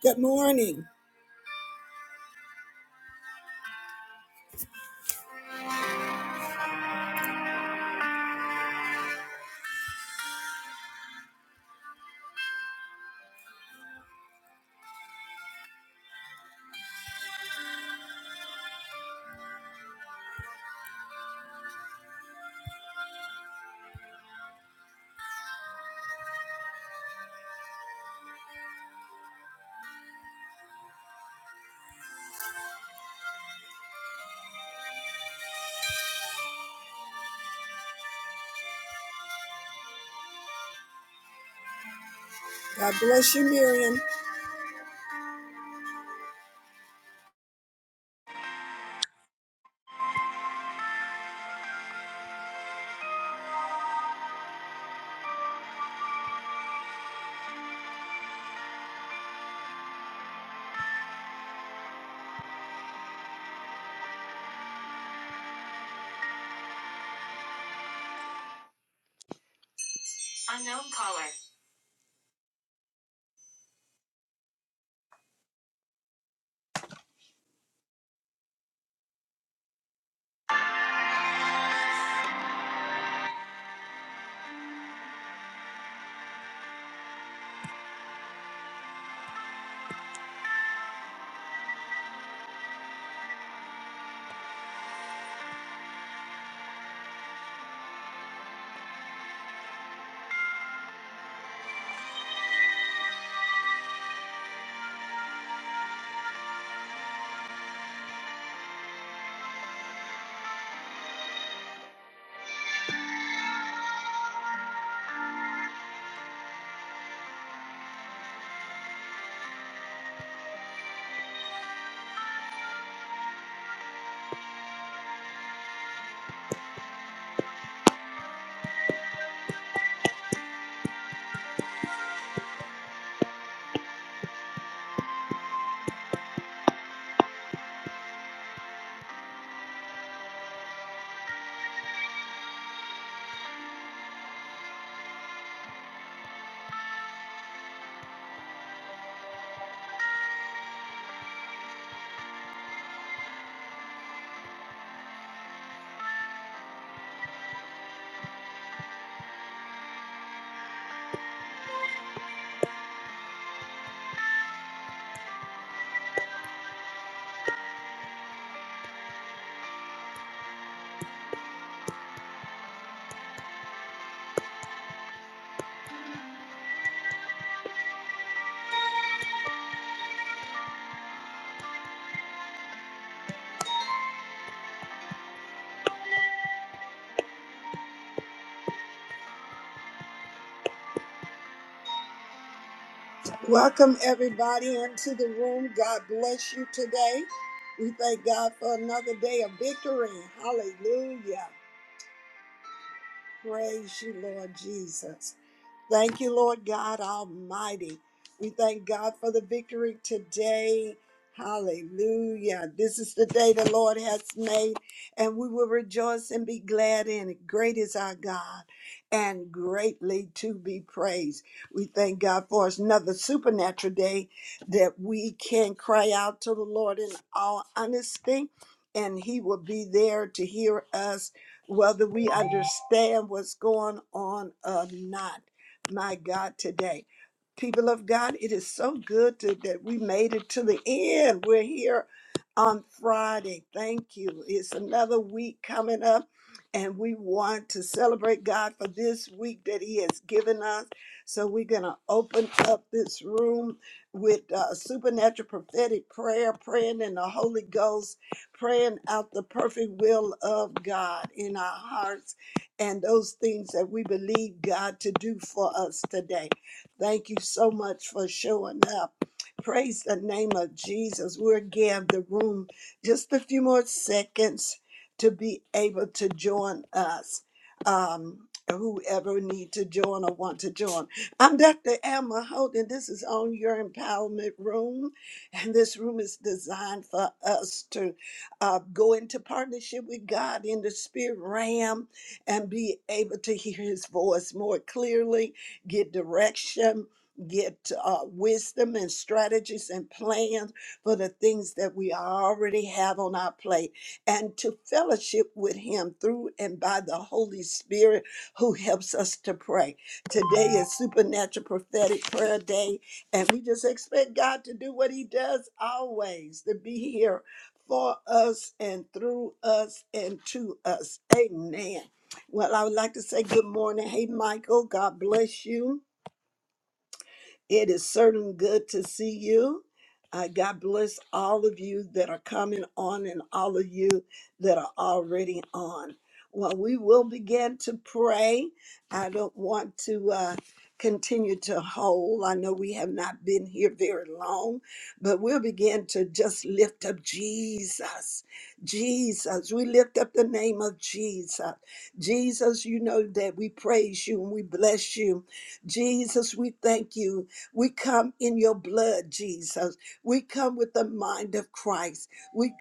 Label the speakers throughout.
Speaker 1: Good morning. God bless you, Miriam. Unknown caller. Welcome, everybody, into the room. God bless you today. We thank God for another day of victory. Hallelujah. Praise you, Lord Jesus. Thank you, Lord God Almighty. We thank God for the victory today. Hallelujah. This is the day the Lord has made, and we will rejoice and be glad in it. Great is our God and greatly to be praised. We thank God for another supernatural day that we can cry out to the Lord in all honesty, and He will be there to hear us, whether we understand what's going on or not my God, today. People of God, it is so good to, that we made it to the end. We're here on Friday. Thank you. It's another week coming up, and we want to celebrate God for this week that He has given us. So we're going to open up this room with uh, supernatural prophetic prayer, praying in the Holy Ghost, praying out the perfect will of God in our hearts and those things that we believe God to do for us today. Thank you so much for showing up. Praise the name of Jesus. We'll give the room just a few more seconds to be able to join us. Um, whoever need to join or want to join. I'm Dr. Emma Holden. This is on your empowerment room. And this room is designed for us to uh, go into partnership with God in the spirit realm and be able to hear his voice more clearly, get direction, get uh, wisdom and strategies and plans for the things that we already have on our plate, and to fellowship with him through and by the Holy Spirit who helps us to pray. Today is Supernatural Prophetic Prayer Day, and we just expect God to do what he does always to be here for us and through us and to us. Amen. Well, I would like to say good morning. Hey, Michael, God bless you. It is certainly good to see you. Uh, God bless all of you that are coming on and all of you that are already on. Well, we will begin to pray. I don't want to uh, continue to hold. I know we have not been here very long, but we'll begin to just lift up Jesus. Jesus. We lift up the name of Jesus. Jesus, you know that we praise you and we bless you. Jesus, we thank you we come in your blood, Jesus. We come with the mind of Christ. We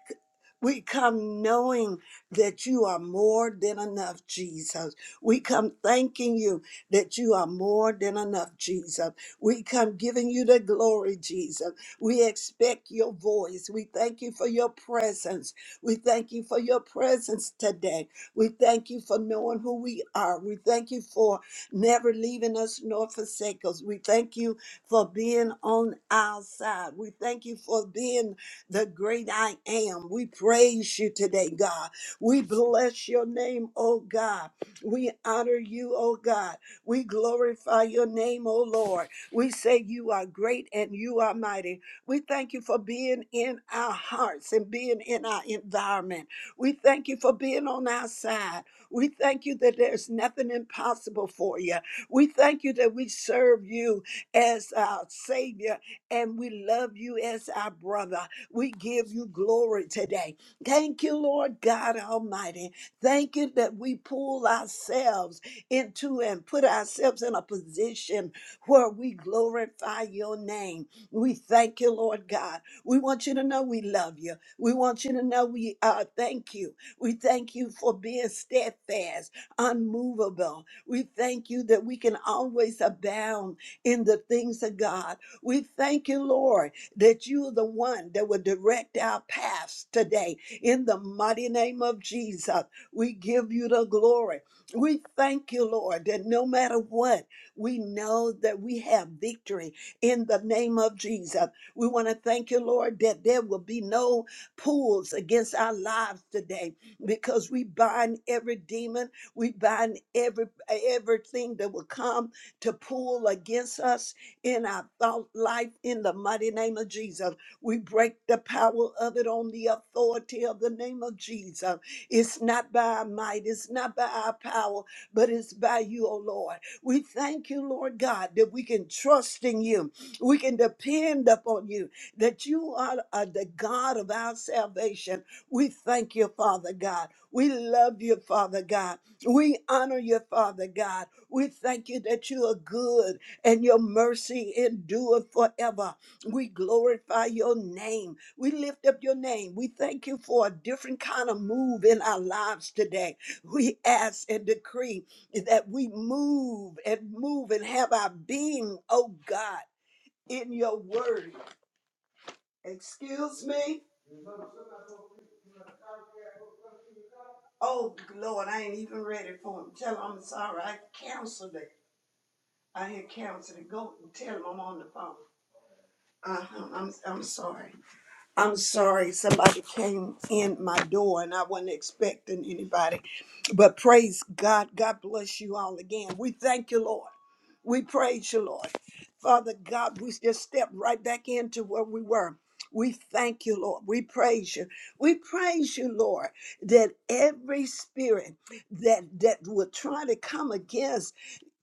Speaker 1: we come knowing that you are more than enough, Jesus. We come thanking you that you are more than enough, Jesus. We come giving you the glory, Jesus. We expect your voice. We thank you for your presence. We thank you for your presence today. We thank you for knowing who we are. We thank you for never leaving us nor forsake us. We thank you for being on our side. We thank you for being the great I am. We praise you today, God. We bless your name, oh God. We honor you, oh God. We glorify your name, oh Lord. We say you are great and you are mighty. We thank you for being in our hearts and being in our environment. We thank you for being on our side. We thank you that there's nothing impossible for you. We thank you that we serve you as our Savior, and we love you as our brother. We give you glory today. Thank you, Lord God Almighty. Thank you that we pull ourselves into and put ourselves in a position where we glorify your name. We thank you, Lord God. We want you to know we love you. We want you to know we uh, thank you. We thank you for being steadfast, unmovable. We thank you that we can always abound in the things of God. We thank you, Lord, that you are the one that will direct our paths today. In the mighty name of Jesus, we give you the glory. We thank you, Lord, that no matter what, we know that we have victory in the name of Jesus. We want to thank you, Lord, that there will be no pulls against our lives today because we bind every demon, we bind every everything that will come to pull against us in our thought life in the mighty name of Jesus. We break the power of it on the authority of the name of Jesus. It's not by our might, it's not by our power, but it's by you, O Lord. We thank you, Lord God, that we can trust in you. We can depend upon you, that you are, are the God of our salvation. We thank you, Father God. We love you, Father God. We honor you, Father God. We thank you that you are good and your mercy endureth forever. We glorify your name. We lift up your name. We thank you for a different kind of move in our lives today. We ask and decree that we move and move and have our being, oh God, in your word. Excuse me? Oh Lord, I ain't even ready for him. Tell him I'm sorry. I canceled it. I had cancer to go and tell him I'm on the phone. Uh-huh, I'm, I'm sorry. I'm sorry, somebody came in my door and I wasn't expecting anybody. But praise God, God bless you all again. We thank you, Lord. We praise you, Lord. Father God, we just step right back into where we were. We thank you, Lord. We praise you. We praise you, Lord, that every spirit that that will try to come against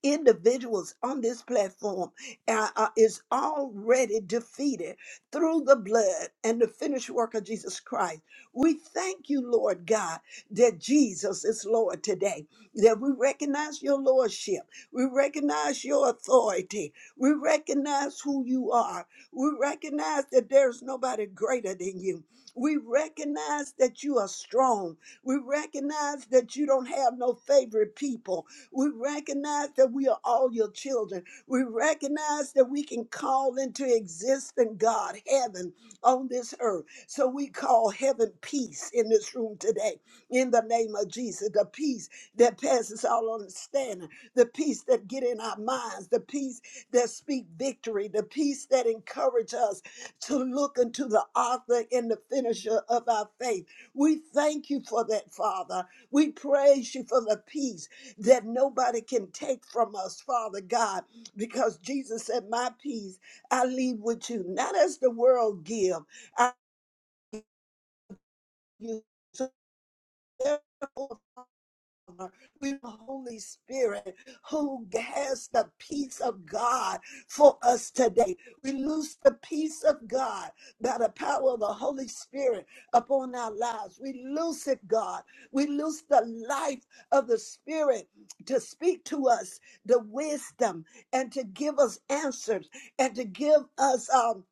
Speaker 1: individuals on this platform uh, uh, is already defeated through the blood and the finished work of Jesus Christ. We thank you, Lord God, that Jesus is Lord today, that we recognize your lordship, we recognize your authority, we recognize who you are, we recognize that there's nobody greater than you. We recognize that you are strong. We recognize that you don't have no favorite people. We recognize that we are all your children. We recognize that we can call into existence God, heaven on this earth. So we call heaven peace in this room today. In the name of Jesus, the peace that passes all understanding, the peace that get in our minds, the peace that speak victory, the peace that encourage us to look into the author and the finisher of our faith. We thank you for that, Father. We praise you for the peace that nobody can take from us, Father God, because Jesus said, My peace I leave with you, not as the world give. I give you. So We, with the Holy Spirit who has the peace of God for us today. We lose the peace of God by the power of the Holy Spirit upon our lives. We lose it, God. We lose the life of the Spirit to speak to us the wisdom and to give us answers and to give us um,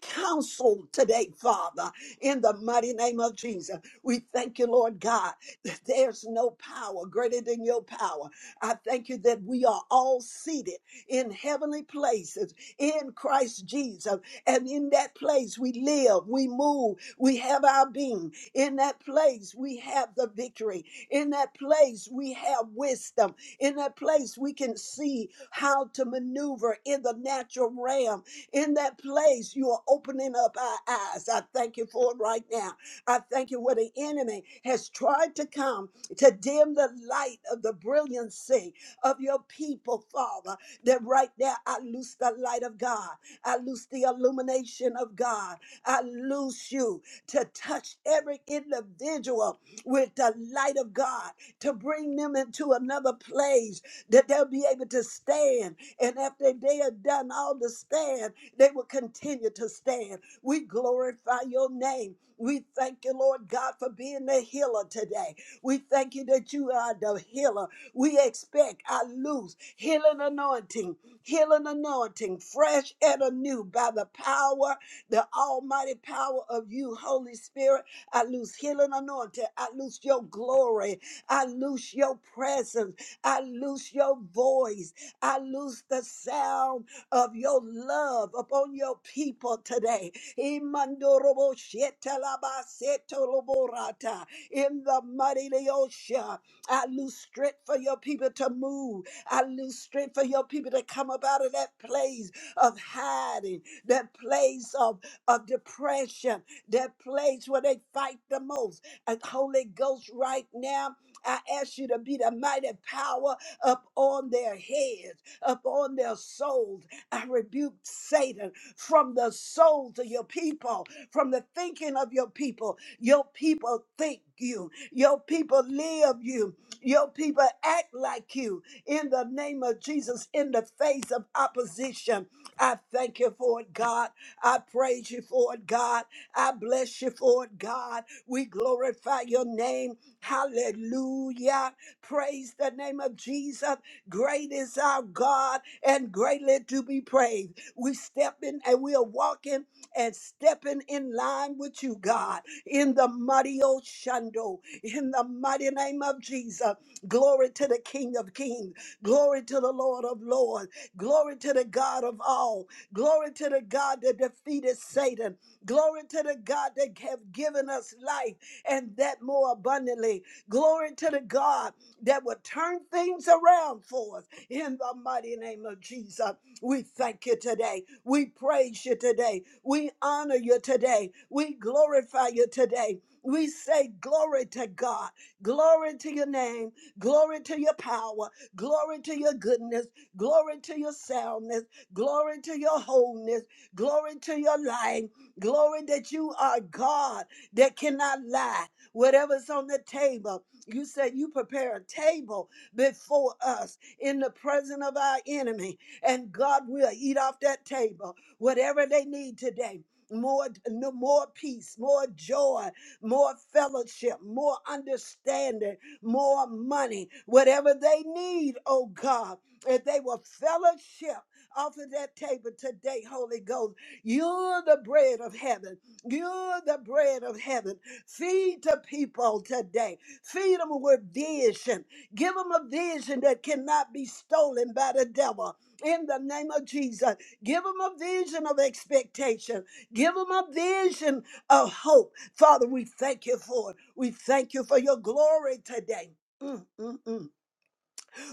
Speaker 1: counsel today, Father, in the mighty name of Jesus. We thank you, Lord God, that there's no power greater than your power. I thank you that we are all seated in heavenly places in Christ Jesus. And in that place, we live, we move, we have our being. In that place, we have the victory. In that place, we have wisdom. In that place, we can see how to maneuver in the natural realm. In that place, you are opening up our eyes. I thank you for it right now. I thank you where the enemy has tried to come to dim the light of the brilliancy of your people, Father. That right there, I loose the light of God. I loose the illumination of God. I loose you to touch every individual with the light of God to bring them into another place that they'll be able to stand. And after they are done all the stand, they will continue to stand. We glorify your name. We thank you, Lord God, for being the healer today. We thank you that you are the healer. We expect our loose healing anointing, healing anointing, fresh and anew by the power, the almighty power of you, Holy Spirit. I lose healing anointing. I lose your glory. I loose your presence. I loose your voice. I loose the sound of your love upon your people today. Imandorobo shetalaba setoloborata. In the mighty Leosha, I lose strength for your people to move. I lose strength for your people to come up out of that place of hiding, that place of, of depression, that place where they fight the most. And Holy Ghost, right now, I ask you to be the mighty power up on their heads, up on their souls. I rebuke Satan from the souls of your people, from the thinking of your people. Your people think you, your people live you, your people act like you. In the name of Jesus, in the face of opposition, I thank you for it, God. I praise you for it, God. I bless you for it, God. We glorify your name. Hallelujah. Praise the name of Jesus. Great is our God and greatly to be praised. We stepping and we are walking and stepping in line with you, God, in the mighty Oshando, in the mighty name of Jesus. Glory to the King of Kings. Glory to the Lord of Lords. Glory to the God of all. Glory to the God that defeated Satan. Glory to the God that have given us life and that more abundantly. Glory to the God that will turn things around for us in the mighty name of Jesus. We thank you today. We praise you today. We honor you today. We glorify you today. We say glory to God, glory to your name, glory to your power, glory to your goodness, glory to your soundness, glory to your wholeness, glory to your life, glory that you are God that cannot lie. Whatever's on the table, you said you prepare a table before us in the presence of our enemy, and God will eat off that table whatever they need today. More, no, more peace, more joy, more fellowship, more understanding, more money, whatever they need, oh God, if they will fellowship off of that table today, Holy Ghost. You're the bread of heaven. You're the bread of heaven. Feed the people today. Feed them with vision. Give them a vision that cannot be stolen by the devil. In the name of Jesus, give them a vision of expectation. Give them a vision of hope. Father, we thank you for it. We thank you for your glory today. Mm, mm, mm.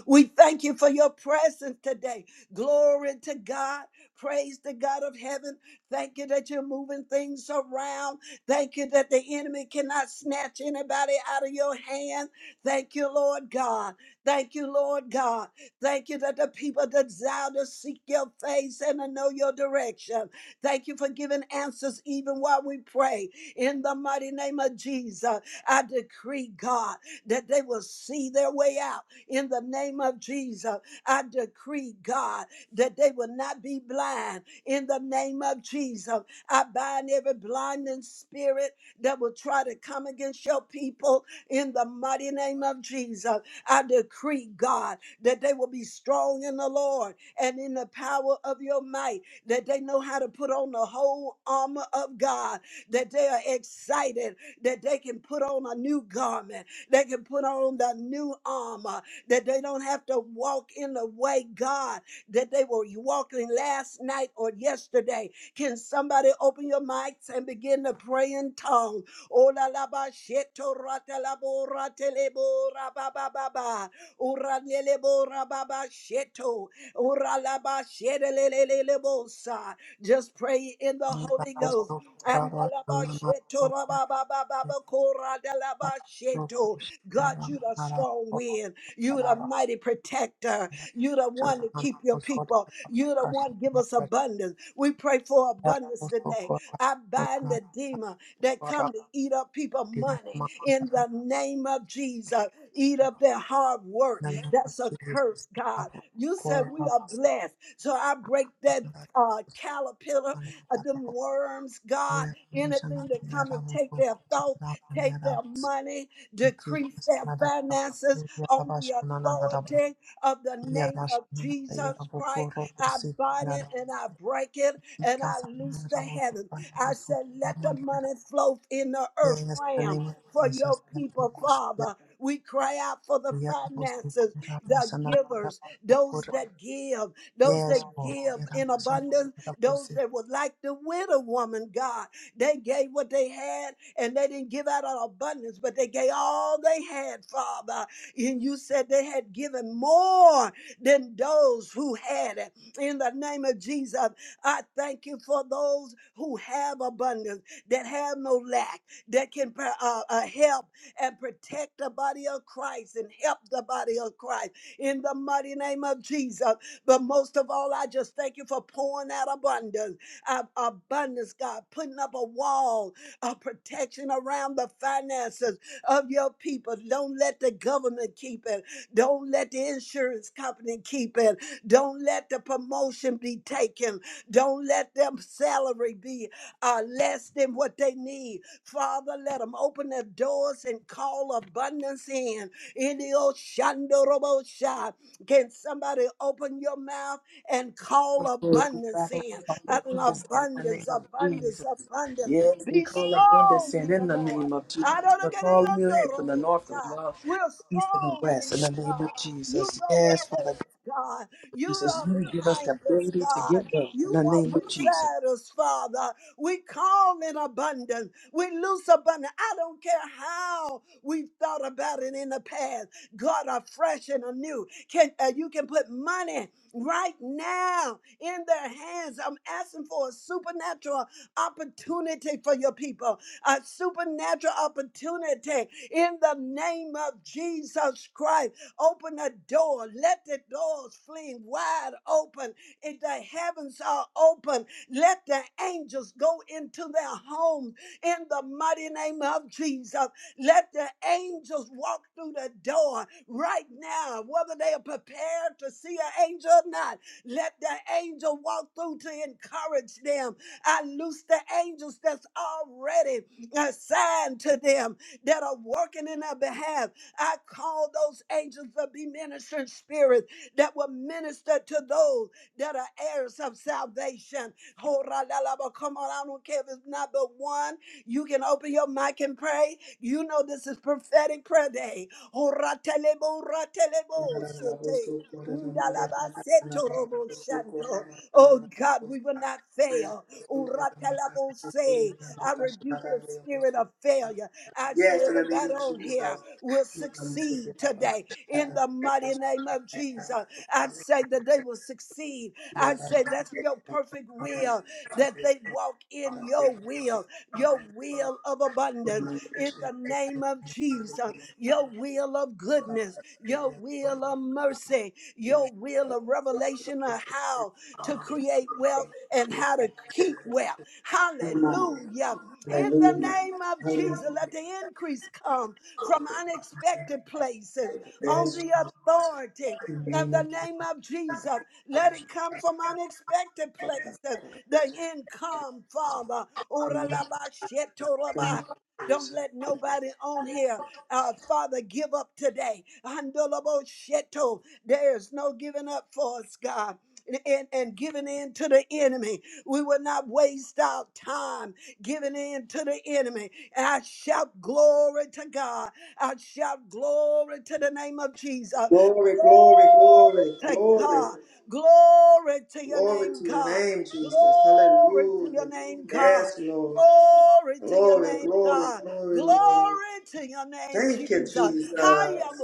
Speaker 1: We thank you for your presence today. Glory to God. Praise the God of heaven. Thank you that you're moving things around. Thank you that the enemy cannot snatch anybody out of your hand. Thank you, Lord God. Thank you, Lord God. Thank you that the people desire to seek your face and to know your direction. Thank you for giving answers even while we pray. In the mighty name of Jesus, I decree, God, that they will see their way out in the name of Jesus. I decree, God, that they will not be blind in the name of Jesus. I bind every blinding spirit that will try to come against your people in the mighty name of Jesus. I decree, God, that they will be strong in the Lord and in the power of your might, that they know how to put on the whole armor of God, that they are excited, that they can put on a new garment, they can put on the new armor that they don't have to walk in the way, God, that they were walking last night or yesterday. Can somebody open your mics and begin to pray in tongue? Ola la ba sheto rata la bo rata le bo ra ba ba ba ba. Ura ne le bo ra ba ba sheto. Ura la ba shede le le le le bo sa. Just pray in the
Speaker 2: Thank
Speaker 1: Holy Ghost. And la ba sheto ra ba ba ba ba ba ko ra da la ba sheto. God, you the strong wind. You're the mighty protector. You're the one to keep your people. You're the one give us abundance. We pray for abundance today. I bind the demon that come to eat up people money in the name of Jesus. Eat up their hard work. That's a curse, God. You said we are blessed. So I break that uh, caterpillar, uh, them worms, God, anything that come and take their thoughts, take their money, decrease their finances on the
Speaker 2: you.
Speaker 1: authority of the
Speaker 2: Yes,
Speaker 1: name of
Speaker 2: in the name of
Speaker 1: Jesus
Speaker 2: Jesus.
Speaker 1: Christ. I
Speaker 2: Yes,
Speaker 1: bind
Speaker 2: Lord.
Speaker 1: it
Speaker 2: Lord,
Speaker 1: and I break it and I loose the heaven. I said, let the money flow in the earth realm for your people, Father. We cry out for the finances, the givers, those that give, those that give in abundance, those that would like the widow woman, God. They gave what they had and they didn't give out of abundance, but they gave all they had, Father. And you said they had given more than those who had it. In the name of Jesus, I thank you for those who have abundance, that have no lack, that can uh, uh, help and protect the body of Christ and help the body of Christ in the mighty name of Jesus. But most of all, I just thank you for pouring out abundance, uh, abundance, God, putting up a wall of protection around the finances of your people. Don't let the government keep it. Don't let the insurance company keep it. Don't let the promotion be taken. Don't let them salary be uh, less than what they need. Father, let them open their doors and call abundance in. In the Oshandorobosha. Can somebody open your mouth and call abundance in?
Speaker 2: Father, we call
Speaker 1: An
Speaker 2: abundance in the name
Speaker 1: abundance,
Speaker 2: of
Speaker 1: abundance,
Speaker 2: Jesus.
Speaker 1: abundance.
Speaker 2: Yes, we
Speaker 1: Be
Speaker 2: call abundance
Speaker 1: strong
Speaker 2: in
Speaker 1: in the
Speaker 2: in the
Speaker 1: Lord
Speaker 2: name of Jesus.
Speaker 1: I
Speaker 2: We
Speaker 1: don't get a
Speaker 2: call you in
Speaker 1: yonder
Speaker 2: from the
Speaker 1: robo
Speaker 2: north, the
Speaker 1: shot.
Speaker 2: south,
Speaker 1: We're
Speaker 2: the east, and the
Speaker 1: strong
Speaker 2: west
Speaker 1: in
Speaker 2: in
Speaker 1: you,
Speaker 2: the name of
Speaker 1: God. You
Speaker 2: Jesus.
Speaker 1: go
Speaker 2: Yes, Father
Speaker 1: before us, God. You
Speaker 2: Jesus,
Speaker 1: are
Speaker 2: you will give us the
Speaker 1: behind us,
Speaker 2: ability to
Speaker 1: God.
Speaker 2: give them in
Speaker 1: You
Speaker 2: the
Speaker 1: walk
Speaker 2: name of Jesus.
Speaker 1: beside us, Father. We call in abundance. We loose abundance. I don't care how we've thought about it in the past. God, are fresh and anew. Can uh, you can put money right now in their hands? I'm asking for a supernatural opportunity for your people a supernatural opportunity in the name of Jesus Christ. Open the door. Let the doors fling wide open. If the heavens are open, let the angels go into their homes in the mighty name of Jesus. Let the angels walk through the door right now, whether they are prepared to see an angel or not. Let the angel walk through to encourage them I loose the angels that's already assigned to them that are working in their behalf. I call those angels to be ministering spirits that will minister to those that are heirs of salvation. Ho ra la la, but Come on, I don't care if it's not but one. You can open your mic and pray. You know this is prophetic prayer day. Ho ra tele bo, ra tele bo, se te. Ndalaba seto robo shando. Oh God, we will not fail. Uratelabose. I rebuke the spirit of failure. I say
Speaker 2: Yes, in the name
Speaker 1: everybody
Speaker 2: of
Speaker 1: on here
Speaker 2: Jesus.
Speaker 1: will
Speaker 2: Yeah, so
Speaker 1: succeed today in the mighty name of Jesus. I say that they will succeed. I
Speaker 2: Yeah,
Speaker 1: say that's your perfect will, that they walk in your will, your will of abundance in the name of Jesus, your will of goodness, your will of mercy, your will of revelation of how to create wealth and how to keep well.
Speaker 2: so
Speaker 1: Hallelujah. In the
Speaker 2: Hallelujah.
Speaker 1: name of Jesus, let
Speaker 2: Hallelujah.
Speaker 1: the increase come from unexpected places on
Speaker 2: Bless
Speaker 1: the authority.
Speaker 2: your
Speaker 1: Of the
Speaker 2: name.
Speaker 1: name of Jesus, let it come from unexpected places. The income, Father.
Speaker 2: Thank you, thank
Speaker 1: Oralabashetoraba. Don't
Speaker 2: Jesus.
Speaker 1: let nobody on here, uh, Father, give up today. Andolabosheto. There's no giving up for us, God and, and giving in to the enemy. We will not waste our time giving in to the enemy. And I shout glory to God. I shout glory to the name of Jesus.
Speaker 2: Glory, glory,
Speaker 1: Glory
Speaker 2: glory,
Speaker 1: to
Speaker 2: glory.
Speaker 1: God. Glory to your
Speaker 2: Glory
Speaker 1: name,
Speaker 2: to your
Speaker 1: God.
Speaker 2: name, Jesus.
Speaker 1: Glory to
Speaker 2: Hallelujah.
Speaker 1: your name, God.
Speaker 2: Yes, Lord.
Speaker 1: Glory to your
Speaker 2: Glory,
Speaker 1: name,
Speaker 2: glory,
Speaker 1: God.
Speaker 2: glory,
Speaker 1: Glory
Speaker 2: Lord.
Speaker 1: to your name,
Speaker 2: Thank you,
Speaker 1: Jesus.
Speaker 2: Jesus.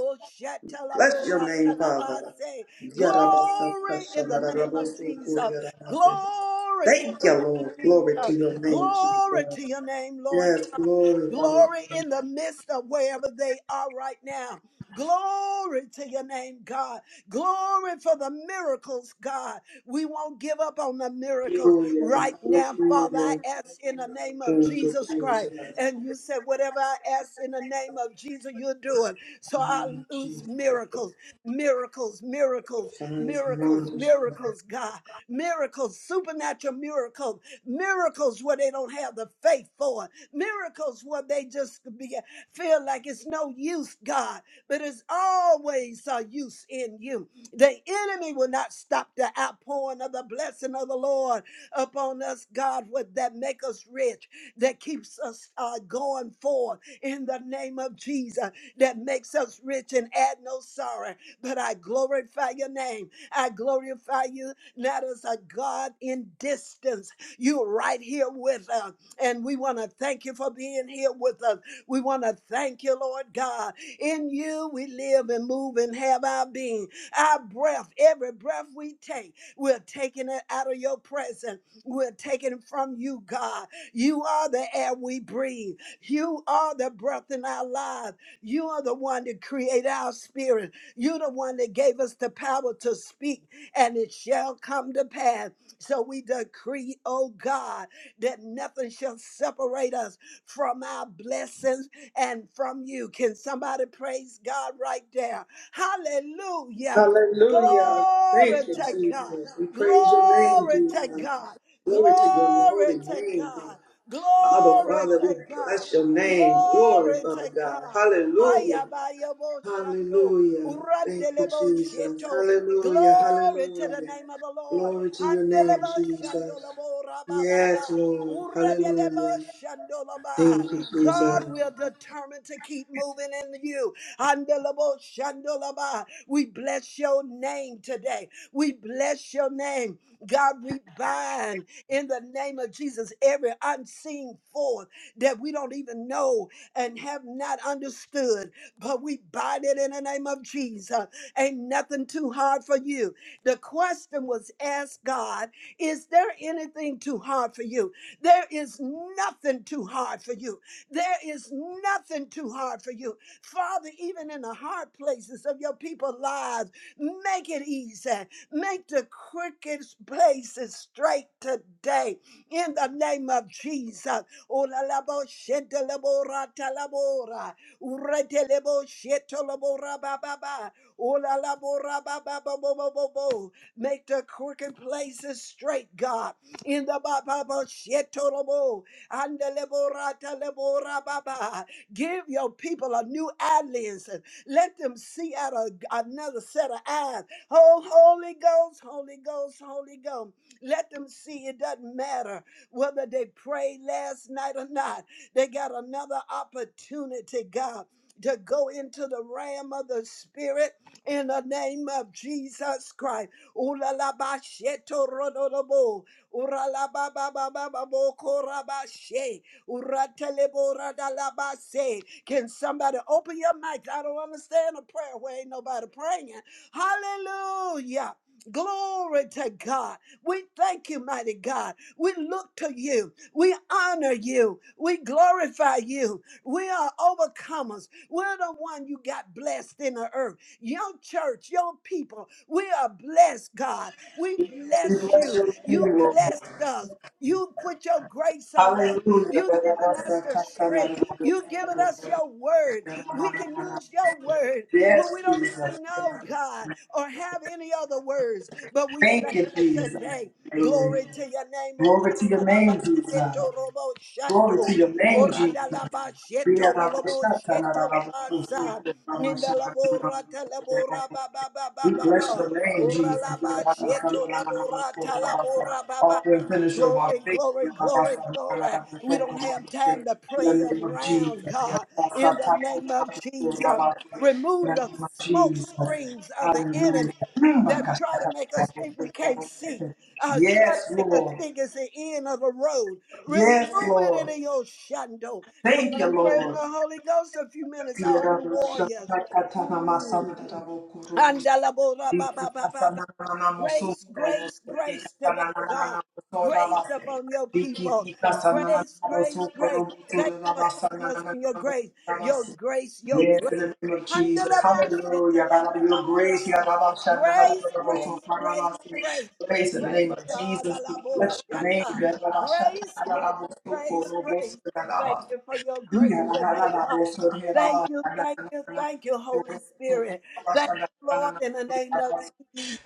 Speaker 2: Bless your name, Father. Thank
Speaker 1: Glory in the name of Jesus. Glory to your
Speaker 2: you,
Speaker 1: name,
Speaker 2: Lord. Glory to
Speaker 1: Jesus.
Speaker 2: your name, Jesus.
Speaker 1: Glory to your name, Lord.
Speaker 2: Yes, glory,
Speaker 1: Glory
Speaker 2: Father.
Speaker 1: in the midst of wherever they are right now. Glory to your name, God. Glory for the miracles, God. We won't give up on the miracles
Speaker 2: Hallelujah.
Speaker 1: right now, Father. I
Speaker 2: Hallelujah.
Speaker 1: ask in the name of
Speaker 2: Thank you,
Speaker 1: Jesus Christ.
Speaker 2: Jesus.
Speaker 1: And you said, whatever I ask in the name of Jesus, you're doing. So I
Speaker 2: Hallelujah,
Speaker 1: lose
Speaker 2: Jesus.
Speaker 1: miracles, miracles, miracles, miracles,
Speaker 2: Hallelujah.
Speaker 1: miracles, God. Miracles, supernatural miracles, miracles where they don't have the faith for it miracles where they just be, feel like it's no use, God, but it's always a use in you. The enemy will not stop the outpouring of the blessing of the Lord upon us, God, what that make us rich, that keeps us uh, going forward in the name of Jesus, that makes us rich and add no sorrow. But I glorify your name. I glorify you not as a God in distance. You're right here with us. And we want to thank you for being here with us. We want to thank you, Lord God. In you we live and move and have our being. Our breath, every breath we take, we're taking it out of your presence. We're taking it from you, God. You are the air we breathe. You are the breath in our lives. You are the one that created our spirit. You're the one that gave us the power to speak, and it shall come to pass. So we decree, oh God that nothing shall separate us from our blessings and from you. Can somebody praise God right there? Hallelujah.
Speaker 2: Hallelujah.
Speaker 1: Glory
Speaker 2: Thank you,
Speaker 1: to God.
Speaker 2: Jesus. We praise your name,
Speaker 1: Glory to
Speaker 2: Jesus.
Speaker 1: God.
Speaker 2: Glory to your
Speaker 1: Glory
Speaker 2: holy
Speaker 1: to
Speaker 2: name,
Speaker 1: God.
Speaker 2: Father.
Speaker 1: Glory
Speaker 2: Abba, Father,
Speaker 1: to
Speaker 2: we
Speaker 1: God.
Speaker 2: bless your name. Glory,
Speaker 1: Glory to
Speaker 2: Father God.
Speaker 1: God. Haya
Speaker 2: Hallelujah.
Speaker 1: ba ya bo shando.
Speaker 2: Hallelujah. Thank you,
Speaker 1: Urandele bo
Speaker 2: Jesus.
Speaker 1: sheto.
Speaker 2: Hallelujah.
Speaker 1: Glory to the
Speaker 2: Hallelujah.
Speaker 1: name of the Lord.
Speaker 2: Glory to your name,
Speaker 1: Handelebo
Speaker 2: Jesus.
Speaker 1: shandolabo
Speaker 2: Yes,
Speaker 1: rabababa.
Speaker 2: Lord. Hallelujah.
Speaker 1: Uredeleboshandolaba.
Speaker 2: Thank you,
Speaker 1: God
Speaker 2: Jesus.
Speaker 1: will determine to keep moving in you. Andeleboshandolaba. We bless your name today. We bless your name. God, we bind in the name of Jesus every unseen force that we don't even know and have not understood, but we bind it in the name of Jesus. Ain't nothing too hard for you. The question was asked God, is there anything too hard for you? There is nothing too hard for you. There is nothing too hard for you. Father, even in the hard places of your people's lives, make it easy. Make the crooked places straight today in the name of Jesus. Oh, la la bo shente la bo ra ta la bo ra. Urete le bo shete la bo ra ba ba ba. Oh, la la bo ra ba ba ba bo bo bo bo. Make the crooked places straight, God in the Baba Shetorobo and the Leborata Lebora Baba. Give your people a new audience. and Let them see out a, another set of eyes. Oh, Holy Ghost, Holy Ghost, Holy Ghost. Let them see it doesn't matter whether they prayed last night or not. They got another opportunity, God. To go into the realm of the spirit in the name of Jesus Christ. Ooh la la ba sheto ro do do bo urala baba baba boko rabashe uratelebora dalabase. Can somebody open your mic? I don't understand a prayer where ain't nobody praying. Hallelujah. Glory to God. We thank you, mighty God. We look to you. We honor you. We glorify you. We are overcomers. We're the one you got blessed in the earth. Your church, your people, we are blessed, God. We
Speaker 2: We
Speaker 1: bless
Speaker 2: bless
Speaker 1: you.
Speaker 2: your
Speaker 1: You
Speaker 2: name, Lord.
Speaker 1: blessed us. You put your grace on us.
Speaker 2: Hallelujah.
Speaker 1: You've given us the strength. You've given us your word. We can use your word when
Speaker 2: Yes,
Speaker 1: we don't
Speaker 2: Jesus.
Speaker 1: even know God or have any other words. But we
Speaker 2: Thank
Speaker 1: thank
Speaker 2: you,
Speaker 1: you
Speaker 2: Jesus.
Speaker 1: today.
Speaker 2: Hallelujah.
Speaker 1: Glory to your name. O
Speaker 2: Glory to your
Speaker 1: Rabba
Speaker 2: name, Jesus.
Speaker 1: Eto robo
Speaker 2: Glory to
Speaker 1: shando,
Speaker 2: your name,
Speaker 1: ora
Speaker 2: Jesus.
Speaker 1: da la
Speaker 2: We
Speaker 1: sheto
Speaker 2: are our
Speaker 1: robo
Speaker 2: Satan,
Speaker 1: sheto la
Speaker 2: our
Speaker 1: ninda la bo ra ta
Speaker 2: Lord.
Speaker 1: ba ba
Speaker 2: We
Speaker 1: ba ba
Speaker 2: bless
Speaker 1: ba.
Speaker 2: your name,
Speaker 1: Ora
Speaker 2: Jesus.
Speaker 1: sheto la bora ta
Speaker 2: Author and finisher of our
Speaker 1: Glory,
Speaker 2: faith.
Speaker 1: glory,
Speaker 2: In
Speaker 1: glory, glory. We don't have time to
Speaker 2: the
Speaker 1: play
Speaker 2: name of Jesus.
Speaker 1: around,
Speaker 2: In
Speaker 1: God, in the name of Jesus.
Speaker 2: the
Speaker 1: Remove the
Speaker 2: name of
Speaker 1: smoke
Speaker 2: Jesus.
Speaker 1: screens of the enemy
Speaker 2: Hallelujah.
Speaker 1: that try to make us think we can't see. Uh, try to
Speaker 2: Yes,
Speaker 1: make us
Speaker 2: Lord.
Speaker 1: think it's the end of the road.
Speaker 2: Yes,
Speaker 1: Remove it
Speaker 2: Lord.
Speaker 1: in your shando. Come
Speaker 2: Thank
Speaker 1: on
Speaker 2: you,
Speaker 1: and pray in the
Speaker 2: Lord.
Speaker 1: Holy Ghost a few minutes,
Speaker 2: Yes, in
Speaker 1: all you
Speaker 2: the
Speaker 1: warriors. Mm. Andalabo Grace, grace, grace today, God. Grace upon your people. Grace, grace, grace. Thank you for covering us in your grace. Your grace, your grace.
Speaker 2: name of Jesus.
Speaker 1: Handalaba,
Speaker 2: Hallelujah. God, your grace, your
Speaker 1: shetalabababa.
Speaker 2: Baba Shana, God,
Speaker 1: Grace,
Speaker 2: your Baba
Speaker 1: grace, grace,
Speaker 2: Shana,
Speaker 1: grace.
Speaker 2: grace in the name
Speaker 1: Grace,
Speaker 2: of
Speaker 1: God.
Speaker 2: Jesus. We
Speaker 1: alabo,
Speaker 2: Bless your name.
Speaker 1: shata.
Speaker 2: God, Baba Shana,
Speaker 1: Grace,
Speaker 2: God,
Speaker 1: grace,
Speaker 2: Baba God, Baba
Speaker 1: grace, grace.
Speaker 2: God,
Speaker 1: Thank
Speaker 2: Baba
Speaker 1: you for your
Speaker 2: Thank
Speaker 1: grace
Speaker 2: you,
Speaker 1: today, God. Thank you, thank you, thank you, Holy Spirit. Thank you, Lord, in the name of Jesus.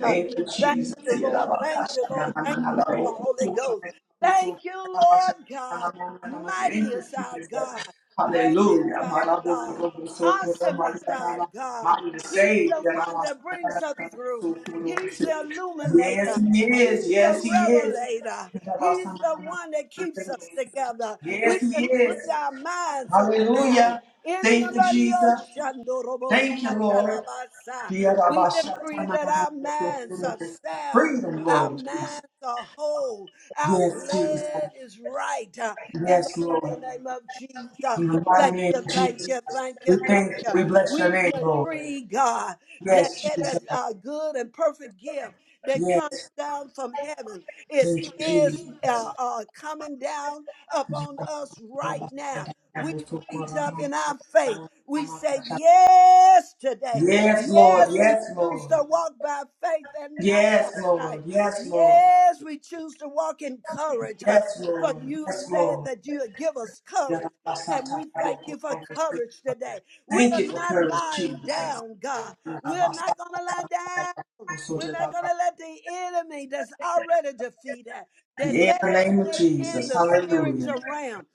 Speaker 1: Thank
Speaker 2: Jesus.
Speaker 1: you,
Speaker 2: Thank
Speaker 1: Lord. Thank you, Lord. Thank you for the Holy Ghost. Thank you, Lord God. Mighty
Speaker 2: you,
Speaker 1: is our
Speaker 2: Jesus.
Speaker 1: God. Great is
Speaker 2: Hallelujah.
Speaker 1: our God. Awesome is our God. He's the one that brings us through. He's the illuminator.
Speaker 2: Yes, he is.
Speaker 1: He's the
Speaker 2: Yes, he is.
Speaker 1: revelator. He's the one that keeps us together. We
Speaker 2: Yes, he is.
Speaker 1: agree our minds are sound.
Speaker 2: Hallelujah.
Speaker 1: In the
Speaker 2: Thank you,
Speaker 1: mighty
Speaker 2: Jesus.
Speaker 1: Oshandorobo
Speaker 2: Thank you, Lord.
Speaker 1: Shatalabasa, we decree that our minds are sound,
Speaker 2: Freedom,
Speaker 1: our
Speaker 2: Lord Jesus.
Speaker 1: minds are whole, our
Speaker 2: Yes, Jesus.
Speaker 1: blood is right. uh, In the
Speaker 2: Yes, Lord.
Speaker 1: mighty name of Jesus.
Speaker 2: In the
Speaker 1: Thank
Speaker 2: mighty name
Speaker 1: you,
Speaker 2: of
Speaker 1: thank
Speaker 2: Jesus.
Speaker 1: you, thank you,
Speaker 2: We
Speaker 1: thank
Speaker 2: thank you.
Speaker 1: you.
Speaker 2: We bless your
Speaker 1: We
Speaker 2: name, Lord.
Speaker 1: decree, God, that
Speaker 2: Yes, Jesus.
Speaker 1: every uh, good and perfect gift that
Speaker 2: Yes.
Speaker 1: comes down from heaven is
Speaker 2: Thank you, Jesus.
Speaker 1: is uh, uh, coming down upon us right now we reach up in our faith. We say yes today.
Speaker 2: Yes, Lord.
Speaker 1: Yes, we
Speaker 2: Yes,
Speaker 1: choose
Speaker 2: Lord.
Speaker 1: to walk by faith and not by
Speaker 2: Yes,
Speaker 1: sight.
Speaker 2: Lord. Yes, Lord.
Speaker 1: Yes, we choose to walk in courage. uh,
Speaker 2: Yes,
Speaker 1: For
Speaker 2: Lord.
Speaker 1: you
Speaker 2: Yes, Lord.
Speaker 1: said that you would give us
Speaker 2: Thank
Speaker 1: courage, and we thank you for courage today. We are
Speaker 2: you for
Speaker 1: not
Speaker 2: courage,
Speaker 1: lying
Speaker 2: Jesus.
Speaker 1: down, God.
Speaker 2: In
Speaker 1: We're not going to lie down. We're not going to let the enemy that's already defeated, that
Speaker 2: the name of
Speaker 1: everything in
Speaker 2: Jesus.
Speaker 1: the
Speaker 2: Hallelujah.
Speaker 1: spiritual realm,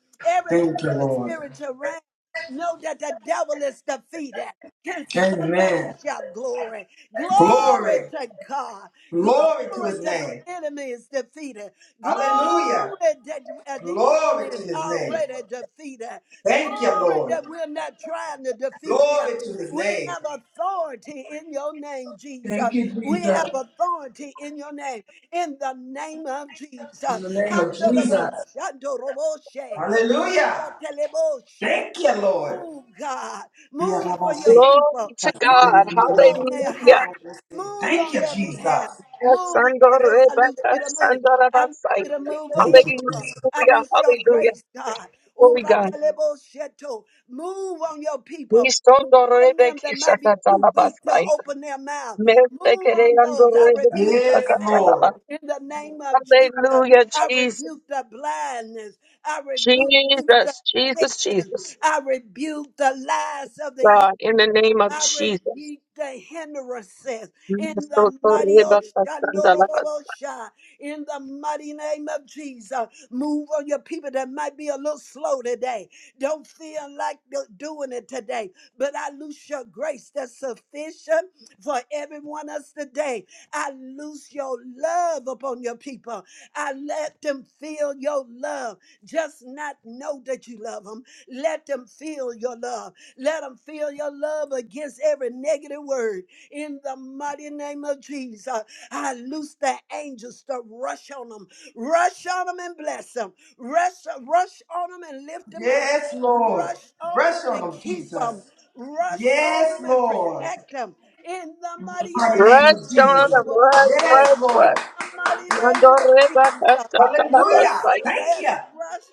Speaker 2: Thank you,
Speaker 1: the
Speaker 2: Lord.
Speaker 1: spiritual realm. Know that the devil is defeated. Can somebody
Speaker 2: Amen.
Speaker 1: shout glory? Glory
Speaker 2: Glory.
Speaker 1: to God.
Speaker 2: Glory to
Speaker 1: Glory
Speaker 2: his
Speaker 1: that the
Speaker 2: name.
Speaker 1: enemy is defeated.
Speaker 2: Hallelujah.
Speaker 1: Glory that uh, the enemy
Speaker 2: Glory to
Speaker 1: is
Speaker 2: his name.
Speaker 1: already defeated.
Speaker 2: Thank you,
Speaker 1: Glory
Speaker 2: Lord.
Speaker 1: that we're not trying to defeat him.
Speaker 2: Glory to his
Speaker 1: We
Speaker 2: name.
Speaker 1: have authority in your name, Jesus.
Speaker 2: Thank you,
Speaker 1: We have
Speaker 2: Jesus.
Speaker 1: authority in your name. In the name of
Speaker 2: In
Speaker 1: Jesus.
Speaker 2: the name of
Speaker 1: Handleable,
Speaker 2: Jesus.
Speaker 1: shandoroboshe.
Speaker 2: Hallelujah.
Speaker 1: Murataleboshe.
Speaker 2: Thank you, Lord.
Speaker 1: Move, God. Move for your
Speaker 2: Thank
Speaker 3: Glory
Speaker 1: people.
Speaker 3: to
Speaker 1: Move
Speaker 3: God.
Speaker 1: on their
Speaker 3: Hallelujah.
Speaker 1: behalf. Move on
Speaker 2: you,
Speaker 1: their behalf.
Speaker 2: Jesus.
Speaker 1: Move, Holy Ghost. I loose you to move. I loose you
Speaker 3: Asandorabasandorabasai.
Speaker 1: to move on your
Speaker 2: Thank you,
Speaker 1: people.
Speaker 2: Jesus.
Speaker 1: I
Speaker 3: Hallelujah.
Speaker 1: loose your
Speaker 3: Hallelujah.
Speaker 1: grace, God. Ura
Speaker 3: Glory God.
Speaker 1: Uratelebosheto. Move on your people. Move on them that might be too weak to
Speaker 3: Nisondorebekishakatalabasai.
Speaker 1: open their mouth. Move on those. I rebuke the
Speaker 2: Yes,
Speaker 1: pain
Speaker 3: Mesekereandorobekishakatalaba.
Speaker 2: Lord.
Speaker 1: in the name of Jesus.
Speaker 3: Hallelujah,
Speaker 1: I
Speaker 3: Jesus.
Speaker 1: rebuke the blindness. I rebuke the
Speaker 3: Jesus, Jesus,
Speaker 1: Satan.
Speaker 3: Jesus.
Speaker 1: I rebuke the lies of the
Speaker 3: God, in the name of
Speaker 1: I
Speaker 3: Jesus.
Speaker 1: rebuke the hindrances in the mighty
Speaker 3: Nisotorebakasandalabas.
Speaker 1: Oshandorobosha, in the mighty name of Jesus. Move on your people that might be a little slow today. Don't feel like do- doing it today, but I loose your grace that's sufficient for every one of us today. I loose your love upon your people. I let them feel your love, just not know that you love them. Let them feel your love. Let them feel your love against every negative word. In the mighty name of Jesus, I loose the angels to rush on them, rush on them and bless them, rush, rush on them and lift them up,
Speaker 2: Yes, Lord.
Speaker 1: rush on
Speaker 2: Brush
Speaker 1: them and
Speaker 2: on them,
Speaker 1: keep them,
Speaker 2: Jesus.
Speaker 1: rush on
Speaker 2: Yes,
Speaker 1: them and
Speaker 2: Lord.
Speaker 1: protect them. In the
Speaker 2: In the
Speaker 1: mighty
Speaker 2: mighty name of
Speaker 3: Rest on
Speaker 1: Oshando,
Speaker 2: Jesus.
Speaker 3: them, rest,
Speaker 2: Yes,
Speaker 3: rest,
Speaker 1: in
Speaker 2: Lord.
Speaker 3: rest.
Speaker 1: the mighty name of Jesus,
Speaker 2: Hallelujah.
Speaker 3: Mandoreba
Speaker 1: rest,
Speaker 2: Thank you.
Speaker 1: rest, rush.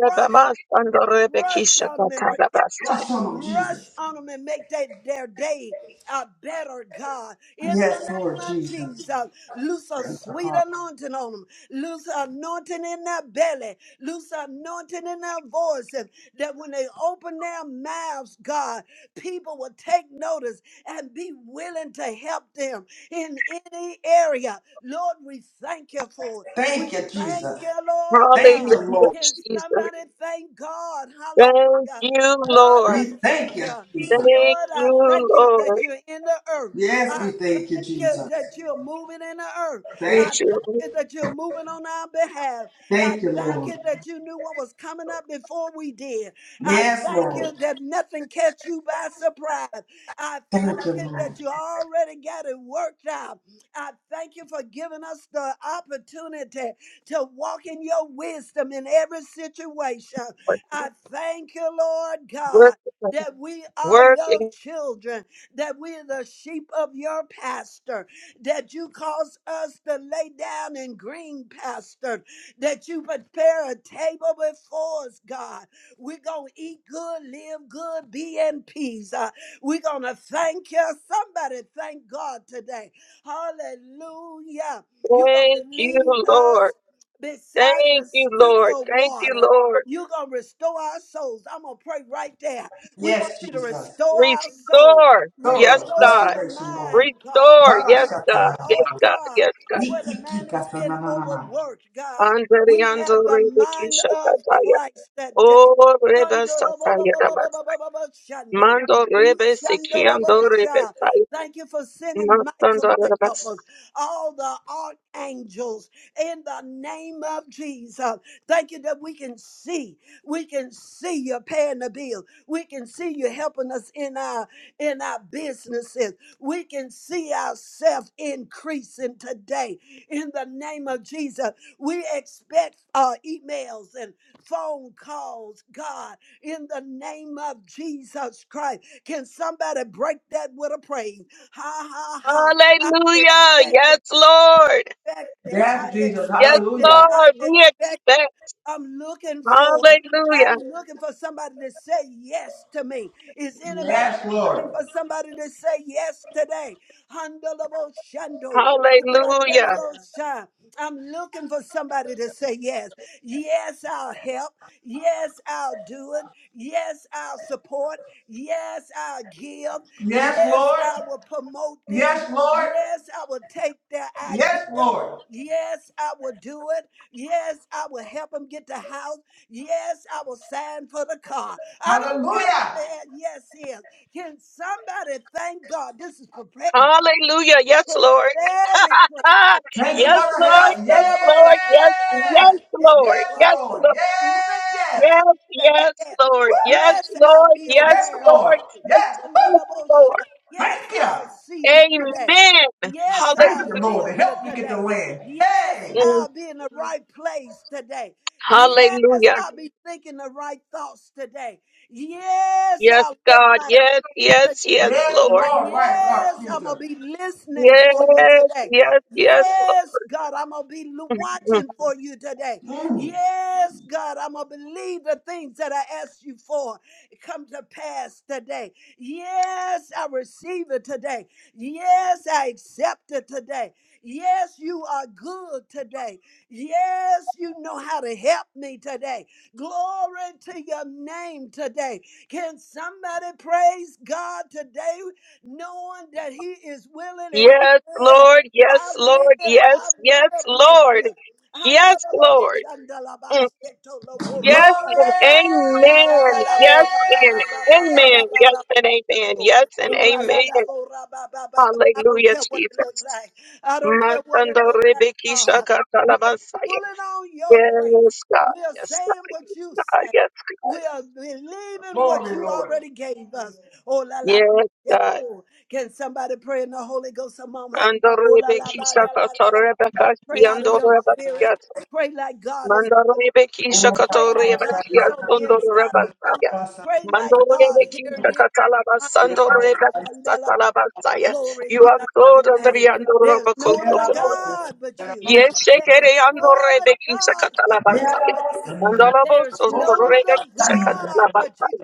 Speaker 1: Rush Rush
Speaker 3: Jesus.
Speaker 1: on them and protect them.
Speaker 2: Brush on them,
Speaker 1: Rush
Speaker 2: Jesus.
Speaker 1: on them and make they, their day a better God. In the
Speaker 2: Yes, Lord
Speaker 1: name of
Speaker 2: Jesus.
Speaker 1: Jesus, loose a
Speaker 2: Thank you,
Speaker 1: sweet
Speaker 2: Father.
Speaker 1: anointing on them. Loose anointing in their belly. Loose anointing in their voices. That when they open their mouths, God, people will take notice and be willing to help them in any area. Lord, we thank you for it. We
Speaker 2: Thank you,
Speaker 1: thank
Speaker 2: Jesus.
Speaker 1: you, Lord God.
Speaker 2: Thank you, Lord.
Speaker 1: Can somebody thank God?
Speaker 3: Thank
Speaker 1: Hallelujah.
Speaker 3: you,
Speaker 1: God,
Speaker 3: Lord.
Speaker 1: I
Speaker 2: We thank
Speaker 1: thank
Speaker 2: you,
Speaker 1: you.
Speaker 2: Jesus.
Speaker 3: Thank
Speaker 1: Lord, I
Speaker 3: you,
Speaker 1: thank you that
Speaker 3: Lord.
Speaker 1: you're in the earth.
Speaker 2: Yes,
Speaker 1: I
Speaker 2: we thank you,
Speaker 1: thank you
Speaker 2: Jesus.
Speaker 1: that you're moving in the earth.
Speaker 2: Thank.
Speaker 3: Thank
Speaker 1: I thank
Speaker 3: you,
Speaker 1: you that you're moving on our behalf. I
Speaker 2: Thank you,
Speaker 1: thank
Speaker 2: Lord.
Speaker 1: you that you knew what was coming up before we did. I
Speaker 2: Yes,
Speaker 1: thank
Speaker 2: Lord.
Speaker 1: you that nothing catch you by surprise. I
Speaker 2: Thank
Speaker 1: thank
Speaker 2: you,
Speaker 1: you that
Speaker 2: Lord.
Speaker 1: you already got it worked out. I thank you for giving us the opportunity to walk in your wisdom in every situation. I
Speaker 3: Lord.
Speaker 1: thank you, Lord God.
Speaker 3: Work it,
Speaker 1: That we are
Speaker 3: work
Speaker 1: your
Speaker 3: it.
Speaker 1: children, that we are the sheep of your pasture, that you cause us to lay down in green pasture, that you prepare a table before us, God. We're going to eat good, live good, be in peace. Uh, we're going to thank you. Somebody thank God today. Hallelujah. You're going to
Speaker 3: Thank you,
Speaker 1: lead us
Speaker 3: Lord.
Speaker 1: beside
Speaker 3: Thank
Speaker 1: the
Speaker 3: you, Lord.
Speaker 1: still
Speaker 3: Thank you,
Speaker 1: water.
Speaker 3: Lord.
Speaker 1: You're going to restore our souls. I'm going to pray right there. We want
Speaker 2: Yes,
Speaker 1: you to
Speaker 2: Jesus.
Speaker 1: restore our soul.
Speaker 3: Restore.
Speaker 1: Restore
Speaker 3: Yes,
Speaker 2: Thorough
Speaker 3: God.
Speaker 1: the
Speaker 2: restoration, Lord.
Speaker 1: mind, God.
Speaker 3: Restore.
Speaker 2: Baba
Speaker 3: Yes,
Speaker 1: Re- uh,
Speaker 3: God. Yes,
Speaker 1: oh,
Speaker 2: Shatanana.
Speaker 3: God.
Speaker 1: God,
Speaker 3: Yes, God.
Speaker 1: where the man has been
Speaker 2: Ikikikasananana.
Speaker 1: overworked, God.
Speaker 3: Andriy,
Speaker 1: We have the
Speaker 3: andriy,
Speaker 1: mind
Speaker 3: bekisha,
Speaker 1: of
Speaker 3: kataya.
Speaker 1: Christ that day.
Speaker 3: Oh, reba, Mando rebe sekiando rebe sai.
Speaker 1: Thank you for sending Michael
Speaker 3: Masando
Speaker 1: to help
Speaker 3: rabasa.
Speaker 1: us. All the archangels in the name of Jesus. Thank you that we can see. We can see you paying the bill. We can see you helping us in our in our businesses. We can see ourselves increasing today in the name of Jesus. We expect uh, emails and phone calls, God, in the name of Jesus Christ. Can somebody break that with a praise? Ha ha ha. I
Speaker 3: Hallelujah.
Speaker 1: expect
Speaker 3: Yes, Lord.
Speaker 1: expect it. I
Speaker 2: Yes, Jesus.
Speaker 3: Yes,
Speaker 1: expected.
Speaker 2: Hallelujah.
Speaker 1: I
Speaker 3: Lord.
Speaker 1: expected.
Speaker 3: We expect.
Speaker 1: I'm looking for it.
Speaker 3: Hallelujah.
Speaker 1: I'm looking for somebody to say yes to me. Is anybody else
Speaker 2: Yes,
Speaker 1: looking
Speaker 2: Lord.
Speaker 1: for somebody to say yes today? Handleable shando.
Speaker 3: Hallelujah.
Speaker 1: randelable sha. I'm looking for somebody to say yes. Yes, I'll help. Yes, I'll do it. Yes, I'll support. Yes, I'll give.
Speaker 2: Yes,
Speaker 1: Yes,
Speaker 2: Lord.
Speaker 1: I will promote them.
Speaker 2: Yes, Lord.
Speaker 1: Yes, I will take their ideas.
Speaker 2: Yes, Lord.
Speaker 1: Yes, I will do it. Yes, I will help them get the house. Yes, I will sign for the car. I don't care what
Speaker 2: Hallelujah.
Speaker 1: the yes is. Can somebody thank God? This is prepared.
Speaker 3: Hallelujah. Yes,
Speaker 1: So
Speaker 3: Lord.
Speaker 1: let it pray
Speaker 3: Ah,
Speaker 1: today.
Speaker 2: Thank you
Speaker 3: yes,
Speaker 2: for the
Speaker 3: Lord.
Speaker 2: help.
Speaker 3: Yes,
Speaker 1: Under the bushel,
Speaker 3: Lord. Yes,
Speaker 1: I'll be
Speaker 3: yes,
Speaker 2: Yes.
Speaker 1: there to
Speaker 3: Lord.
Speaker 2: Yes,
Speaker 1: watch.
Speaker 3: Yes,
Speaker 2: Lord.
Speaker 3: Lord.
Speaker 1: Under the
Speaker 2: Yes.
Speaker 1: bushel,
Speaker 3: Yes,
Speaker 1: back to
Speaker 3: yes,
Speaker 1: death.
Speaker 3: Lord. Yes,
Speaker 1: Yes,
Speaker 2: Woo.
Speaker 1: I'll
Speaker 3: Lord.
Speaker 1: be
Speaker 3: Yes,
Speaker 2: Yes,
Speaker 1: aware of
Speaker 2: Lord.
Speaker 3: Lord.
Speaker 1: you.
Speaker 3: Yes,
Speaker 2: Yes.
Speaker 1: Under
Speaker 3: yes,
Speaker 1: the
Speaker 3: Lord.
Speaker 1: bushel,
Speaker 2: Woo.
Speaker 1: yes,
Speaker 2: Thank
Speaker 1: I'll
Speaker 2: you.
Speaker 1: see you today.
Speaker 3: Amen.
Speaker 1: Yes,
Speaker 2: Thank
Speaker 1: I'll
Speaker 2: you,
Speaker 3: Hallelujah.
Speaker 2: Lord. to
Speaker 1: feel you
Speaker 2: Help me get the
Speaker 1: today.
Speaker 2: land.
Speaker 1: Yes,
Speaker 2: Hey!
Speaker 1: I'll be in the right place today. Yes,
Speaker 3: Hallelujah.
Speaker 1: I'll be thinking the right thoughts today. Yes,
Speaker 3: Yes,
Speaker 1: I'll lift
Speaker 3: God.
Speaker 1: my
Speaker 3: Yes,
Speaker 1: to
Speaker 3: yes,
Speaker 1: you
Speaker 3: yes,
Speaker 1: today.
Speaker 2: Yes,
Speaker 3: Lord.
Speaker 2: Lord, right,
Speaker 1: Yes,
Speaker 2: Lord
Speaker 1: I'm going
Speaker 2: Jesus.
Speaker 1: to be listening
Speaker 3: Yes,
Speaker 1: for you today.
Speaker 3: yes, yes,
Speaker 1: Yes, God, I'm going to be l-
Speaker 3: Lord. Mm-hmm.
Speaker 1: watching for you today.
Speaker 2: Mm.
Speaker 1: Yes, God, I'm going to believe the things that I asked you for come to pass today. Yes, I receive it today. Yes, I accept it today. Yes, you are good today. Yes, you know how to help me today. Glory to your name today. Can somebody praise God today, knowing that He is willing and He
Speaker 3: Yes,
Speaker 1: will?
Speaker 3: Lord.
Speaker 1: I
Speaker 3: Yes,
Speaker 1: will,
Speaker 3: Lord.
Speaker 1: I
Speaker 3: Yes,
Speaker 1: will
Speaker 3: yes,
Speaker 1: bless
Speaker 3: Lord.
Speaker 1: you.
Speaker 3: Yes,
Speaker 1: Andalabo
Speaker 3: Lord.
Speaker 1: shandalaba
Speaker 3: Mm.
Speaker 1: setolobo
Speaker 3: Yes
Speaker 2: Glory!
Speaker 3: and
Speaker 1: rakalaba.
Speaker 3: amen. Yes
Speaker 1: Uragalabo
Speaker 3: and amen. Yes
Speaker 1: rababababababababa.
Speaker 3: and amen. Yes and amen.
Speaker 1: Uralalabo rababababa. I don't
Speaker 3: Hallelujah,
Speaker 1: care what it looks
Speaker 3: Jesus.
Speaker 1: like. I don't
Speaker 3: My
Speaker 1: care what
Speaker 3: son,
Speaker 1: it
Speaker 3: the
Speaker 1: looks like,
Speaker 3: Rebekah
Speaker 1: God.
Speaker 3: Shaka
Speaker 1: We're
Speaker 3: Talabasaya.
Speaker 1: pulling on your grace.
Speaker 3: Yes, God.
Speaker 1: We're
Speaker 3: Yes,
Speaker 1: saying what you
Speaker 3: God.
Speaker 1: say.
Speaker 3: Yes,
Speaker 1: We
Speaker 3: God.
Speaker 1: are believing what
Speaker 2: Glory,
Speaker 1: you
Speaker 2: Lord.
Speaker 1: already gave us. Oh, la la. ba,
Speaker 3: Yes,
Speaker 1: yet,
Speaker 3: God.
Speaker 1: oh. Can somebody pray in the Holy Ghost a moment? Oh, la la.
Speaker 3: Andorebeki
Speaker 1: ba, da, la, la, la.
Speaker 3: Sakatorebeka
Speaker 1: Pray out of your spirit.
Speaker 3: Yandorebakiat.
Speaker 1: Pray like God is still.
Speaker 3: Mandorebeki
Speaker 2: Hallelujah.
Speaker 1: Pray like God is
Speaker 3: Sakatorebakiat
Speaker 1: on the inside of you.
Speaker 3: Sondorebasaya.
Speaker 1: Pray like God
Speaker 3: Mandorebeki
Speaker 1: hear you.
Speaker 3: Sakatalabasandorebeki Satalabasaya.
Speaker 1: Glory
Speaker 3: You
Speaker 1: be
Speaker 3: are
Speaker 1: unto
Speaker 3: clothed
Speaker 1: your
Speaker 3: under
Speaker 1: name.
Speaker 3: the
Speaker 1: There's no other
Speaker 3: Andorabakosoko.
Speaker 1: God but you.
Speaker 3: Yes,
Speaker 1: There is
Speaker 3: Shekere
Speaker 1: no other
Speaker 3: Andorebeki
Speaker 1: God for us
Speaker 3: Sakatalabasaya.
Speaker 1: but you.
Speaker 3: Mandalabos
Speaker 1: There's no other God but
Speaker 3: Sorebeki
Speaker 1: you.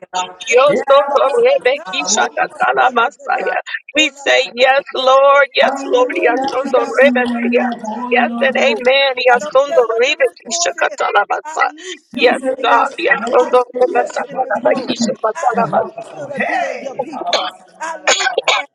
Speaker 3: Yo
Speaker 1: There's
Speaker 3: soto
Speaker 1: no other
Speaker 3: rebeki
Speaker 1: God. And we want to
Speaker 3: shakatala
Speaker 1: know you today.
Speaker 3: masaya. We
Speaker 1: Oh, la, la,
Speaker 3: say
Speaker 1: la,
Speaker 3: yes,
Speaker 1: shit, oh,
Speaker 3: Lord, yes,
Speaker 1: la, la,
Speaker 3: Lord, yes,
Speaker 1: la,
Speaker 3: sondo
Speaker 1: la, oh, la, la,
Speaker 2: bless
Speaker 1: la,
Speaker 2: you,
Speaker 1: la,
Speaker 3: rebeki.
Speaker 2: Lord.
Speaker 1: la,
Speaker 2: Holy
Speaker 3: Yes
Speaker 1: la,
Speaker 3: and
Speaker 1: la, la.
Speaker 2: Lord.
Speaker 3: amen.
Speaker 1: I
Speaker 3: Yes,
Speaker 1: don't care
Speaker 3: sondo
Speaker 1: what the
Speaker 3: rebeki
Speaker 1: report is.
Speaker 3: shakatala
Speaker 1: I
Speaker 3: masaya.
Speaker 1: loose your
Speaker 2: You
Speaker 3: Yes,
Speaker 2: say
Speaker 1: Holy Ghost.
Speaker 3: God.
Speaker 2: yes,
Speaker 3: Yes,
Speaker 2: no
Speaker 1: I
Speaker 2: one
Speaker 3: sondo
Speaker 2: say
Speaker 1: loose you
Speaker 2: yes,
Speaker 1: in
Speaker 2: but
Speaker 1: this room.
Speaker 3: rebeki
Speaker 1: I
Speaker 2: you
Speaker 3: shakatala
Speaker 1: loose
Speaker 2: help
Speaker 3: masaya.
Speaker 2: us,
Speaker 1: you
Speaker 2: Lord.
Speaker 1: to build your
Speaker 2: Hey!
Speaker 1: people. I loose you to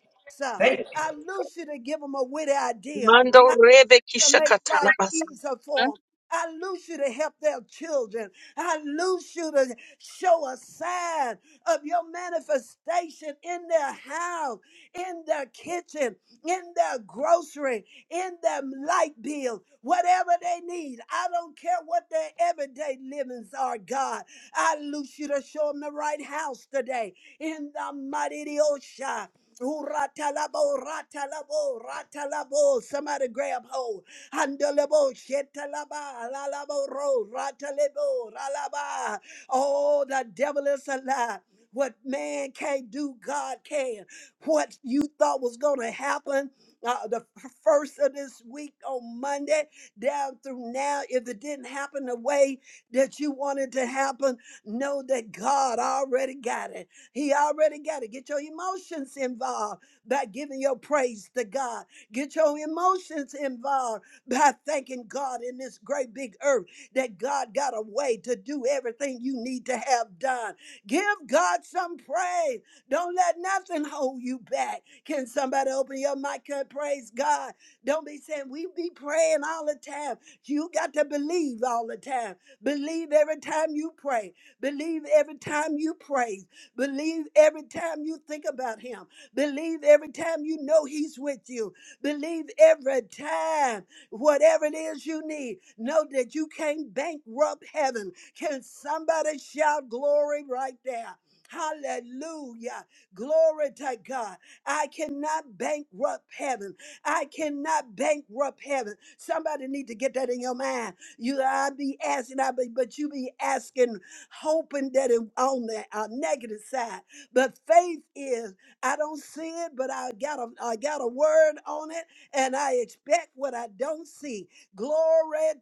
Speaker 2: Thank you.
Speaker 1: I loose you to give them a witty idea
Speaker 3: Mando rebeki
Speaker 1: to make
Speaker 3: shakatala
Speaker 1: life
Speaker 3: masaya.
Speaker 1: easier for them. I loose you to help their children. I loose you to show a sign of your manifestation in their house, in their kitchen, in their grocery, in their light bill, whatever they need. I don't care what their everyday livings are, God. I loose you to show them the right house today in the mighty Osha. Ooh, ratalabo, ratalabo, ratalabo. Somebody grab hold. Handalebo, shetalaba, lalabo, ro, ratalebo, ralaba. Oh, the devil is a lie. What man can't do, God can. What you thought was going to happen uh, the f- first of this week on Monday down through now, if it didn't happen the way that you wanted to happen, know that God already got it. He already got it. Get your emotions involved by giving your praise to God. Get your emotions involved by thanking God in this great big earth that God got a way to do everything you need to have done. Give God some praise. Don't let nothing hold you back. Can somebody open your mic and praise God? Don't be saying we be praying all the time. You got to believe all the time. Believe every time you pray. Believe every time you praise. Believe every time you think about Him. Believe every time you know He's with you. Believe every time whatever it is you need. Know that you can't bankrupt heaven. Can somebody shout glory right there? Hallelujah. Glory to God. I cannot bankrupt heaven. I cannot bankrupt heaven. Somebody need to get that in your mind. You I be asking, I be, but you be asking, hoping that it on the uh, negative side. But faith is, I don't see it, but I got a I got a word on it and I expect what I don't see. Glory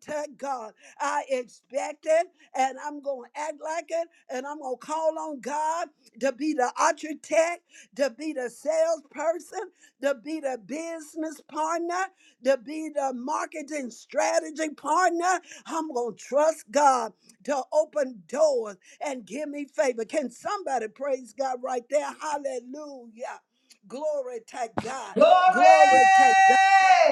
Speaker 1: to God. I expect it and I'm going to act like it and I'm going to call on God to be the architect, to be the salesperson, to be the business partner, to be the marketing strategy partner. I'm going to trust God to open doors and give me favor. Can somebody praise God right there? Hallelujah. Glory to God.
Speaker 2: Glory!
Speaker 1: Glory to God.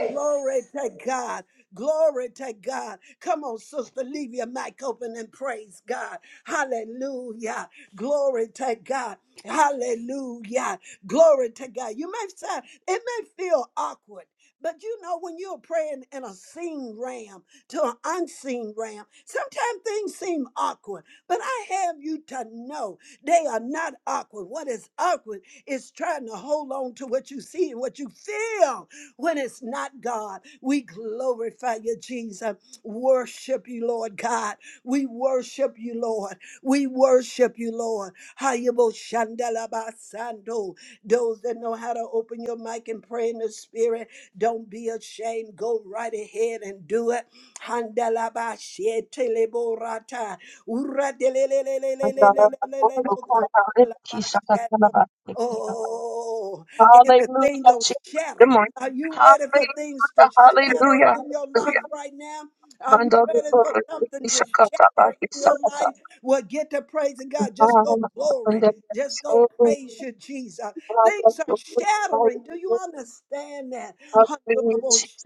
Speaker 1: Glory to God. Glory to God. Come on, sister, leave your mic open and praise God. Hallelujah. Glory to God. Hallelujah. Glory to God. You may say it may feel awkward, but you know when you're praying in a seen ram to an unseen ram, sometimes things seem awkward. But I have you to know they are not awkward. What is awkward is trying to hold on to what you see and what you feel when it's not God, we glorify you, Jesus. Worship you, Lord God. We worship you, Lord. We worship you, Lord. Hayabo shandalabasando. Those that know how to open your mic and pray in the spirit, don't be ashamed. Go right ahead and do it. Handalabasheteleborata.
Speaker 3: Mandala masondo kora rebeki
Speaker 1: Uradelelelelelelelelelemokoralabashando.
Speaker 3: shakatala masaya.
Speaker 1: Oh,
Speaker 3: Hallelujah.
Speaker 1: everything goes
Speaker 3: Jesus.
Speaker 1: shatter.
Speaker 3: Good morning.
Speaker 1: Are you ready for things to shatter
Speaker 3: Hallelujah.
Speaker 1: in your
Speaker 3: Hallelujah.
Speaker 1: life right now? Are you
Speaker 3: Bandar
Speaker 1: ready
Speaker 3: Dor
Speaker 1: for something to
Speaker 3: Shakata
Speaker 1: shatter
Speaker 3: Baki
Speaker 1: in your
Speaker 3: Sakata
Speaker 1: life? Well, get to praising God. Just go
Speaker 3: Impala and
Speaker 1: glory.
Speaker 3: the
Speaker 1: Just go
Speaker 3: Sori
Speaker 1: praise you, Jesus.
Speaker 3: Impala
Speaker 1: Things are
Speaker 3: Lokuri
Speaker 1: shattering. Do you understand that?
Speaker 3: Abri Chisna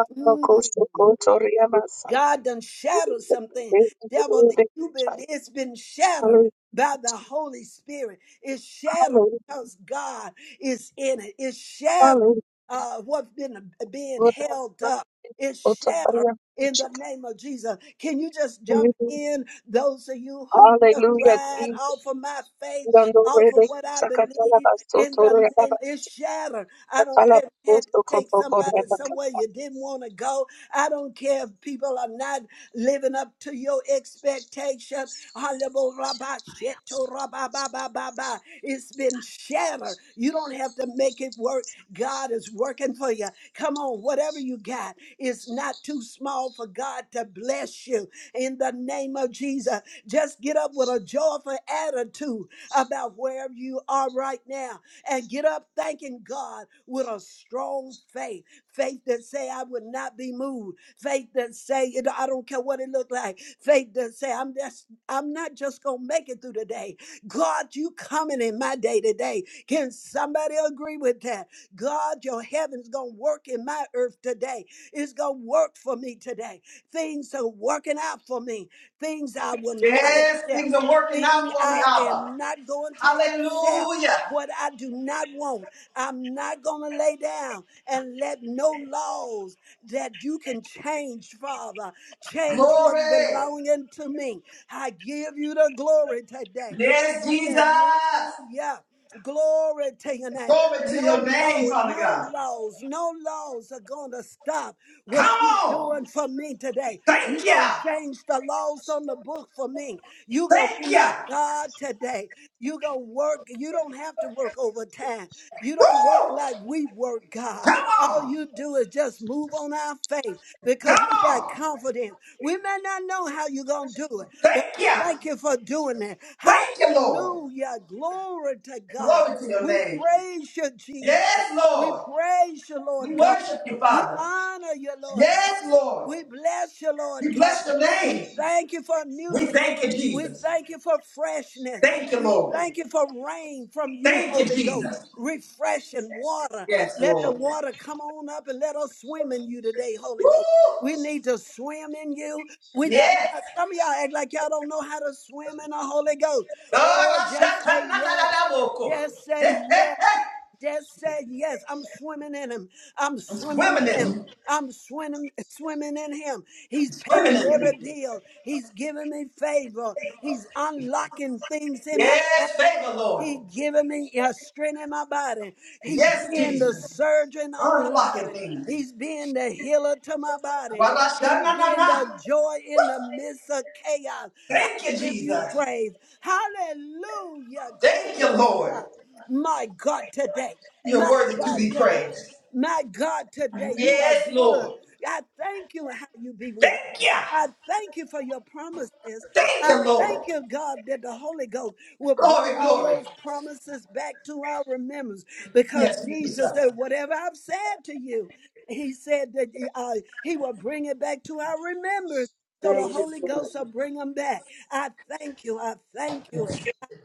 Speaker 1: Mm.
Speaker 3: Koso Kotoria Masai
Speaker 1: God done shattered something. Devil, you've been it's been shattered by the
Speaker 3: Hallelujah,
Speaker 1: Holy Spirit. It's shattered
Speaker 3: hallelujah,
Speaker 1: because God is in it. It's shattered
Speaker 3: hallelujah.
Speaker 1: uh, what's been being held up. It's shattered
Speaker 3: Otaparia
Speaker 1: in the
Speaker 3: Shaka.
Speaker 1: name of Jesus. Can you just jump in? Those of you who just
Speaker 3: Hallelujah,
Speaker 1: ride
Speaker 3: Jesus.
Speaker 1: off of my faith, off of
Speaker 3: Bandore
Speaker 1: what I
Speaker 3: Sakatala
Speaker 1: believe in the
Speaker 3: Basotoria
Speaker 1: name, it's shattered. I don't care if you had to take somebody
Speaker 3: Batalaba
Speaker 1: somewhere you didn't want to go I don't care if people are not living up to your expectation. Hallelujah, rabba, sheto, rabba, ba, ba, ba, ba. It's been shattered. You don't have to make it work. God is working for you. Come on, whatever you got is not too small for God to bless you in the name of Jesus. Just get up with a joyful attitude about wherever you are right now and get up thanking God with a strong faith faith that say I would not be moved, faith that say you know, I don't care what it look like, faith that say I'm just I'm not just gonna make it through the day. God, you coming in my day today. Can somebody agree with that? God, your heaven's gonna work in my earth today. It's gonna work for me today. Things are working out for me. Things I will not
Speaker 2: Yes,
Speaker 1: accept.
Speaker 2: things are working out
Speaker 1: Thing
Speaker 2: for me,
Speaker 1: I
Speaker 2: Abba.
Speaker 1: am not going to accept.
Speaker 2: Hallelujah.
Speaker 1: What I do not want. I'm not going to lay down and let no laws that you can change, Father, change what's
Speaker 2: Glory.
Speaker 1: belonging to me. I give you the glory today.
Speaker 2: Yes, Jesus.
Speaker 1: Hallelujah. Glory to your name.
Speaker 2: Glory to
Speaker 1: No
Speaker 2: your
Speaker 1: law,
Speaker 2: name, Father
Speaker 1: no
Speaker 2: God.
Speaker 1: laws, no laws are gonna stop
Speaker 2: Come
Speaker 1: what you're
Speaker 2: on.
Speaker 1: doing for me today. You're
Speaker 2: Thank you.
Speaker 1: gonna change the laws on the book for me. You're gonna be
Speaker 2: Thank you.
Speaker 1: my God today. You're gonna work. You don't have to work overtime. You don't work
Speaker 2: Woo!
Speaker 1: like we work, God.
Speaker 2: Come
Speaker 1: All
Speaker 2: on.
Speaker 1: you do is just move on our faith because
Speaker 2: Come
Speaker 1: we got
Speaker 2: on.
Speaker 1: confidence. We may not know how you're going to do it, but
Speaker 2: Thank
Speaker 1: we
Speaker 2: you.
Speaker 1: thank you for doing it.
Speaker 2: Thank you, Lord.
Speaker 1: Hallelujah. Glory to God.
Speaker 2: Glory to your
Speaker 1: We
Speaker 2: name.
Speaker 1: praise you, Jesus.
Speaker 2: Yes,
Speaker 1: We
Speaker 2: Lord.
Speaker 1: praise you, Lord
Speaker 2: We
Speaker 1: God.
Speaker 2: worship you,
Speaker 1: We
Speaker 2: Father.
Speaker 1: honor you, Lord God.
Speaker 2: Yes, Lord.
Speaker 1: We bless you, Lord
Speaker 2: We
Speaker 1: God.
Speaker 2: bless your
Speaker 1: We
Speaker 2: name.
Speaker 1: thank you for
Speaker 2: We
Speaker 1: newness.
Speaker 2: thank you,
Speaker 1: We
Speaker 2: Jesus.
Speaker 1: thank you for freshness.
Speaker 2: Thank you,
Speaker 1: We
Speaker 2: Lord.
Speaker 1: thank you for rain from you,
Speaker 2: Thank you,
Speaker 1: Holy Ghost.
Speaker 2: Jesus.
Speaker 1: Refreshing water.
Speaker 2: Yes,
Speaker 1: Let the
Speaker 2: Lord.
Speaker 1: water come on up and let us swim in you today, Holy
Speaker 2: Woo!
Speaker 1: Ghost. We need to swim in you. We not,
Speaker 2: Yes.
Speaker 1: God, some of y'all act like y'all don't know how to swim in the Holy Ghost.
Speaker 2: Lord.
Speaker 1: Oh,
Speaker 2: I shout,
Speaker 1: just say
Speaker 2: "Tanana
Speaker 1: yes.
Speaker 2: da da boko."
Speaker 1: Just say
Speaker 2: Hey,
Speaker 1: yes.
Speaker 2: hey, hey.
Speaker 1: Just said yes. I'm swimming in him. I'm
Speaker 2: I'm
Speaker 1: swimming
Speaker 2: swimming
Speaker 1: in
Speaker 2: in
Speaker 1: him.
Speaker 2: it.
Speaker 1: I'm swimming, swimming in him.
Speaker 2: I'm
Speaker 1: He's
Speaker 2: swimming
Speaker 1: paying
Speaker 2: in
Speaker 1: every
Speaker 2: it.
Speaker 1: bill. He's giving me favor. He's unlocking things in my life.
Speaker 2: Yes, favor, Lord.
Speaker 1: He giving me a strength in my body. He's
Speaker 2: Yes,
Speaker 1: being the
Speaker 2: Jesus.
Speaker 1: surgeon on my
Speaker 2: Unlocking
Speaker 1: body.
Speaker 2: things.
Speaker 1: He's being the healer to my body.
Speaker 2: Wa la sha
Speaker 1: He's
Speaker 2: na na
Speaker 1: being
Speaker 2: na.
Speaker 1: the joy in the midst of chaos. I
Speaker 2: Thank you,
Speaker 1: give you
Speaker 2: Jesus.
Speaker 1: praise. Hallelujah.
Speaker 2: Thank
Speaker 1: Glory
Speaker 2: you,
Speaker 1: to
Speaker 2: Lord.
Speaker 1: God. My God today.
Speaker 2: You're
Speaker 1: My
Speaker 2: worthy to
Speaker 1: God
Speaker 2: be
Speaker 1: today.
Speaker 2: praised.
Speaker 1: My God today. You
Speaker 2: Yes,
Speaker 1: are good.
Speaker 2: Lord.
Speaker 1: I thank you how you be with us.
Speaker 2: Thank you.
Speaker 1: I thank you for your promises.
Speaker 2: Thank
Speaker 1: I
Speaker 2: you, Lord.
Speaker 1: thank you, God, that the Holy Ghost will bring
Speaker 2: Glory,
Speaker 1: all
Speaker 2: glory.
Speaker 1: those promises back to our remembrance because
Speaker 2: Yes,
Speaker 1: Jesus
Speaker 2: Jesus.
Speaker 1: said, Whatever I've said to you, he said that uh, he will bring it back to our remembrance. So the
Speaker 2: Thank you,
Speaker 1: Holy
Speaker 2: Lord.
Speaker 1: Ghost will bring them back. I thank you. I thank you.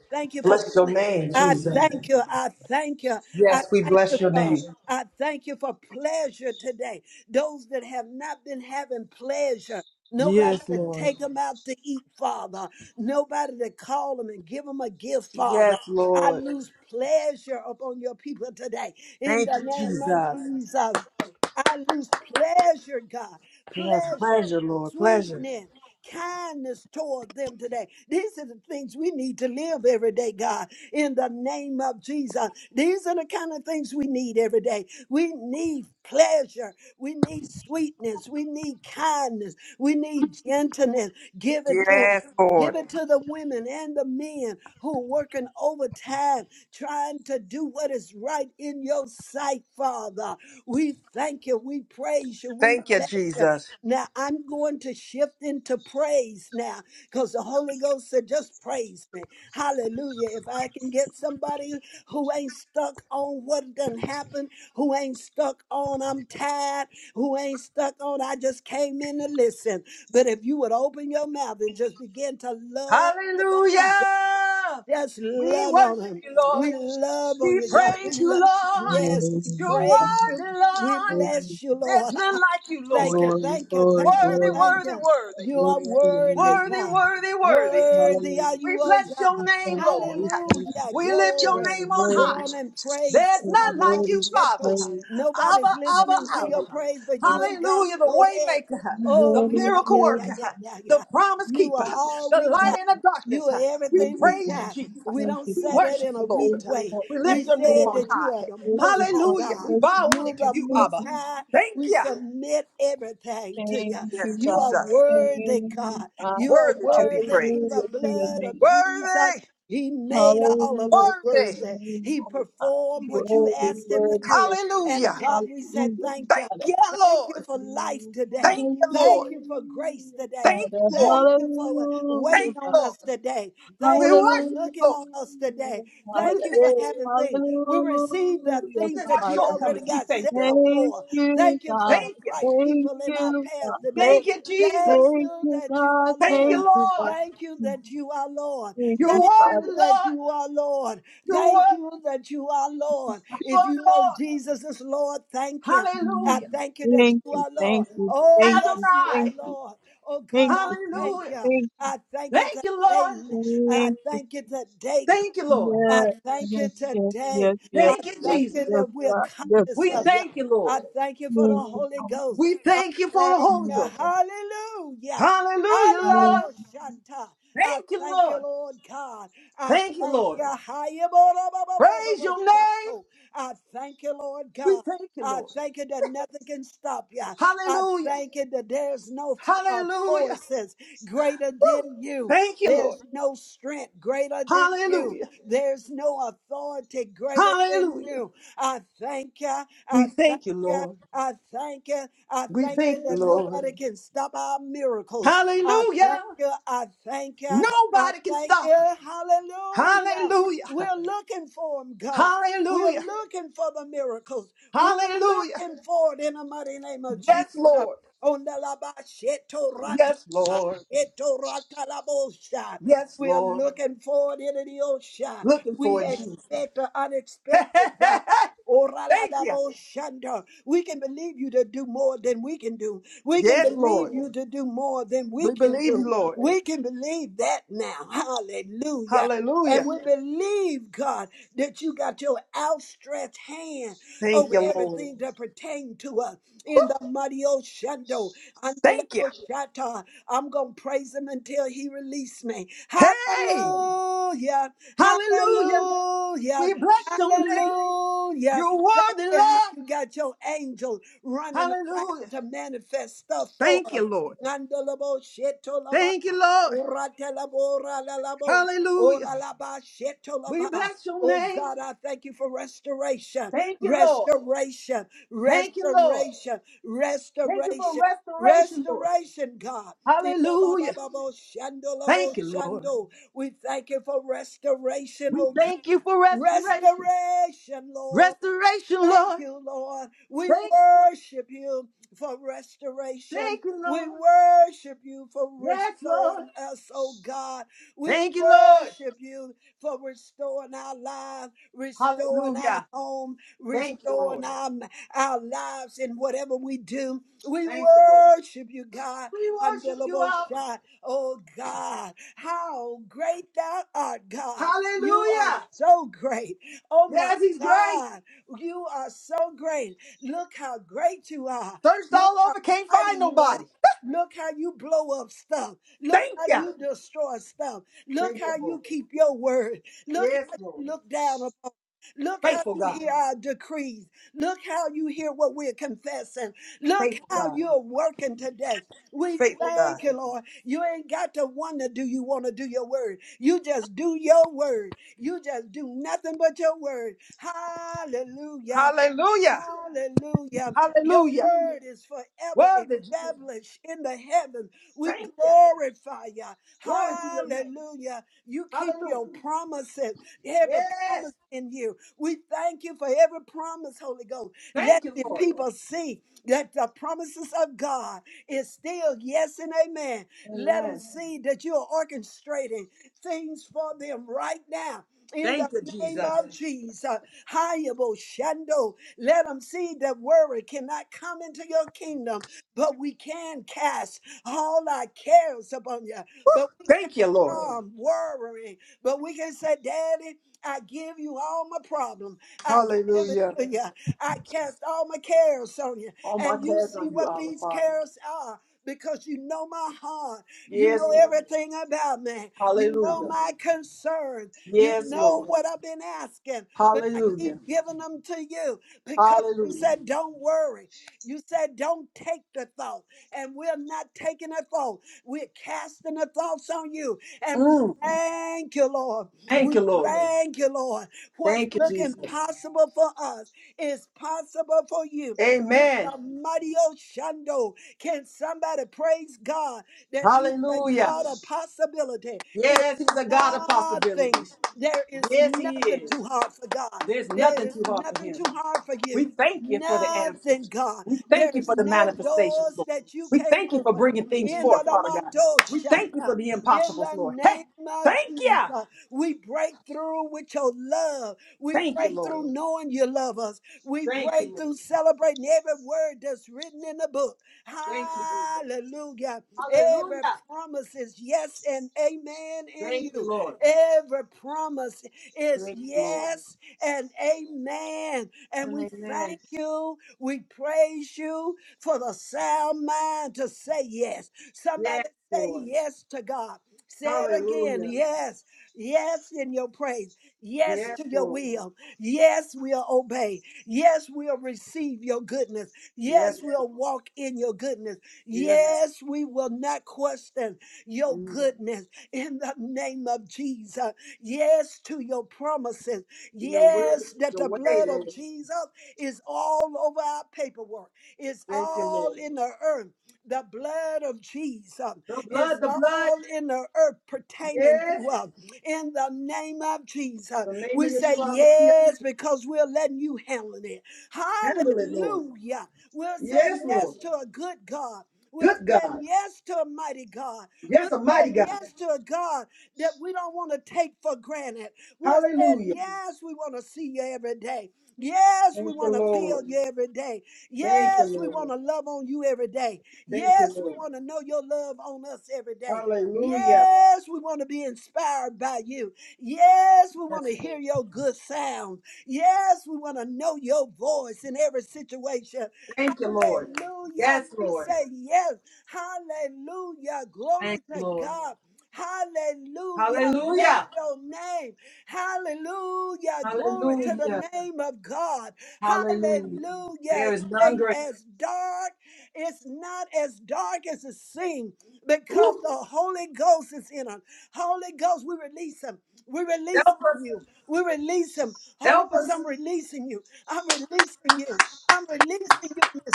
Speaker 1: Thank you for. pl-
Speaker 2: Bless your name,
Speaker 1: I
Speaker 2: Jesus.
Speaker 1: thank you. I thank you. I
Speaker 2: Yes, we
Speaker 1: thank you
Speaker 2: bless your
Speaker 1: for.
Speaker 2: name.
Speaker 1: I thank you for pleasure today. Those that have not been having pleasure. Nobody
Speaker 2: Yes,
Speaker 1: to
Speaker 2: Lord.
Speaker 1: take them out to eat, Father. Nobody to call them and give them a gift, Father.
Speaker 2: Yes,
Speaker 1: I
Speaker 2: Lord.
Speaker 1: lose pleasure upon your people today. In
Speaker 2: Thank
Speaker 1: the
Speaker 2: you,
Speaker 1: name of
Speaker 2: Jesus.
Speaker 1: Jesus. I lose pleasure, God,
Speaker 2: Yes,
Speaker 1: pleasure,
Speaker 2: pleasure, Lord. Pleasure.
Speaker 1: sweetness, kindness toward them today. These are the things we need to live every day, God, in the name of Jesus. These are the kind of things we need every day. We need pleasure. We need sweetness. We need kindness. We need gentleness. Give it to them.
Speaker 2: Yes, Lord.
Speaker 1: Give it to the women and the men who are working overtime, trying to do what is right in your sight, Father. We thank you. We praise you. We
Speaker 2: Thank you,
Speaker 1: bless you.
Speaker 2: Jesus.
Speaker 1: Now I'm going to shift into praise now because the Holy Ghost said, just praise me. Hallelujah. If I can get somebody who ain't stuck on what done happened, who ain't stuck on I'm tired, who ain't stuck on I just came in to listen. But if you would open your mouth and just begin to love. on
Speaker 2: Hallelujah.
Speaker 1: just
Speaker 2: We
Speaker 1: love on
Speaker 2: worship
Speaker 1: him.
Speaker 2: you, Lord.
Speaker 1: We love on
Speaker 2: We
Speaker 1: you, God. We
Speaker 2: praise
Speaker 4: Right.
Speaker 2: you,
Speaker 1: love.
Speaker 2: Lord.
Speaker 1: Yes,
Speaker 5: Hallelujah.
Speaker 1: we
Speaker 2: You're
Speaker 1: praise you.
Speaker 2: worthy,
Speaker 1: We
Speaker 2: Lord.
Speaker 5: thank you.
Speaker 1: bless you,
Speaker 2: There's
Speaker 1: Lord.
Speaker 2: none like you,
Speaker 1: Thank
Speaker 2: Lord.
Speaker 1: you,
Speaker 5: Glory,
Speaker 1: thank you,
Speaker 5: glory,
Speaker 1: thank you,
Speaker 2: Worthy,
Speaker 5: glory,
Speaker 1: thank
Speaker 5: God.
Speaker 2: worthy,
Speaker 1: you.
Speaker 2: worthy.
Speaker 1: You are
Speaker 5: glory to your
Speaker 1: worthy,
Speaker 5: name.
Speaker 2: Worthy,
Speaker 1: God.
Speaker 5: God.
Speaker 2: worthy, worthy.
Speaker 1: Worthy
Speaker 5: Hallelujah.
Speaker 1: are you,
Speaker 2: We
Speaker 5: Thank
Speaker 1: oh
Speaker 5: you.
Speaker 2: bless
Speaker 1: God.
Speaker 2: your
Speaker 5: We
Speaker 2: name,
Speaker 5: thank you.
Speaker 2: Lord.
Speaker 5: We thank you.
Speaker 1: Hallelujah.
Speaker 2: We lift your
Speaker 5: Lord,
Speaker 1: Glory.
Speaker 2: name
Speaker 5: You're
Speaker 2: on
Speaker 1: Go
Speaker 5: worthy.
Speaker 2: high.
Speaker 1: on and praise
Speaker 2: There's
Speaker 1: him.
Speaker 5: You're
Speaker 2: none like
Speaker 5: worthy
Speaker 2: you,
Speaker 5: of
Speaker 1: Hallelujah.
Speaker 2: Father.
Speaker 5: praise. Thank
Speaker 1: Nobody's
Speaker 5: you
Speaker 2: Abba,
Speaker 5: for
Speaker 2: Abba,
Speaker 5: the
Speaker 1: listening to
Speaker 2: Abba.
Speaker 1: your
Speaker 5: area of
Speaker 1: praise but you
Speaker 5: honor.
Speaker 1: and God.
Speaker 2: Hallelujah. The
Speaker 1: Go ahead.
Speaker 2: waymaker,
Speaker 5: You're
Speaker 1: Oh,
Speaker 2: the
Speaker 1: we
Speaker 5: worthy of
Speaker 1: are,
Speaker 2: miracle
Speaker 1: yeah, yeah,
Speaker 5: praise.
Speaker 2: worker,
Speaker 1: yeah, yeah,
Speaker 2: the
Speaker 1: yeah.
Speaker 2: promise
Speaker 1: You are
Speaker 2: keeper,
Speaker 1: all
Speaker 2: the
Speaker 1: we
Speaker 5: Thank
Speaker 2: light
Speaker 5: you,
Speaker 1: got.
Speaker 2: in the
Speaker 1: You
Speaker 2: darkness.
Speaker 1: are
Speaker 2: We
Speaker 5: thank
Speaker 1: everything
Speaker 5: you,
Speaker 1: we
Speaker 2: praise
Speaker 5: Father.
Speaker 2: you,
Speaker 1: got.
Speaker 2: Jesus.
Speaker 1: We
Speaker 5: Thank
Speaker 1: don't
Speaker 5: you,
Speaker 2: We
Speaker 1: say
Speaker 5: Father.
Speaker 1: that
Speaker 2: worship
Speaker 1: in a
Speaker 2: you,
Speaker 1: weak
Speaker 2: Lord.
Speaker 5: Thank you,
Speaker 1: way.
Speaker 5: Lord.
Speaker 2: We
Speaker 1: We
Speaker 5: Thank
Speaker 2: lift your
Speaker 5: you,
Speaker 1: said
Speaker 2: name
Speaker 5: Lord.
Speaker 2: on
Speaker 1: that you are
Speaker 2: high.
Speaker 1: the
Speaker 5: Thank
Speaker 1: most
Speaker 5: you,
Speaker 1: high
Speaker 5: Father.
Speaker 2: Hallelujah.
Speaker 1: God.
Speaker 2: We
Speaker 5: Thank
Speaker 2: bow
Speaker 5: you,
Speaker 1: You're
Speaker 2: only to
Speaker 5: Father.
Speaker 1: the
Speaker 2: you,
Speaker 5: Thank
Speaker 1: most
Speaker 2: Abba.
Speaker 5: you.
Speaker 1: high
Speaker 2: Thank
Speaker 1: we
Speaker 2: you.
Speaker 1: submit everything to you.
Speaker 5: Thank
Speaker 2: Yes,
Speaker 5: you,
Speaker 1: You are
Speaker 5: God.
Speaker 2: Jesus.
Speaker 5: Thank
Speaker 1: worthy,
Speaker 5: you,
Speaker 1: God.
Speaker 5: Father.
Speaker 1: You are
Speaker 2: Worthy to be
Speaker 1: worthy through
Speaker 5: Hallelujah
Speaker 1: the
Speaker 2: praised.
Speaker 5: to your
Speaker 1: blood of
Speaker 5: name.
Speaker 1: Jesus.
Speaker 2: Worthy.
Speaker 1: He made all of us
Speaker 5: Hallelujah. to
Speaker 2: Worthy.
Speaker 1: worthy.
Speaker 5: your name,
Speaker 1: He
Speaker 5: O God.
Speaker 1: performed what you
Speaker 5: Worthy,
Speaker 1: asked him to
Speaker 5: worthy,
Speaker 1: do.
Speaker 5: O God.
Speaker 1: And
Speaker 2: Hallelujah.
Speaker 1: God, we said
Speaker 5: hallelujah.
Speaker 1: thank you.
Speaker 2: Thank
Speaker 5: Father.
Speaker 2: you,
Speaker 1: Thank you
Speaker 2: Lord.
Speaker 1: for life
Speaker 5: Hallelujah,
Speaker 1: today.
Speaker 2: Thank you,
Speaker 1: Thank
Speaker 2: Lord.
Speaker 1: you for grace today.
Speaker 2: Thank
Speaker 5: Father.
Speaker 2: you, Lord.
Speaker 1: Thank you for uh, waiting
Speaker 5: Hallelujah,
Speaker 2: Thank you,
Speaker 1: on
Speaker 2: Lord.
Speaker 1: us today.
Speaker 2: We
Speaker 1: Thank you for
Speaker 2: worship you,
Speaker 1: looking
Speaker 2: Lord.
Speaker 1: on us today.
Speaker 2: We
Speaker 1: Thank
Speaker 5: Father.
Speaker 1: you for
Speaker 2: thank
Speaker 5: Hallelujah,
Speaker 1: having
Speaker 5: Father. Hey,
Speaker 1: things.
Speaker 5: hallelujah,
Speaker 1: We receive the
Speaker 2: you.
Speaker 1: things
Speaker 2: Even our
Speaker 1: that you
Speaker 5: Father.
Speaker 1: already
Speaker 2: shortcomings, we
Speaker 1: got
Speaker 2: thank
Speaker 1: set
Speaker 2: you,
Speaker 1: up
Speaker 2: Lord.
Speaker 5: Thank
Speaker 1: for.
Speaker 5: you,
Speaker 1: Thank you for
Speaker 5: God.
Speaker 1: the
Speaker 2: Thank you.
Speaker 1: right
Speaker 5: Thank
Speaker 1: people in our
Speaker 5: you,
Speaker 1: path
Speaker 5: God.
Speaker 1: today.
Speaker 2: Thank you,
Speaker 5: Hey,
Speaker 1: Thank
Speaker 2: Jesus.
Speaker 5: thank
Speaker 1: you
Speaker 5: you,
Speaker 1: that you
Speaker 5: God.
Speaker 1: are
Speaker 2: Thank you,
Speaker 1: Lord.
Speaker 5: Thank you,
Speaker 2: Lord.
Speaker 5: God.
Speaker 1: Thank you that you are Lord.
Speaker 5: Thank
Speaker 2: You
Speaker 5: you,
Speaker 1: Thank
Speaker 2: are
Speaker 5: Father.
Speaker 2: the
Speaker 1: you that
Speaker 2: Lord.
Speaker 1: you are Lord.
Speaker 2: You
Speaker 1: Thank
Speaker 2: are,
Speaker 1: you that you are Lord.
Speaker 2: you
Speaker 1: If
Speaker 2: are the
Speaker 1: you know
Speaker 2: Lord.
Speaker 1: Jesus is Lord, thank Him. I
Speaker 5: Amen.
Speaker 2: Hallelujah.
Speaker 1: thank you that
Speaker 5: Thank
Speaker 1: you
Speaker 5: you,
Speaker 1: are Lord.
Speaker 5: thank you,
Speaker 1: Oh,
Speaker 5: thank you,
Speaker 1: yes, you are
Speaker 5: thank
Speaker 2: Adonai.
Speaker 5: you,
Speaker 1: Lord. Oh, God,
Speaker 5: thank
Speaker 1: I
Speaker 5: you, Father.
Speaker 1: thank
Speaker 2: Hallelujah.
Speaker 1: you.
Speaker 5: thank
Speaker 1: I thank you
Speaker 2: Thank you, Lord.
Speaker 1: today.
Speaker 5: you,
Speaker 1: I
Speaker 5: thank you.
Speaker 1: thank you today,
Speaker 2: Thank you, Lord.
Speaker 1: I
Speaker 5: Yes,
Speaker 1: thank you
Speaker 5: yes, yes, yes,
Speaker 1: today.
Speaker 5: yes,
Speaker 1: I
Speaker 2: Thank you,
Speaker 5: yes,
Speaker 1: thank
Speaker 2: Jesus.
Speaker 1: you
Speaker 5: yes,
Speaker 1: that we're
Speaker 5: God, yes,
Speaker 1: conscious
Speaker 2: We
Speaker 5: God.
Speaker 1: of you.
Speaker 2: thank you, Lord.
Speaker 1: I thank you for the
Speaker 5: Thank you,
Speaker 1: Holy
Speaker 5: Father.
Speaker 1: Ghost.
Speaker 2: We
Speaker 1: I
Speaker 2: thank you for the
Speaker 1: thank
Speaker 2: Holy
Speaker 1: you.
Speaker 5: Thank
Speaker 2: Ghost.
Speaker 1: Hallelujah.
Speaker 2: Hallelujah,
Speaker 5: you.
Speaker 2: Lord.
Speaker 1: Hallelujah. I
Speaker 2: Thank you,
Speaker 1: thank you,
Speaker 2: Lord.
Speaker 1: Lord God. I
Speaker 2: Thank you,
Speaker 1: thank
Speaker 2: Lord.
Speaker 1: you. Hallelujah.
Speaker 2: Praise your name.
Speaker 1: I thank you, Lord
Speaker 2: We
Speaker 1: God.
Speaker 2: thank you,
Speaker 1: I
Speaker 2: Lord.
Speaker 1: thank you that nothing can stop you. I
Speaker 2: Hallelujah.
Speaker 1: thank you that there's no uh,
Speaker 2: Hallelujah.
Speaker 1: forces greater
Speaker 2: Woo.
Speaker 1: than you.
Speaker 2: Thank you, Lord.
Speaker 1: There's no strength greater than you.
Speaker 2: Hallelujah.
Speaker 1: There's no authority greater than
Speaker 2: Hallelujah.
Speaker 1: you. I thank you. I
Speaker 2: We
Speaker 1: thank
Speaker 2: thank you,
Speaker 1: you.
Speaker 2: Lord.
Speaker 1: I thank you. I
Speaker 2: We
Speaker 1: thank you
Speaker 2: thank you,
Speaker 1: that
Speaker 2: Lord.
Speaker 1: nobody can stop our miracles. I thank
Speaker 2: Hallelujah.
Speaker 1: you. I thank you. I
Speaker 2: Nobody can
Speaker 1: thank
Speaker 2: stop it.
Speaker 1: you. Hallelujah.
Speaker 2: Hallelujah.
Speaker 1: We're looking for him, God. We're
Speaker 2: Hallelujah.
Speaker 1: looking for the miracles. We're
Speaker 2: Hallelujah.
Speaker 1: looking for it in the mighty name of Jesus.
Speaker 2: Yes, Lord.
Speaker 1: On
Speaker 2: Yes, Lord.
Speaker 1: the
Speaker 2: Yes,
Speaker 1: we are
Speaker 2: Lord.
Speaker 1: looking forward into the ocean.
Speaker 2: Looking for
Speaker 1: We
Speaker 2: it, Jesus.
Speaker 1: expect the unexpected, God.
Speaker 2: Thank you.
Speaker 1: Oraladaboshandra. We can believe you to do more than we can do. We can
Speaker 2: Yes, Lord.
Speaker 1: believe you to do more than we
Speaker 2: We
Speaker 1: can
Speaker 2: believe you,
Speaker 1: do.
Speaker 2: Lord.
Speaker 1: We can believe that now. Hallelujah. And
Speaker 2: Hallelujah.
Speaker 1: we believe, God, that you got your outstretched hand
Speaker 2: Thank
Speaker 1: over
Speaker 2: you, Lord.
Speaker 1: everything that pertains to us in
Speaker 2: Woo,
Speaker 1: the mighty Oshando, under the
Speaker 2: Thank you.
Speaker 1: Oshata. I'm going to praise him until he release me.
Speaker 2: Hey,
Speaker 1: Hallelujah.
Speaker 2: hallelujah.
Speaker 1: Hallelujah.
Speaker 2: We bless your name.
Speaker 1: Hallelujah.
Speaker 2: You're
Speaker 1: Thank
Speaker 2: worthy,
Speaker 1: you how
Speaker 2: Lord.
Speaker 1: you got your angel running around
Speaker 2: Hallelujah.
Speaker 1: to manifest stuff for
Speaker 2: Thank
Speaker 1: us.
Speaker 2: you, Lord.
Speaker 1: Nandalabo shetolaba.
Speaker 2: Thank you, Lord.
Speaker 1: Uratelabo ralalabo.
Speaker 2: Hallelujah.
Speaker 1: Oralaba
Speaker 2: We
Speaker 1: shetolaba.
Speaker 2: bless your
Speaker 1: Oh
Speaker 2: name.
Speaker 1: God, I thank you for restoration,
Speaker 2: Thank you, Lord.
Speaker 1: restoration,
Speaker 2: Thank you, Lord.
Speaker 1: restoration,
Speaker 2: Thank you for
Speaker 1: restoration,
Speaker 2: restoration, Lord.
Speaker 1: restoration, God. We
Speaker 2: Hallelujah. Thank you, Lord.
Speaker 1: thank you for restoration,
Speaker 2: We
Speaker 1: oh God.
Speaker 2: thank you for restoration.
Speaker 1: Restoration, Lord.
Speaker 2: Restoration,
Speaker 1: Thank
Speaker 2: Lord.
Speaker 1: you, Lord. We
Speaker 2: Thank you, Lord.
Speaker 1: worship you for restoration.
Speaker 2: Thank you,
Speaker 1: We
Speaker 2: Lord.
Speaker 1: worship you for
Speaker 2: Yes, Lord.
Speaker 1: restoring us, oh God. We
Speaker 2: Thank you, Lord.
Speaker 1: worship you for restoring our lives, restoring our
Speaker 2: Hallelujah.
Speaker 1: home,
Speaker 2: Thank you, Lord.
Speaker 1: restoring our, our lives in whatever we do. We
Speaker 2: Thank you, Lord.
Speaker 1: worship you, God.
Speaker 2: We worship you,
Speaker 1: Unbelievable
Speaker 2: Abba.
Speaker 1: shot, oh God. How great thou art, God. You are
Speaker 2: Hallelujah.
Speaker 1: so great. Oh my
Speaker 2: Yes, he's great.
Speaker 1: God. You are so great. Look how great you are.
Speaker 2: Searched
Speaker 1: Look
Speaker 2: all
Speaker 1: how
Speaker 2: over, can't
Speaker 1: mighty
Speaker 2: find
Speaker 1: you are.
Speaker 2: nobody.
Speaker 1: Look how you blow up stuff. Look
Speaker 2: Thank
Speaker 1: how
Speaker 2: you.
Speaker 1: you destroy stuff. Look
Speaker 2: Thank you,
Speaker 1: how you
Speaker 2: Lord.
Speaker 1: keep your word. Look
Speaker 2: Yes,
Speaker 1: how you
Speaker 2: Lord.
Speaker 1: look down upon. Look how
Speaker 2: Faithful
Speaker 1: you
Speaker 2: God.
Speaker 1: hear our decrees. Look how you hear what we're confessing. Look
Speaker 2: Faithful
Speaker 1: how
Speaker 2: God.
Speaker 1: you're working today. We
Speaker 2: Faithful God.
Speaker 1: thank you, Lord. You ain't got to wonder, do you want to do your word? You just do your word. You just do nothing but your word. Hallelujah.
Speaker 2: Hallelujah.
Speaker 1: Hallelujah. Your
Speaker 2: Hallelujah.
Speaker 1: word is forever
Speaker 2: Worthy Jesus.
Speaker 1: established in the heavens. We
Speaker 2: Thank you.
Speaker 1: glorify you.
Speaker 2: Glory to your name.
Speaker 1: Hallelujah. You keep
Speaker 2: Hallelujah.
Speaker 1: your promises, every
Speaker 2: Yes.
Speaker 1: promise in you. We thank you for every promise, Holy Ghost. Let
Speaker 2: Thank you,
Speaker 1: the
Speaker 2: Lord.
Speaker 1: people see that the promises of God is still yes and amen. Let them
Speaker 2: Amen.
Speaker 1: see that you are orchestrating things for them right now. In the
Speaker 2: Thank you,
Speaker 1: name
Speaker 2: Jesus.
Speaker 1: of Jesus, Hayabo Shando, let them see that worry cannot come into your kingdom, but we can cast all our cares upon you. But we can't
Speaker 2: Thank you, Lord.
Speaker 1: come worrying, but we can say, Daddy, I give you all my problem. I give it
Speaker 2: Hallelujah.
Speaker 1: to you. I cast all my cares on you.
Speaker 2: All my
Speaker 1: And you
Speaker 2: cares
Speaker 1: see
Speaker 2: on you,
Speaker 1: what
Speaker 2: Abba
Speaker 1: these
Speaker 2: Father.
Speaker 1: cares are because you know my heart. You
Speaker 2: Yes,
Speaker 1: know
Speaker 2: Lord.
Speaker 1: everything about me. You know
Speaker 2: Hallelujah.
Speaker 1: my concerns. You
Speaker 2: Yes,
Speaker 1: know
Speaker 2: Lord.
Speaker 1: what I've been asking, but I
Speaker 2: Hallelujah.
Speaker 1: keep giving them to you because you
Speaker 2: Hallelujah.
Speaker 1: said, don't worry. You said, don't take the thought. And we're not taking a thought. We're casting the thoughts on you. And we
Speaker 2: Mm.
Speaker 1: thank you, Lord. We
Speaker 2: Thank you, Lord.
Speaker 1: thank you, Lord. What's
Speaker 2: Thank you,
Speaker 1: look
Speaker 2: Jesus.
Speaker 1: impossible for us is possible for you. In
Speaker 2: Amen.
Speaker 1: the mighty Oshando, can somebody praise God that He's a
Speaker 2: Hallelujah.
Speaker 1: God of possibility? It's
Speaker 2: Yes, He's a God of
Speaker 1: nothing.
Speaker 2: possibilities.
Speaker 1: There is
Speaker 2: Yes, He
Speaker 1: nothing
Speaker 2: is.
Speaker 1: too hard for God.
Speaker 2: There's
Speaker 1: There
Speaker 2: nothing
Speaker 1: is
Speaker 2: too hard for
Speaker 1: nothing
Speaker 2: Him.
Speaker 1: too hard for you.
Speaker 2: We thank you for the answers.
Speaker 1: Nothing, God.
Speaker 2: We thank you
Speaker 1: There's
Speaker 2: for the
Speaker 1: no
Speaker 2: manifestations,
Speaker 1: doors
Speaker 2: Lord.
Speaker 1: that you
Speaker 2: We
Speaker 1: can't
Speaker 2: thank you for
Speaker 1: open.
Speaker 2: bringing things
Speaker 1: In the
Speaker 2: forth, Father God.
Speaker 1: Lamando
Speaker 2: We thank you
Speaker 1: Shata,
Speaker 2: for the
Speaker 1: in
Speaker 2: impossibles,
Speaker 1: the
Speaker 2: Lord. Hey,
Speaker 1: name of
Speaker 2: thank you.
Speaker 1: Jesus, we break through with your love. We
Speaker 2: Thank you,
Speaker 1: break
Speaker 2: Lord.
Speaker 1: through knowing you love us. We
Speaker 2: Thank you,
Speaker 1: break
Speaker 2: Lord.
Speaker 1: through celebrating every word that's written in the book.
Speaker 2: Thank you, Jesus.
Speaker 1: Hallelujah. Every
Speaker 2: Hallelujah.
Speaker 1: promise is yes and amen in
Speaker 2: Thank you,
Speaker 1: you.
Speaker 2: Lord.
Speaker 1: Every promise is
Speaker 2: Thank you, Lord.
Speaker 1: yes and amen. And
Speaker 2: And
Speaker 1: we
Speaker 2: amen.
Speaker 1: thank you. We praise you for the sound mind to say yes.
Speaker 2: Yes,
Speaker 1: Somebody say
Speaker 2: Lord.
Speaker 1: yes to God. Say it again.
Speaker 2: Hallelujah.
Speaker 1: Yes. Yes in your praise. Yes
Speaker 2: Yes,
Speaker 1: to your
Speaker 2: Lord.
Speaker 1: will. Yes, we'll obey. Yes, we'll receive your goodness. Yes,
Speaker 2: Yes,
Speaker 1: we'll
Speaker 2: Lord.
Speaker 1: walk in your goodness.
Speaker 2: Yes.
Speaker 1: Yes, we will not question your
Speaker 2: Lord. Mm.
Speaker 1: goodness in the name of Jesus. Yes to your promises
Speaker 2: Your will is
Speaker 1: Yes, that
Speaker 2: your
Speaker 1: the
Speaker 2: way,
Speaker 1: blood of
Speaker 2: Lord.
Speaker 1: Jesus is all over our paperwork, it's
Speaker 2: Thank you,
Speaker 1: all
Speaker 2: Lord.
Speaker 1: in the earth. The blood of Jesus
Speaker 2: The
Speaker 1: is
Speaker 2: blood, the blood.
Speaker 1: all in the earth pertaining
Speaker 2: Yes.
Speaker 1: to us. In the name of Jesus,
Speaker 2: The name
Speaker 1: we
Speaker 2: of
Speaker 1: say
Speaker 2: Yeshua Mashiach.
Speaker 1: yes because we're letting you handle it.
Speaker 2: Handle it, Lord.
Speaker 1: Hallelujah. We're saying
Speaker 2: Yes, Lord.
Speaker 1: yes to a good God. We're
Speaker 2: Good
Speaker 1: saying
Speaker 2: God.
Speaker 1: yes to a mighty God. We're
Speaker 2: Yes, a mighty
Speaker 1: saying
Speaker 2: God.
Speaker 1: yes to a God that we don't want to take for granted. We're saying,
Speaker 2: Hallelujah.
Speaker 1: yes, we want to see you every day. Yes, we
Speaker 2: Thank you,
Speaker 1: want to feel
Speaker 2: Lord.
Speaker 1: you every day.
Speaker 2: Thank you,
Speaker 1: Yes, we want
Speaker 2: Lord.
Speaker 1: to love on you every day.
Speaker 2: Thank you,
Speaker 1: Yes, we
Speaker 2: Lord.
Speaker 1: want to know your love on us every day.
Speaker 2: Hallelujah.
Speaker 1: Yes, we want to be inspired by you. Yes, we want
Speaker 2: Yes,
Speaker 1: to
Speaker 2: Lord.
Speaker 1: hear your good sound. Yes, we want to know your voice in every situation.
Speaker 2: Thank you, Lord.
Speaker 1: Hallelujah.
Speaker 2: Yes,
Speaker 1: We
Speaker 2: Lord.
Speaker 1: say yes. Hallelujah. Glory
Speaker 2: Thank you,
Speaker 1: to
Speaker 2: Lord.
Speaker 1: God. Hallelujah. Bless
Speaker 2: Hallelujah.
Speaker 1: your name. Hallelujah. Glory to
Speaker 2: Hallelujah.
Speaker 1: the name of God.
Speaker 2: Hallelujah.
Speaker 1: Hallelujah.
Speaker 2: There
Speaker 1: It
Speaker 2: is none
Speaker 1: ain't
Speaker 2: greater.
Speaker 1: as dark. It's not as dark as it seems because
Speaker 2: Ooh,
Speaker 1: the Holy Ghost is in us. Holy Ghost, we release him. We release
Speaker 2: help us.
Speaker 1: you. We release him. Holy
Speaker 2: Help
Speaker 1: Ghost,
Speaker 2: us.
Speaker 1: I'm releasing you. I'm releasing you. I'm releasing you in This.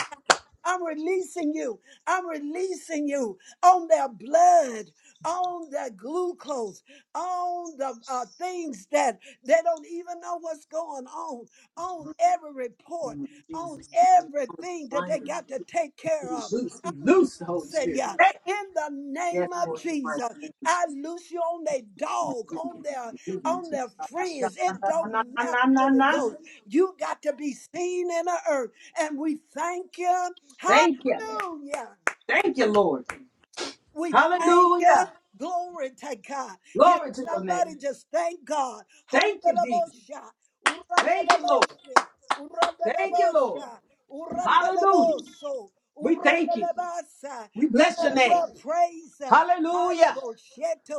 Speaker 1: I'm releasing you. I'm releasing you on their blood, on their glucose, on the uh, things that they don't even know what's going on, on every
Speaker 2: In the
Speaker 1: report,
Speaker 2: name of
Speaker 1: on
Speaker 2: Jesus. We
Speaker 1: everything that
Speaker 2: bind
Speaker 1: they
Speaker 2: and
Speaker 1: got to take care
Speaker 2: we
Speaker 1: of.
Speaker 2: loose. We
Speaker 1: I'm
Speaker 2: loose the Holy
Speaker 1: loosing you
Speaker 2: Spirit. Hey.
Speaker 1: in the
Speaker 2: Yes,
Speaker 1: name of
Speaker 2: Lord. in My
Speaker 1: Jesus.
Speaker 2: name is
Speaker 1: I loose you on their dog, on their on their friends. It don't matter. Holy Ghost, you got to be seen in the earth, and we thank you.
Speaker 2: Thank you.
Speaker 1: Hallelujah.
Speaker 2: Thank you, Lord.
Speaker 1: We thank you.
Speaker 2: Hallelujah.
Speaker 1: Glory to God. Can
Speaker 2: Glory to your name.
Speaker 1: somebody just thank God?
Speaker 2: Thank you, Jesus.
Speaker 1: Handelabosha.
Speaker 2: Thank you, Lord.
Speaker 1: Uradelaboshe.
Speaker 2: Thank you, Lord.
Speaker 1: Uradelabosha.
Speaker 2: Hallelujah.
Speaker 1: Urandelaboso.
Speaker 2: We thank you.
Speaker 1: Uradelabasa.
Speaker 2: We
Speaker 1: You
Speaker 2: bless your
Speaker 1: better
Speaker 2: name.
Speaker 1: well praise him.
Speaker 2: Hallelujah.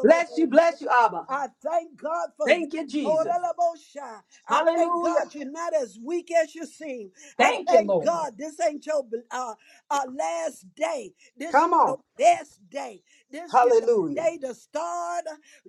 Speaker 2: Bless you, bless you, Abba.
Speaker 1: I thank God for you.
Speaker 2: Thank you, Jesus.
Speaker 1: Oralabosha. I thank
Speaker 2: Hallelujah.
Speaker 1: God you're not as weak as you seem. I
Speaker 2: Thank you,
Speaker 1: thank
Speaker 2: Lord.
Speaker 1: God this ain't your uh, uh, last day. This is
Speaker 2: Come
Speaker 1: your
Speaker 2: on.
Speaker 1: best day. This is the
Speaker 2: Hallelujah.
Speaker 1: day to start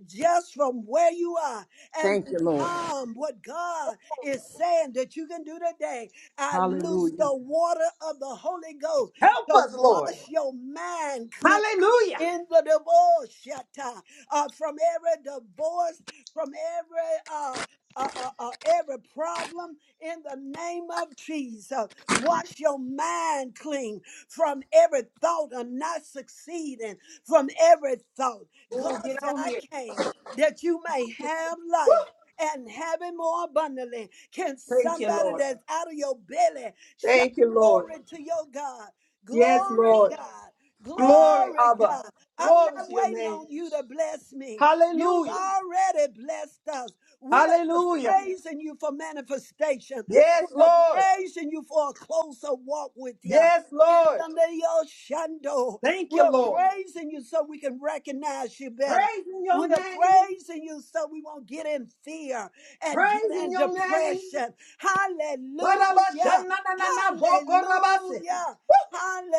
Speaker 1: just from where you are and
Speaker 2: Thank you, Lord.
Speaker 1: become what God is saying that you can do today. I loose
Speaker 2: Hallelujah.
Speaker 1: the water of the Holy Ghost
Speaker 2: Help
Speaker 1: to
Speaker 2: us, Lord.
Speaker 1: wash your mind clean
Speaker 2: Hallelujah.
Speaker 1: in the divorce shatta, uh, from every divorce, from every uh, uh, uh, uh, every problem in the name of Jesus. Wash your mind clean from every thought of not succeeding, from every thought.
Speaker 2: Oh,
Speaker 1: God
Speaker 2: get
Speaker 1: said,
Speaker 2: on
Speaker 1: I
Speaker 2: here.
Speaker 1: came that you may have life. And have it more abundantly. Can
Speaker 2: Thank you,
Speaker 1: somebody
Speaker 2: Lord.
Speaker 1: that's out of your belly shout
Speaker 2: Thank you, Lord.
Speaker 1: glory to your God?
Speaker 2: Yes,
Speaker 1: Glory,
Speaker 2: Lord.
Speaker 1: God.
Speaker 2: Glory,
Speaker 1: Glory,
Speaker 2: Abba.
Speaker 1: God. I'm
Speaker 2: Glory
Speaker 1: not
Speaker 2: to your
Speaker 1: waiting
Speaker 2: name.
Speaker 1: on you to bless me. You've
Speaker 2: Hallelujah.
Speaker 1: already blessed us. We're just
Speaker 2: Hallelujah.
Speaker 1: praising you for manifestation. We're
Speaker 2: Yes, Lord.
Speaker 1: praising you for a closer walk with you.
Speaker 2: Yes,
Speaker 1: In
Speaker 2: Lord.
Speaker 1: the name of Shando,
Speaker 2: Thank
Speaker 1: we're
Speaker 2: you, Lord.
Speaker 1: praising you so we can recognize you better.
Speaker 2: Praising
Speaker 1: We're
Speaker 2: your name.
Speaker 1: praising you so we won't get in fear and get
Speaker 2: Praising
Speaker 1: in
Speaker 2: your name.
Speaker 1: depression. Hallelujah.
Speaker 2: Barabashanananavokorabase.
Speaker 1: Hallelujah.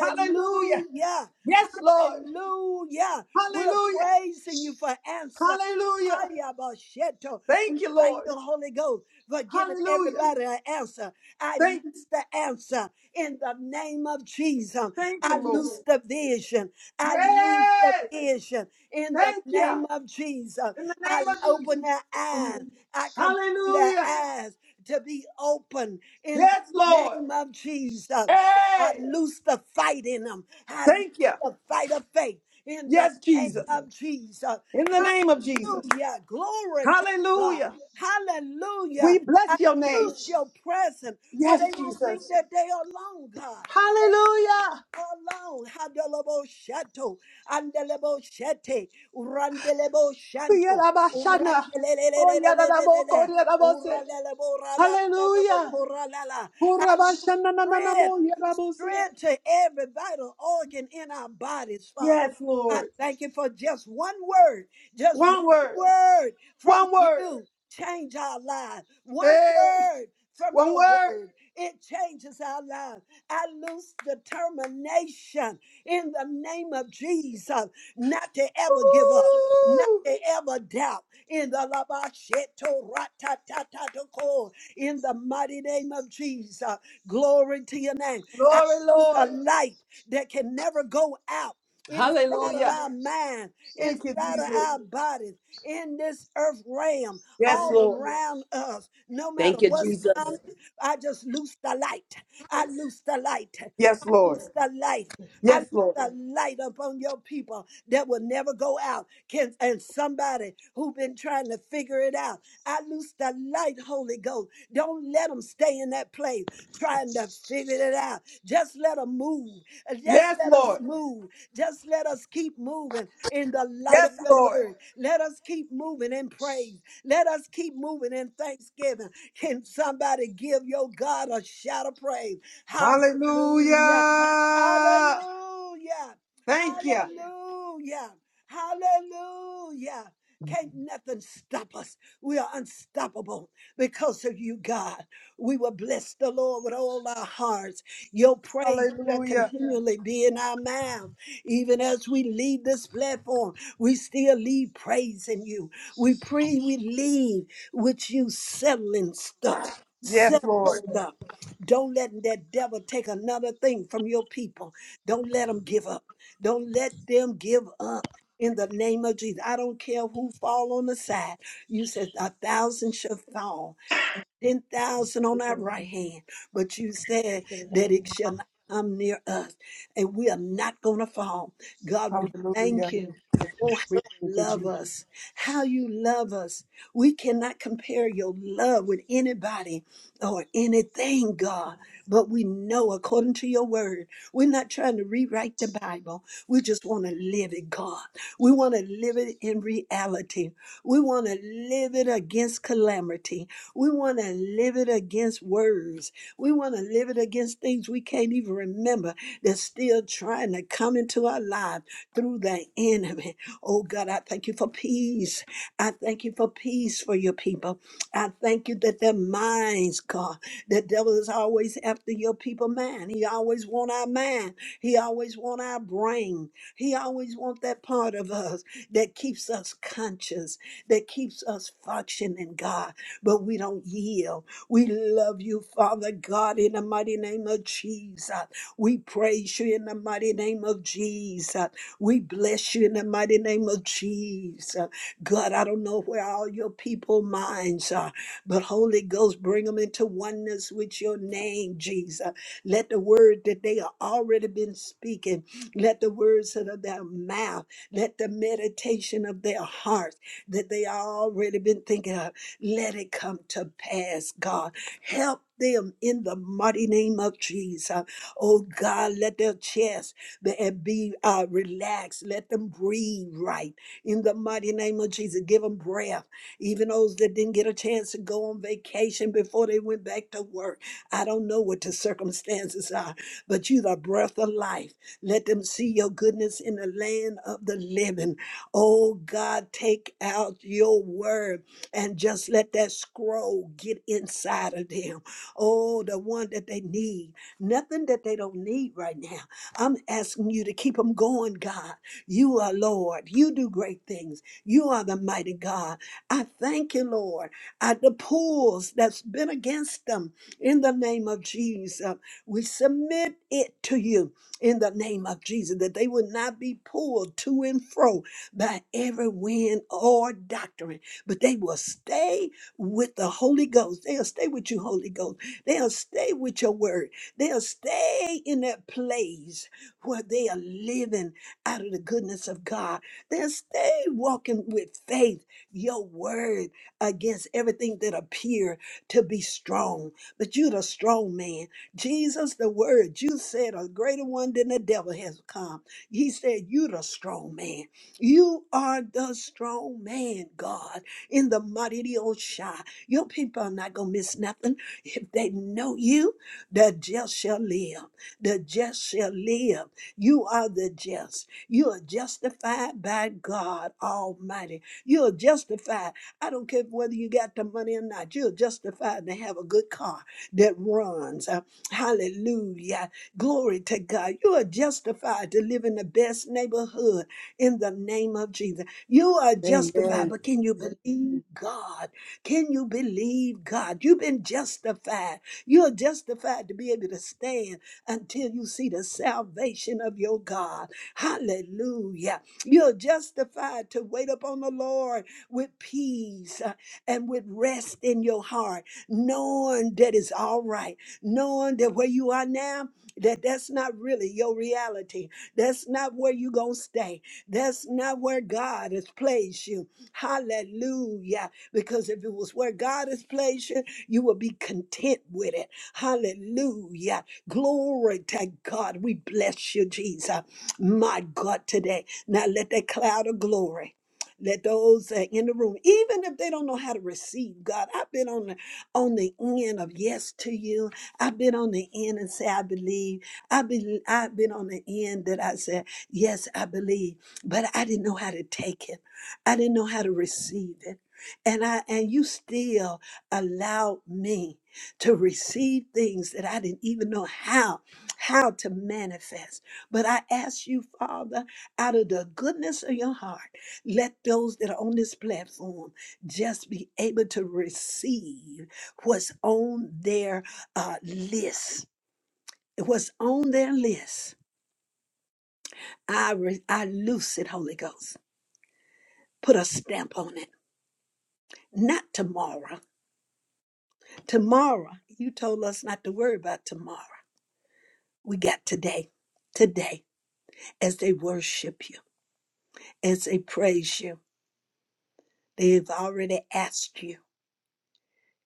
Speaker 2: Hallelujah. Yes, Lord.
Speaker 1: Hallelujah. We're
Speaker 2: Hallelujah.
Speaker 1: praising you for answer.
Speaker 2: Hallelujah.
Speaker 1: Hayabasheto. We
Speaker 2: Thank you,
Speaker 1: thank
Speaker 2: Lord.
Speaker 1: you, Holy Ghost, for giving
Speaker 2: Hallelujah.
Speaker 1: everybody an answer. I
Speaker 2: Thank
Speaker 1: lose the answer in the name of Jesus.
Speaker 2: thank
Speaker 1: I
Speaker 2: you, Lord.
Speaker 1: lose the vision. I lose the
Speaker 2: Yes.
Speaker 1: vision in the
Speaker 2: Thank you.
Speaker 1: name of Jesus.
Speaker 2: In the
Speaker 1: I
Speaker 2: name of Jesus.
Speaker 1: open their eyes. I command their
Speaker 2: Hallelujah.
Speaker 1: eyes to be open in
Speaker 2: Yes,
Speaker 1: the
Speaker 2: Lord.
Speaker 1: name of Jesus. I
Speaker 2: Hey.
Speaker 1: loose the fight in them. I
Speaker 2: Thank you.
Speaker 1: the fight of faith in the
Speaker 2: Yes,
Speaker 1: name
Speaker 2: Jesus.
Speaker 1: of Jesus.
Speaker 2: In the name of Jesus.
Speaker 1: Hallelujah. Glory to God.
Speaker 2: Hallelujah. We
Speaker 1: Hallelujah. I
Speaker 2: bless your name.
Speaker 1: loose your presence where
Speaker 2: Yes,
Speaker 1: they won't
Speaker 2: Jesus.
Speaker 1: think that they are alone, God. They are
Speaker 2: Hallelujah.
Speaker 1: Alone, Hadelebo Shato, Andelebo Shete, Urandelebo Shanto,
Speaker 2: Yarabashana. Oh, Yarabo,
Speaker 1: Urandelelelelelelele,
Speaker 2: Yarabose.
Speaker 1: Uralelebo Rabababo
Speaker 2: Hallelujah.
Speaker 1: Koralala.
Speaker 2: Hurabashana, na, na, na,
Speaker 1: I
Speaker 2: mo, Yarabose.
Speaker 1: strength to every vital organ in our bodies, Father.
Speaker 2: Yes,
Speaker 1: I
Speaker 2: Lord.
Speaker 1: thank you for just one word, just one
Speaker 2: One word.
Speaker 1: word from
Speaker 2: One word.
Speaker 1: you change our lives. One
Speaker 2: Hey,
Speaker 1: word from
Speaker 2: one
Speaker 1: your
Speaker 2: word.
Speaker 1: word, it changes our lives. I lose determination in the name of Jesus not to ever give up. Not
Speaker 2: Woo.
Speaker 1: to ever doubt in the Labasheto Ratatatako in the mighty name of Jesus. Glory to your name
Speaker 2: Glory,
Speaker 1: loose a
Speaker 2: Lord.
Speaker 1: light that can never go out inside of
Speaker 2: Hallelujah.
Speaker 1: our mind,
Speaker 2: Thank you,
Speaker 1: inside of
Speaker 2: Jesus.
Speaker 1: our bodies, in this earth realm,
Speaker 2: Yes,
Speaker 1: all
Speaker 2: Lord.
Speaker 1: around us. No matter
Speaker 2: Thank you,
Speaker 1: what's coming,
Speaker 2: Jesus.
Speaker 1: I just loose the light. I loose the light
Speaker 2: Yes, Lord.
Speaker 1: loose the light. I loose
Speaker 2: Yes, Lord.
Speaker 1: the light upon your people that will never go out. Can and somebody who been trying to figure it out. I loose the light, Holy Ghost. Don't let them stay in that place trying to figure it out. Just let them move. Just
Speaker 2: Yes,
Speaker 1: let us
Speaker 2: Lord.
Speaker 1: move. Just let us keep moving in the light of
Speaker 2: Yes,
Speaker 1: the
Speaker 2: Lord.
Speaker 1: word. Let us keep moving in praise. Let us keep moving in thanksgiving. Can somebody give your God a shout of praise?
Speaker 2: Hallelujah.
Speaker 1: Hallelujah. Hallelujah.
Speaker 2: Thank you.
Speaker 1: Hallelujah. Hallelujah. Can't nothing stop us. We are unstoppable because of you, God. We will bless the Lord with all our hearts. Your praise shall
Speaker 2: Hallelujah.
Speaker 1: continually be in our mouth. Even as we leave this platform, we still leave praising you. We pray we leave with you settling stuff.
Speaker 2: Yes,
Speaker 1: Settle
Speaker 2: Lord.
Speaker 1: stuff. Don't let that devil take another thing from your people. Don't let them give up. Don't let them give up. In the name of Jesus, I don't care who fall on the side. You said a thousand shall fall ten thousand
Speaker 4: We
Speaker 1: on our
Speaker 4: feel about.
Speaker 1: right hand, but you
Speaker 4: We
Speaker 1: said
Speaker 4: feel
Speaker 1: that it shall not come near us, and we are not gonna fall. God, we
Speaker 2: Hallelujah.
Speaker 1: thank you. Oh, how
Speaker 2: We
Speaker 1: you
Speaker 2: thank you,
Speaker 1: love
Speaker 2: Jesus.
Speaker 1: us, how you love us. We cannot compare your love with anybody or anything, God.
Speaker 4: about.
Speaker 1: But we know according to your word, we're not trying to rewrite the Bible. We just want to live it, God. We want to live it in reality. We want to live it against calamity. We want to live it against words. We want to live it against things we can't even remember that's still trying to come into our lives through the enemy. Oh God, I thank you for peace. I thank you for peace for your people. I thank you that their minds, God, the devil is always after your people mind. He always want our mind. He always want our brain. He always want that part of us that keeps us conscious that keeps us functioning, God. But we don't yield. We love you, Father God, in the mighty name of Jesus. We praise you in the mighty name of Jesus. We bless you in the mighty name of Jesus. God, I don't know where all your people minds are, but Holy Ghost, bring them into oneness with your name, Jesus. Let the word that they have already been speaking, let the words out of their mouth, let the meditation of their hearts that they already been thinking of. Let it come to pass, God. Help them in the mighty name of Jesus. Oh God, let their chest be eh, be, uh, relaxed. Let them breathe right in the mighty name of Jesus. Give them breath. Even those that didn't get a chance to go on vacation before they went back to work. I don't know what the circumstances are, but you the breath of life. Let them see your goodness in the land of the living. Oh God, take out your word and just let that scroll get inside of them. Oh, the one that they need. Nothing that they don't need right now. I'm asking you to keep them going, God. You are Lord. You do great things. You are the mighty God. I thank you, Lord. At the pulls that's been against them, in the name of Jesus, we submit it to you in the name of Jesus that they would not be pulled to and fro by every wind or doctrine, but they will stay with the Holy Ghost. They'll stay with you, Holy Ghost. They'll stay with your word. They'll stay in that place where they are living out of the goodness of God. They'll stay walking with faith, your word against everything that appear to be strong. But you're the strong man. Jesus, the word, you said a greater one than the devil has come. He said, You're the strong man. You are the strong man, God, in the mighty the old Shah. Your people are not going to miss nothing. If they know you, the just shall live. The just shall live. You are the just. You are justified by God Almighty. You are justified. I don't care whether you got the money or not. You're justified to have a good car that runs. Uh, hallelujah. Glory to God. You are justified to live in the best neighborhood in the name of Jesus. You are
Speaker 2: Amen.
Speaker 1: justified,
Speaker 2: Amen.
Speaker 1: but can you believe God? Can you believe God? You've been justified. You're justified to be able to stand until you see the salvation of your God. Hallelujah. You're justified to wait upon the Lord with peace uh, and with rest in your heart, knowing that it's all right, knowing that where you are now, that that's not really your reality. That's not where you're going to stay that's not where God has placed you. Hallelujah. Because if it was where God has placed you, you will be content with it. Hallelujah. Glory to God. We bless you, Jesus. My God, today. Now let that cloud of glory. Let those that in the room, even if they don't know how to receive God, I've been on the on the end of yes to you. I've been on the end and say I believe. I've been I've been on the end that I said yes, I believe but I didn't know how to take it. I didn't know how to receive it. And I and you still allowed me to receive things that I didn't even know how how to manifest. But I ask you, Father, out of the goodness of your heart, let those that are on this platform just be able to receive what's on their uh, list. What's on their list. I re- I loose it, Holy Ghost. put a stamp on it. Not tomorrow. Tomorrow, you told us not to worry about tomorrow. We got today. Today, as they worship you, as they praise you, they've already asked you.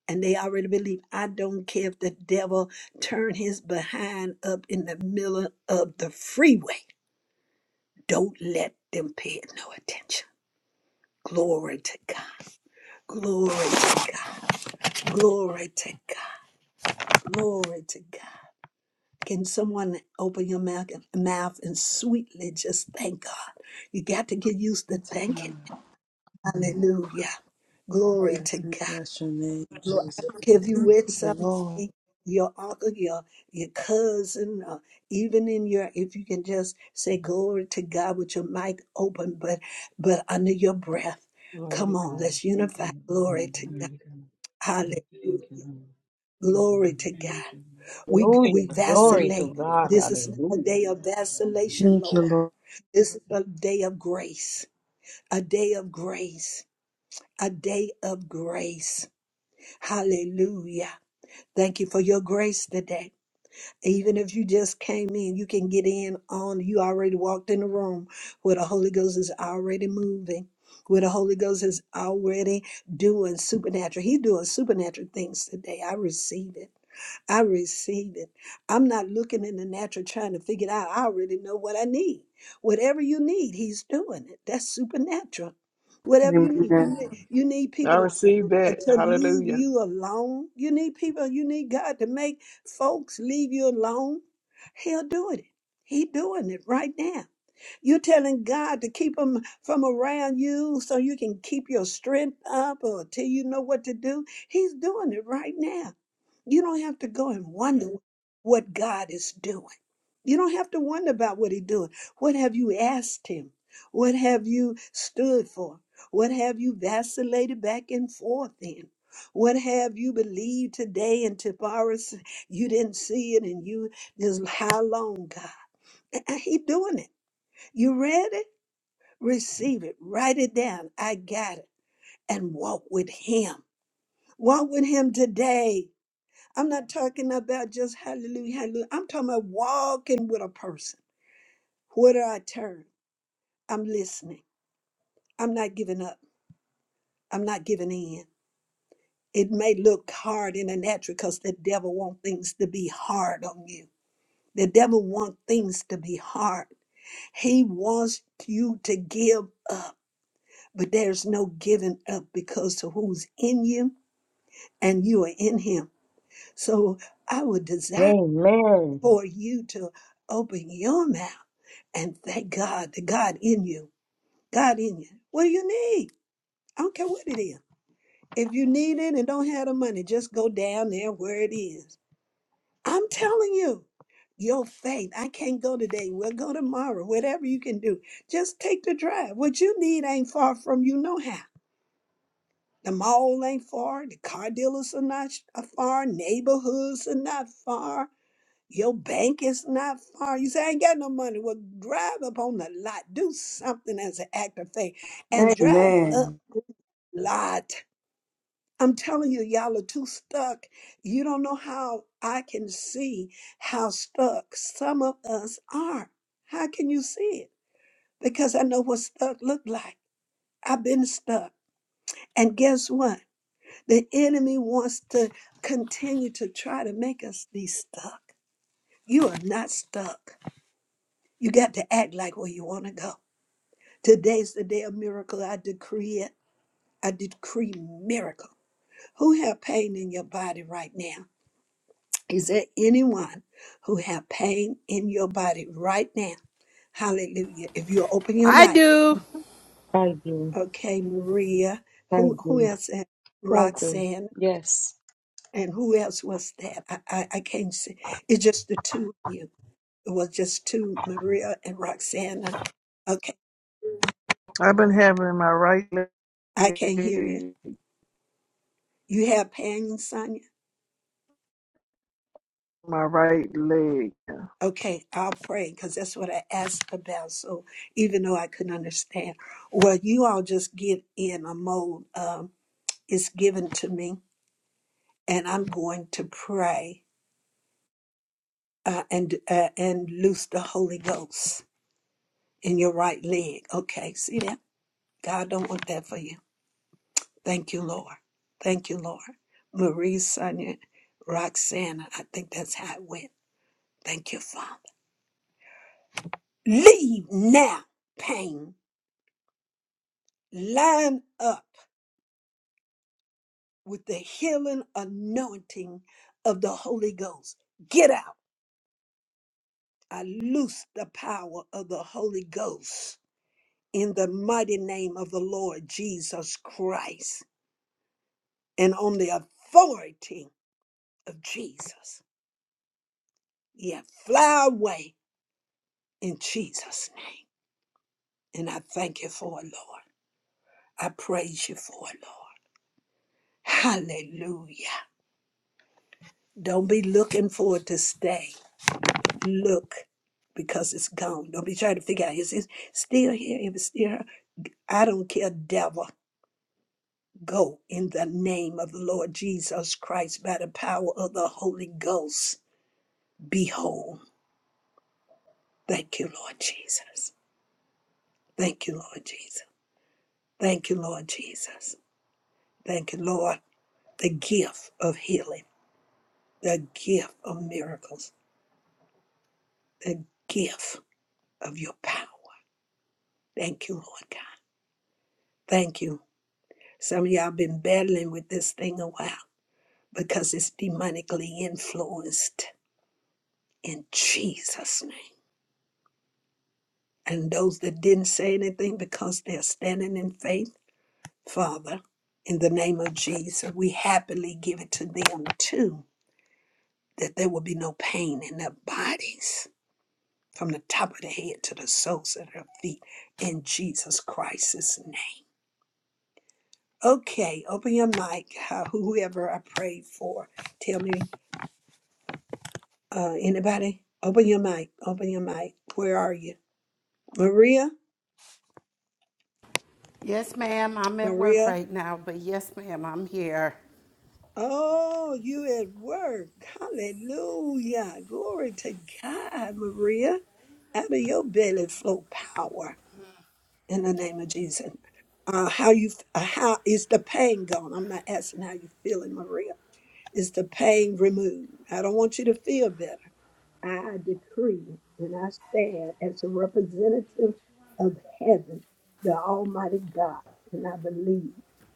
Speaker 1: And they already believe. I don't care if the devil turn his behind up in the middle of the freeway. Don't let them pay it no attention. Glory to God. Glory to God. Glory to God. Glory to God. Can someone open your mouth and, mouth and sweetly just thank God? You got to get used to thanking. Hallelujah. Glory to
Speaker 2: We
Speaker 1: God.
Speaker 2: bless your name,
Speaker 1: Lord, I
Speaker 2: Jesus.
Speaker 1: don't care if you
Speaker 2: Thank
Speaker 1: with
Speaker 2: you,
Speaker 1: somebody,
Speaker 2: Lord.
Speaker 1: your uncle, your your cousin, or even in your if you can just say glory to God with your mic open, but but under your breath.
Speaker 6: Glory to
Speaker 1: Come on,
Speaker 6: God.
Speaker 1: let's
Speaker 6: Thank
Speaker 1: unify.
Speaker 6: you,
Speaker 1: Glory to
Speaker 6: Lord. Glory
Speaker 1: God.
Speaker 6: to God.
Speaker 1: Hallelujah.
Speaker 6: Thank you, Lord.
Speaker 1: Glory to God.
Speaker 6: Thank you, Lord.
Speaker 1: We
Speaker 7: Hallelujah.
Speaker 1: we
Speaker 7: Glory
Speaker 6: Thank
Speaker 1: vacillate.
Speaker 6: you,
Speaker 7: to
Speaker 6: Lord.
Speaker 7: God.
Speaker 1: This is not a
Speaker 7: Hallelujah.
Speaker 1: day of vacillation,
Speaker 2: Thank you,
Speaker 1: Lord.
Speaker 2: Lord.
Speaker 1: This is a day of grace, a day of grace, a day of grace. Hallelujah. Thank you for your grace today. Even if you just came in, you can get in on, you already walked in the room where the Holy Ghost is already moving. Where the Holy Ghost is already doing supernatural. He doing supernatural things today. I receive it. I receive it. I'm not looking in the natural trying to figure it out. I already know what I need. Whatever you need, he's doing it. That's supernatural. Whatever you need, you
Speaker 2: Amen.
Speaker 1: need, you need
Speaker 8: I
Speaker 1: people to
Speaker 8: receive
Speaker 1: uh,
Speaker 8: that.
Speaker 1: to leave
Speaker 8: Hallelujah.
Speaker 1: you alone. You need people, you need God to make folks leave you alone. He'll do it. He doing it right now. You're telling God to keep them from around you so you can keep your strength up or till you know what to do. He's doing it right now. You don't have to go and wonder what God is doing. You don't have to wonder about what he's doing. What have you asked him? What have you stood for? What have you vacillated back and forth in? What have you believed today and tomorrow s- you didn't see it and you just how long, God? He doing it. You read it? Receive it. Write it down. I got it. And walk with him. Walk with him today. I'm not talking about just hallelujah, hallelujah. I'm talking about walking with a person. Where do I turn? I'm listening. I'm not giving up. I'm not giving in. It may look hard in the natural because the devil wants things to be hard on you. The devil wants things to be hard. He wants you to give up. but there's no giving up because to who's in you and you are in him. So I would desire
Speaker 7: Amen.
Speaker 1: for you to open your mouth and thank God, the God in you, God in you. What do you need? I don't care what it is. If you need it and don't have the money, just go down there where it is. I'm telling you, your faith. I can't go today. We'll go tomorrow. Whatever you can do, just take the drive. What you need ain't far from you, no how. The mall ain't far. The car dealers are not sh- are far. Neighborhoods are not far. Your bank is not far. You say, I ain't got no money. Well, drive up on the lot. Do something as an act of faith and drive up
Speaker 2: Amen.
Speaker 1: lot. I'm telling you, y'all are too stuck. You don't know how I can see how stuck some of us are. How can you see it? Because I know what stuck look like. I've been stuck. And guess what? The enemy wants to continue to try to make us be stuck. You are not stuck. You got to act like where you want to go. Today's the day of miracle. I decree it. I decree miracle. Who have pain in your body right now? Is there anyone who have pain in your body right now? Hallelujah. If you open your
Speaker 9: I
Speaker 1: mic.
Speaker 9: do.
Speaker 7: Thank you!
Speaker 1: Okay, Maria.
Speaker 7: Thank
Speaker 1: Who who
Speaker 7: you!
Speaker 1: else? had-
Speaker 7: Thank you!
Speaker 1: Roxanne.
Speaker 7: Yes.
Speaker 1: And who else was that? I, I, I can't see. It's just the two of you. It was just two, Maria and Roxana. Okay,
Speaker 8: I've been having my right leg,
Speaker 1: I can't hear you. You have pain, Sonia?
Speaker 8: my right leg.
Speaker 1: Okay, I'll pray because that's what I asked about. So even though I couldn't understand, well, you all just get in a mode. Um, it's given to me, and I'm going to pray uh, and uh, and loose the Holy Ghost in your right leg. Okay, see that? God don't want that for you. Thank you, Lord. Thank you, Lord. Marie, Sonia, Roxana, I think that's how it went. Thank you, Father. Leave now, pain. Line up with the healing anointing of the Holy Ghost. Get out. I loose the power of the Holy Ghost in the mighty name of the Lord Jesus Christ and on the authority of Jesus. Yeah, fly away in Jesus' name. And I thank you for it, Lord. I praise you for it, Lord. Hallelujah. Don't be looking for it to stay. Look because it's gone. Don't be trying to figure out is it still here? If it's still here, I don't care, devil. Go in the name of the Lord Jesus Christ by the power of the Holy Ghost. Behold. Thank you, Lord Jesus. Thank you, Lord Jesus. Thank you, Lord Jesus. Thank you, Lord. The gift of healing, the gift of miracles the gift of your power. Thank you, Lord God. Thank you. Some of y'all been battling with this thing a while because it's demonically influenced in Jesus' name. And those that didn't say anything because they're standing in faith, Father, in the name of Jesus, we happily give it to them too, that there will be no pain in their bodies from the top of the head to the soles of their feet in Jesus Christ's name. Okay, open your mic. Uh, whoever I prayed for, tell me. Uh, anybody, open your mic. Open your mic. Where are you, Maria?
Speaker 9: Yes, ma'am. I'm at work
Speaker 1: Maria.
Speaker 9: right now, but yes, ma'am, I'm here.
Speaker 1: Oh, you at work? Hallelujah! Glory to God, Maria. Out of your belly flow power in the name of Jesus. Uh, how you? Uh, how is the pain gone? I'm not asking how you feeling, Maria is the pain removed. I don't want you to feel better. I decree and I stand as a representative of heaven, the Almighty God, and I believe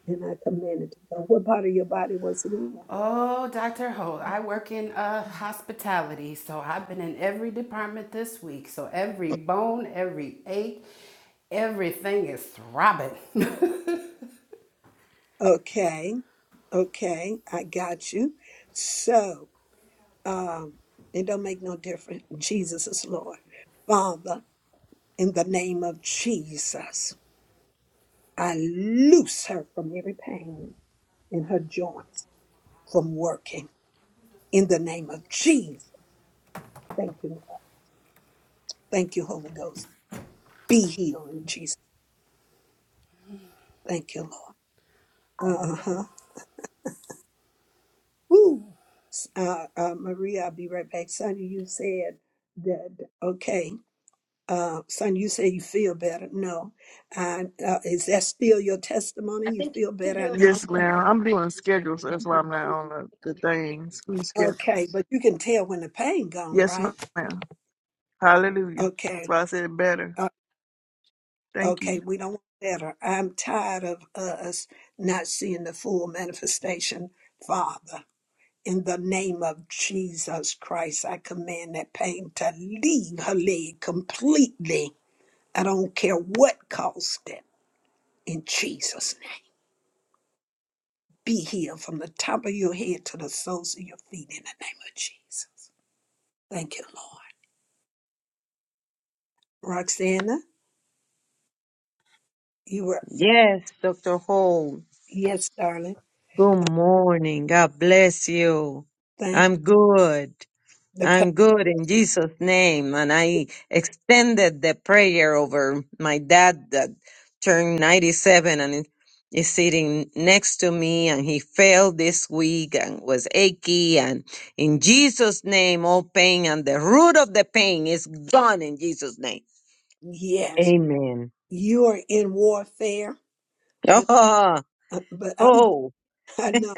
Speaker 1: and I command it to go. What part of your body was it in?
Speaker 9: Oh, Dr. Holt, I work in uh, hospitality, so I've been in every department this week. So every bone, every ache, everything is throbbing.
Speaker 1: Okay, okay, I got you. So, um, it don't make no difference. Jesus is Lord. Father, in the name of Jesus, I loose her from every pain in her joints from working. In the name of Jesus. Thank you, Lord. Thank you, Holy Ghost. Be healed in Jesus. Thank you, Lord. Uh-huh. Ooh. S- Uh, uh, Maria, I'll be right back. Sonia, you said that, okay. Uh, son, you say you feel better. No. I, uh, is that still your testimony?
Speaker 8: I
Speaker 1: You
Speaker 8: think
Speaker 1: feel
Speaker 8: you're
Speaker 1: better? I
Speaker 8: doing.
Speaker 1: need to
Speaker 8: Yes,
Speaker 1: pray.
Speaker 8: ma'am. I'm doing schedules. That's why I'm
Speaker 1: Mhm.
Speaker 8: not on the, the thing. School schedule.
Speaker 1: Okay, but you can tell when the pain gone,
Speaker 8: Yes,
Speaker 1: right?
Speaker 8: ma'am. Hallelujah. That's
Speaker 1: Okay.
Speaker 8: why I said better. Thank
Speaker 1: Okay,
Speaker 8: you.
Speaker 1: we don't want better. I'm tired of uh, us not seeing the full manifestation, Father. In the name of Jesus Christ, I command that pain to leave her leg completely. I don't care what caused it. In Jesus' name, be healed from the top of your head to the soles of your feet in the name of Jesus. Thank you, Lord. Roxana, you were,
Speaker 7: Yes, Dr. Ho.
Speaker 1: yes, darling.
Speaker 7: Good morning. God bless you.
Speaker 1: Thank
Speaker 7: I'm good.
Speaker 1: the pain.
Speaker 7: I'm good in Jesus' name. And I extended the prayer over my dad that turned 97 and is sitting next to me. And he fell this week and was achy. And in Jesus' name, all pain and the root of the pain is gone in Jesus' name.
Speaker 1: Yes,
Speaker 7: Amen.
Speaker 1: you are in warfare
Speaker 7: Oh,
Speaker 1: Uh, but I'm,
Speaker 7: oh.
Speaker 1: I know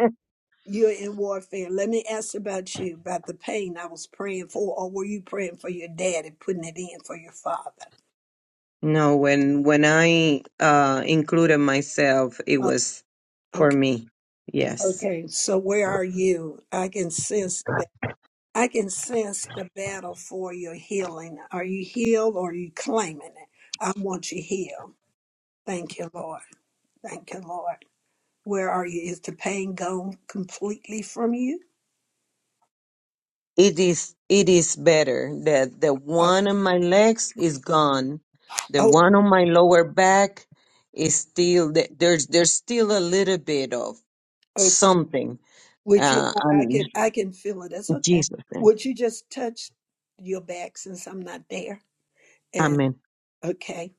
Speaker 1: you're in warfare. Let me ask about you, about the pain I was praying for, or were you praying for your dad and putting it in for your father?
Speaker 7: No, when, when I uh, included myself, it
Speaker 1: Oh,
Speaker 7: was for
Speaker 1: okay.
Speaker 7: me. Yes.
Speaker 1: Okay. So where are you? I can sense that. I can sense the battle for your healing. Are you healed or are you claiming it? I want you healed. Thank you, Lord. Thank you, Lord. Where are you? Is the pain gone completely from you?
Speaker 7: it is it is better that the
Speaker 1: Uh,
Speaker 7: one on my legs is gone the
Speaker 1: Oh,
Speaker 7: one on my lower back is still th- there's there's still a little bit of
Speaker 1: okay.
Speaker 7: something
Speaker 1: Which you?
Speaker 7: uh
Speaker 1: I, I
Speaker 7: and
Speaker 1: can. I can feel it. That's
Speaker 7: in
Speaker 1: okay.
Speaker 7: jesus name
Speaker 1: Would you just touch your back since I'm not there? And
Speaker 7: amen
Speaker 1: okay,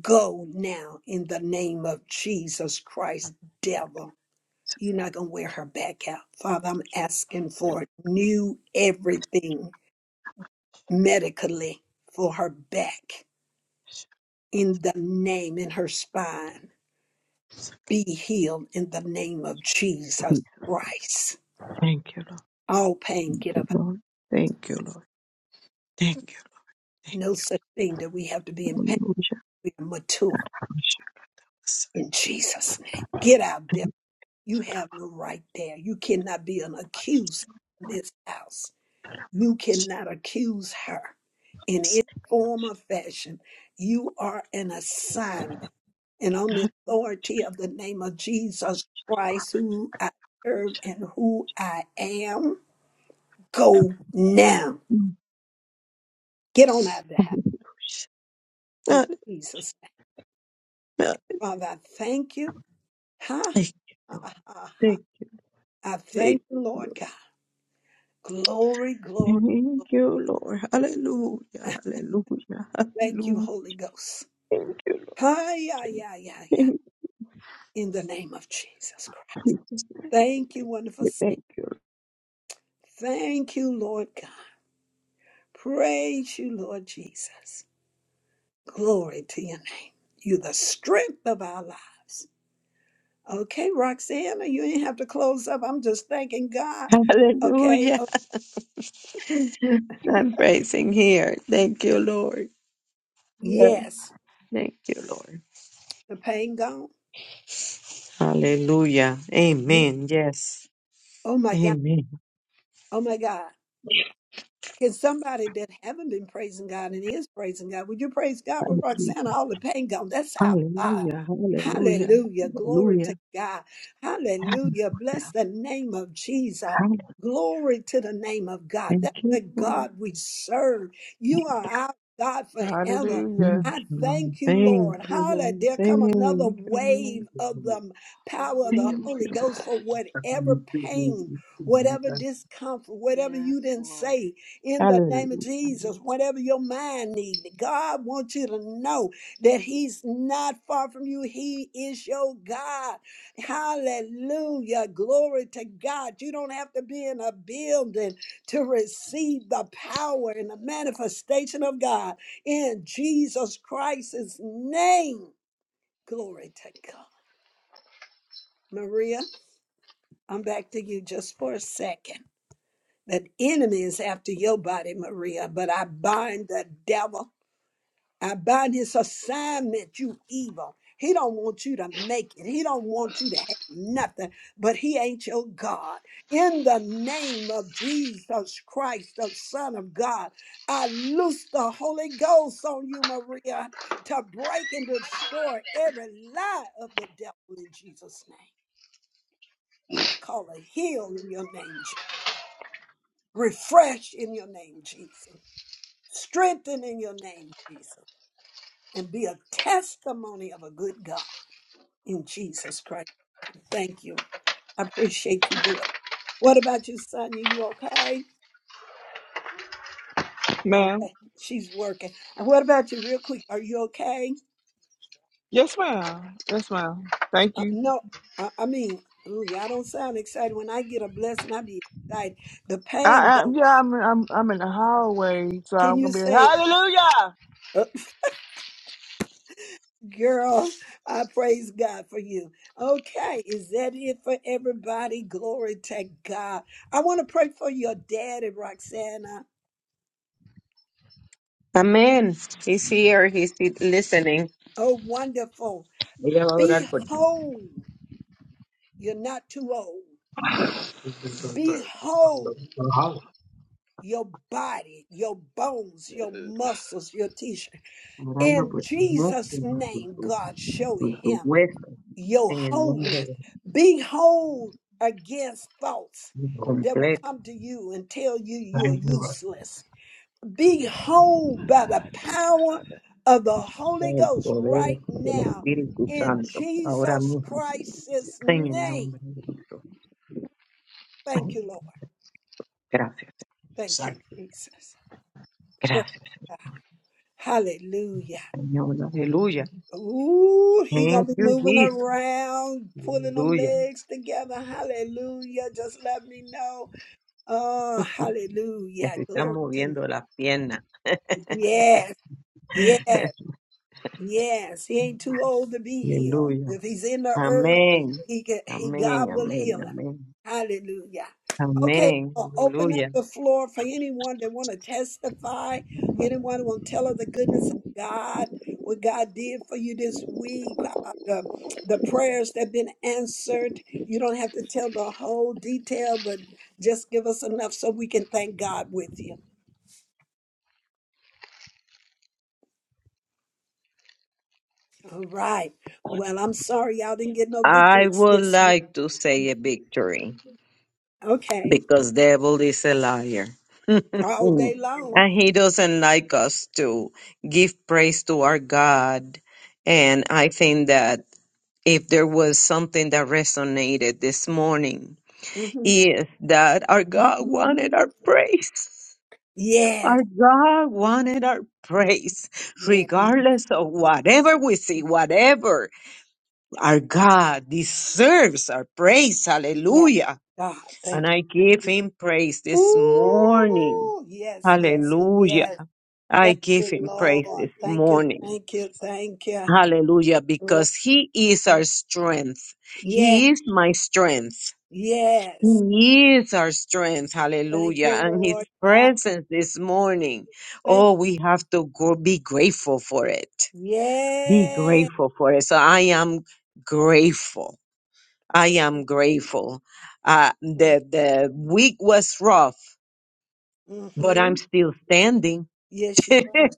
Speaker 1: go now in the name of Jesus Christ, devil. You're not gonna wear her back out, Father. I'm asking for new everything medically for her back in the name in her spine. Be healed in the name of Jesus Christ.
Speaker 7: thank you lord
Speaker 1: All pain,
Speaker 7: Thank
Speaker 1: get
Speaker 7: you,
Speaker 1: up.
Speaker 7: lord thank you lord thank you
Speaker 1: No such thing that we have to be in pain
Speaker 7: hallelujah
Speaker 1: We are mature in Jesus' name. Get out there. You have no right there. You cannot be an accuser in this house. You cannot accuse her in any form or fashion. You are an assignment. And on the authority of the name of Jesus Christ, who I serve and who I am, go now. Get on out of the house in
Speaker 7: Uh,
Speaker 1: Jesus' name.
Speaker 7: uh,
Speaker 1: Father, I thank you. Ha,
Speaker 7: thank
Speaker 1: ha, ha, ha.
Speaker 7: thank
Speaker 1: I thank
Speaker 7: thank-
Speaker 1: you, Lord God. Glory, glory. Thank you, Holy Ghost. Hi, yeah, yeah, yeah, yeah. In the name of Jesus Christ. Thank you, wonderful Savior. Thank you, Lord God. Praise you, Lord Jesus. Glory to your name. You're the strength of our lives. Okay, Roxanna, you didn't have to close up. I'm just thanking God. Okay.
Speaker 7: hallelujah
Speaker 1: Oh,
Speaker 7: i'm praising here thank you lord Yes.
Speaker 1: yes,
Speaker 7: thank you lord
Speaker 1: the pain gone.
Speaker 7: hallelujah
Speaker 1: Yeah.
Speaker 7: amen yes
Speaker 1: Oh my God.
Speaker 7: Amen.
Speaker 1: Oh my God. Can somebody that haven't been praising God and is praising God, would you praise God with
Speaker 7: Hallelujah.
Speaker 1: Roxana? All the pain gone. That's our God.
Speaker 7: Hallelujah. Hallelujah.
Speaker 1: Hallelujah. Glory to God. Hallelujah.
Speaker 7: Hallelujah.
Speaker 1: Bless the name of Jesus.
Speaker 7: Hallelujah.
Speaker 1: Glory to the name of God.
Speaker 7: Thank
Speaker 1: That's
Speaker 7: you,
Speaker 1: the
Speaker 7: Lord.
Speaker 1: God we serve. You are our God forever.
Speaker 8: Hallelujah.
Speaker 7: Thank
Speaker 1: I
Speaker 7: you, Lord.
Speaker 1: thank you,
Speaker 7: Thank
Speaker 1: Lord.
Speaker 7: you,
Speaker 1: Hallelujah.
Speaker 7: Lord.
Speaker 1: There come another
Speaker 7: Thank you,
Speaker 1: wave of
Speaker 7: Lord.
Speaker 1: the power of the
Speaker 5: Hallelujah,
Speaker 7: Thank
Speaker 5: Lord
Speaker 1: Holy
Speaker 7: you,
Speaker 1: Ghost
Speaker 7: Lord.
Speaker 5: God.
Speaker 1: for whatever pain, whatever discomfort, whatever
Speaker 5: Yes,
Speaker 1: you didn't
Speaker 5: Lord.
Speaker 1: say in the name of
Speaker 7: Hallelujah.
Speaker 1: Jesus, whatever your mind needs, God wants you to know that He's not far from you. He is your God. Hallelujah. Glory to God. You don't have to be in a building to receive the power and the manifestation of God in Jesus Christ's name. Glory to God. Maria, I'm back to you just for a second. The enemy is after your body, Maria, but I bind the devil I bind his assignment, you evil. He don't want you to make it. He don't want you to have nothing, but he ain't your God. In the name of Jesus Christ, the Son of God, I loose the Holy Ghost on you, Maria, to break and destroy every lie of the devil in Jesus' name. I call a heal in your name, Jesus. Refresh in your name, Jesus. Strengthen in your name, Jesus. And be a testimony of a good God. in Jesus Christ. Thank you. I appreciate you doing. it. What about you, Sonia? You okay?
Speaker 8: Ma'am.
Speaker 1: Okay, she's working. And what about you, real quick? Are you okay?
Speaker 8: Yes, ma'am. Yes, ma'am. Thank
Speaker 1: Uh,
Speaker 8: you.
Speaker 1: no, I, I mean, ooh, y'all don't sound excited. When I get a blessing, I be excited. The
Speaker 8: I,
Speaker 1: pain
Speaker 8: I
Speaker 1: gone.
Speaker 8: yeah, I'm I'm I'm in the hallway, so
Speaker 1: Can
Speaker 8: I'm
Speaker 1: you
Speaker 8: gonna be
Speaker 1: say,
Speaker 8: hallelujah.
Speaker 1: uh, girl? I praise God for you. Okay, is that it for everybody? Glory to God. I want to pray for your daddy, Roxana.
Speaker 7: Amen. He's here. He's listening.
Speaker 1: Oh, wonderful.
Speaker 7: भैया बाबू रात
Speaker 1: Be
Speaker 7: पड़ती
Speaker 1: whole. You're not too old. Be whole, your body, your bones, your
Speaker 5: Mm,
Speaker 1: muscles, your tissue.
Speaker 7: orando
Speaker 1: In
Speaker 7: por tu
Speaker 1: Jesus'
Speaker 7: músculos, por
Speaker 1: name,
Speaker 7: tu,
Speaker 1: God, show
Speaker 7: por tu
Speaker 1: him
Speaker 7: hueso,
Speaker 1: your
Speaker 7: en el nombre
Speaker 1: wholeness.
Speaker 7: de
Speaker 1: Be whole against thoughts that will
Speaker 7: Jesús
Speaker 1: come to you and tell you you're
Speaker 7: Thank you, Lord.
Speaker 1: useless. Be whole
Speaker 5: My
Speaker 1: by the
Speaker 5: God, thank you,
Speaker 1: power
Speaker 5: Father.
Speaker 1: of the Holy
Speaker 7: El
Speaker 1: Ghost
Speaker 7: poder
Speaker 1: right
Speaker 7: del
Speaker 1: now
Speaker 7: Espíritu
Speaker 1: in
Speaker 7: Santo, ahora
Speaker 1: Jesus
Speaker 7: mismo,
Speaker 1: Christ's
Speaker 7: en el
Speaker 1: name.
Speaker 7: nombre de Jesús.
Speaker 1: Thank you, Lord.
Speaker 7: Gracias,
Speaker 1: Thank you,
Speaker 7: Thank
Speaker 1: Jesus. Praise
Speaker 7: gracias,
Speaker 1: God. Hallelujah.
Speaker 7: Señor. Aleluya.
Speaker 1: Ooh, he gonna
Speaker 7: Thank
Speaker 1: be
Speaker 7: you,
Speaker 1: moving
Speaker 7: Jesus.
Speaker 1: around, pulling them
Speaker 7: Aleluya.
Speaker 1: legs together. Hallelujah. Just let me know. Oh,
Speaker 7: Que
Speaker 1: hallelujah.
Speaker 7: se están
Speaker 1: Glory to
Speaker 7: moviendo las piernas.
Speaker 1: you. Yes, yes. Yes, he ain't too old to be healed.
Speaker 7: Aleluya.
Speaker 1: If he's in the earth,
Speaker 7: Amén.
Speaker 1: he can, he God
Speaker 7: Amén,
Speaker 1: will
Speaker 7: amén,
Speaker 1: heal him.
Speaker 7: amén.
Speaker 1: Hallelujah. Okay,
Speaker 7: Amén.
Speaker 1: I'll open up
Speaker 7: Hallelujah.
Speaker 1: the floor for anyone that want to testify. Anyone want to tell of the goodness of God, what God did for you this week, uh, the, the prayers that been answered. You don't have to tell the whole detail, but just give us enough so we can thank God with you. All right. Well, I'm sorry y'all didn't get no
Speaker 7: I
Speaker 1: victories
Speaker 7: would
Speaker 1: this week.
Speaker 7: like to say a victory
Speaker 1: Okay.
Speaker 7: because devil is a liar.
Speaker 1: All
Speaker 7: Mm.
Speaker 1: day long.
Speaker 7: And he doesn't like us to give praise to our God. And I think that if there was something that resonated this morning,
Speaker 1: hmm
Speaker 7: is that our God wanted our praise.
Speaker 1: Yes.
Speaker 7: Our God wanted our praise,
Speaker 1: Yes.
Speaker 7: regardless of whatever we see, whatever. Our God deserves our praise.
Speaker 1: Yes.
Speaker 7: Hallelujah
Speaker 1: God,
Speaker 7: and
Speaker 1: thank
Speaker 7: I give him praise
Speaker 1: you.
Speaker 7: this morning.
Speaker 1: Ooh, yes, yes, and
Speaker 7: Hallelujah.
Speaker 1: yes.
Speaker 7: I
Speaker 1: Thank
Speaker 7: give
Speaker 1: you,
Speaker 7: him praise
Speaker 1: Lord.
Speaker 7: this
Speaker 1: Thank you,
Speaker 7: morning.
Speaker 1: thank you, thank you,
Speaker 7: Hallelujah.
Speaker 1: Lord.
Speaker 7: Because he is our strength.
Speaker 1: Yes,
Speaker 7: He is my strength.
Speaker 1: yes.
Speaker 7: He is our strength.
Speaker 1: Thank you,
Speaker 7: Hallelujah. And his
Speaker 1: Lord God.
Speaker 7: presence this morning.
Speaker 1: Thank you.
Speaker 7: Oh, we have to go, be grateful for it. Be
Speaker 1: Yes.
Speaker 7: grateful for it. So I am grateful. I am grateful. Uh, the, the week was rough but
Speaker 1: hmm
Speaker 7: I'm still standing.
Speaker 1: Yes, you are.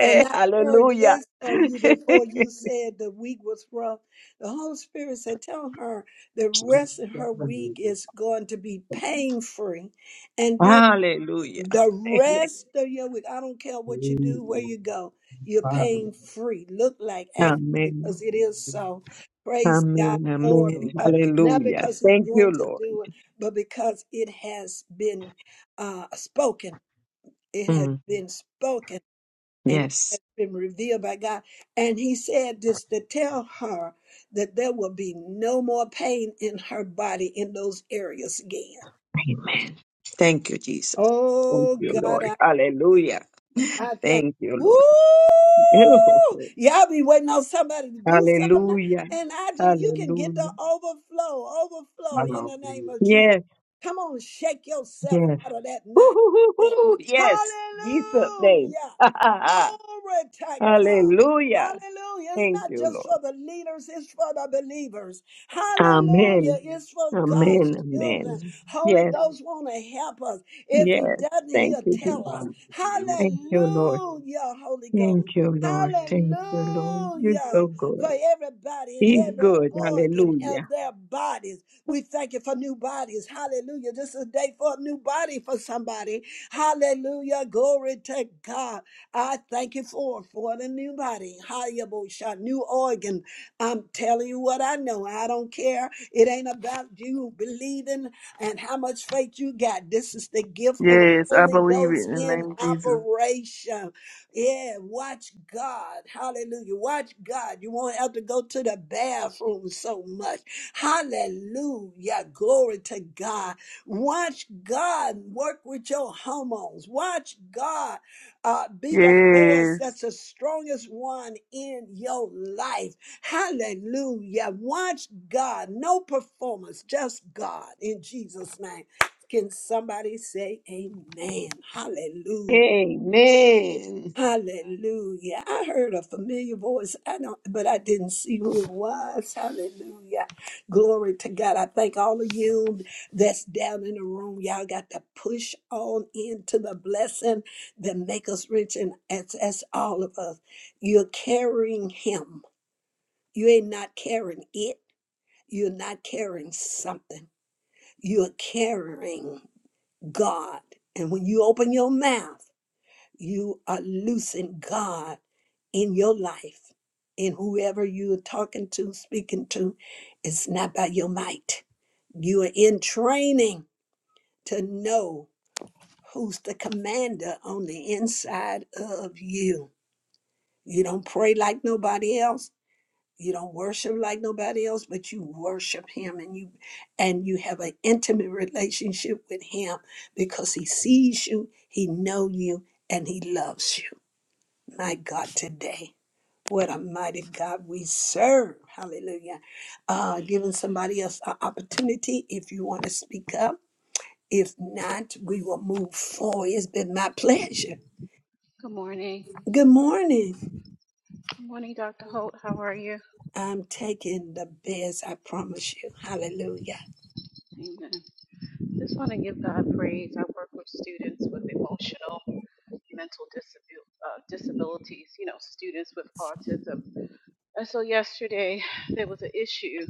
Speaker 1: And I heard
Speaker 7: Hallelujah.
Speaker 1: this for you before you said the week was rough. The Holy Spirit said, Tell her the rest of her week is going to be pain free. And then
Speaker 7: Hallelujah.
Speaker 1: the rest of your week, I don't care what you do, where you go, you're
Speaker 7: Amen.
Speaker 1: pain free. Look like act
Speaker 7: Amen.
Speaker 1: because it is so. Praise God for it
Speaker 7: Amen.
Speaker 1: because not
Speaker 7: Hallelujah.
Speaker 1: because He's
Speaker 7: Thank
Speaker 1: going
Speaker 7: you,
Speaker 1: to
Speaker 7: Lord.
Speaker 1: do it, but because it has been uh, spoken. It has
Speaker 7: Mm,
Speaker 1: been spoken and it
Speaker 7: yes.
Speaker 1: has been revealed by God. And he said this to tell her that there will be no more pain in her body in those areas again.
Speaker 7: Amen. Thank you, Jesus. Thank
Speaker 1: Oh
Speaker 7: you,
Speaker 1: God,
Speaker 7: Lord. Hallelujah.
Speaker 1: I think,
Speaker 7: Thank you,
Speaker 1: woo!
Speaker 7: Lord.
Speaker 1: Y'all be waiting on somebody to do something,
Speaker 7: Hallelujah.
Speaker 1: and I just you can get
Speaker 7: Hallelujah.
Speaker 1: the overflow, overflow in the name of Jesus.
Speaker 7: Yes.
Speaker 1: Come on, shake yourself
Speaker 7: Yes.
Speaker 1: out of that mindset.
Speaker 7: Woo-hoo-hoo-hoo. Yes, Jesus'
Speaker 1: Hallelujah!
Speaker 7: name.
Speaker 1: Glory to God.
Speaker 7: Hallelujah.
Speaker 1: Hallelujah. It's
Speaker 7: Thank
Speaker 1: not
Speaker 7: you,
Speaker 1: just
Speaker 7: Lord.
Speaker 1: for the leaders, it's for the believers. Hallelujah.
Speaker 7: Amen.
Speaker 1: It's for God's
Speaker 7: Amen.
Speaker 1: children.
Speaker 7: Amen.
Speaker 1: Holy
Speaker 7: Yes,
Speaker 1: Ghost want to help us. If
Speaker 7: yes.
Speaker 1: He doesn't,
Speaker 7: Thank
Speaker 1: He'll
Speaker 7: you, Jesus.
Speaker 1: tell us.
Speaker 7: Thank you, Lord.
Speaker 1: Hallelujah, Holy Ghost.
Speaker 7: Thank you, Lord. Thank
Speaker 1: Hallelujah
Speaker 7: you, Lord. You're so
Speaker 1: for
Speaker 7: good.
Speaker 1: everybody and
Speaker 7: He's
Speaker 1: every
Speaker 7: good.
Speaker 1: organ of
Speaker 7: Hallelujah.
Speaker 1: their bodies. We thank you for new bodies. Hallelujah. This is a day for a new body for somebody. Hallelujah. Glory to God. I thank you for for the new body. Hallelujah. New organ. I'm telling you what I know. I don't care. It ain't about you believing and how much faith you got. This is the gift of
Speaker 8: Yes, I
Speaker 1: Holy
Speaker 8: believe it
Speaker 1: Ghost
Speaker 8: in the
Speaker 1: in
Speaker 8: name of Jesus.
Speaker 1: operation. Yeah, watch God. Hallelujah. Watch God. You won't have to go to the bathroom so much. Hallelujah. Glory to God. Watch God work with your hormones. Watch God uh, be the voice
Speaker 8: Yes.
Speaker 1: that's the strongest one in your life. Hallelujah. Watch God. No performance, just God in Jesus' name. Can somebody say amen? Hallelujah.
Speaker 7: Amen.
Speaker 1: Hallelujah. I heard a familiar voice. I don't but I didn't see who it was. Hallelujah. Glory to God. I thank all of you that's down in the room. Y'all got to push on into the blessing that make us rich and as as all of us. You're carrying him. You ain't not carrying it. You're not carrying something. You're carrying. God. And when you open your mouth, you are loosing God in your life. And whoever you're talking to, speaking to, it's not by your might. You are in training to know who's the commander on the inside of you. You don't pray like nobody else you don't worship like nobody else but you worship him and you and you have an intimate relationship with him because he sees you he know you and he loves you my god today what a mighty god we serve hallelujah uh giving somebody else an opportunity if you want to speak up if not we will move forward it's been my pleasure
Speaker 5: Good morning.
Speaker 1: good morning
Speaker 5: Good morning, Dr. Holt. How are you?
Speaker 1: i'm taking the best i promise you hallelujah
Speaker 5: Amen. Just want to give God praise. I work with students with emotional. mental disabil- uh, disabilities, you know, students with autism. And so yesterday there was an issue,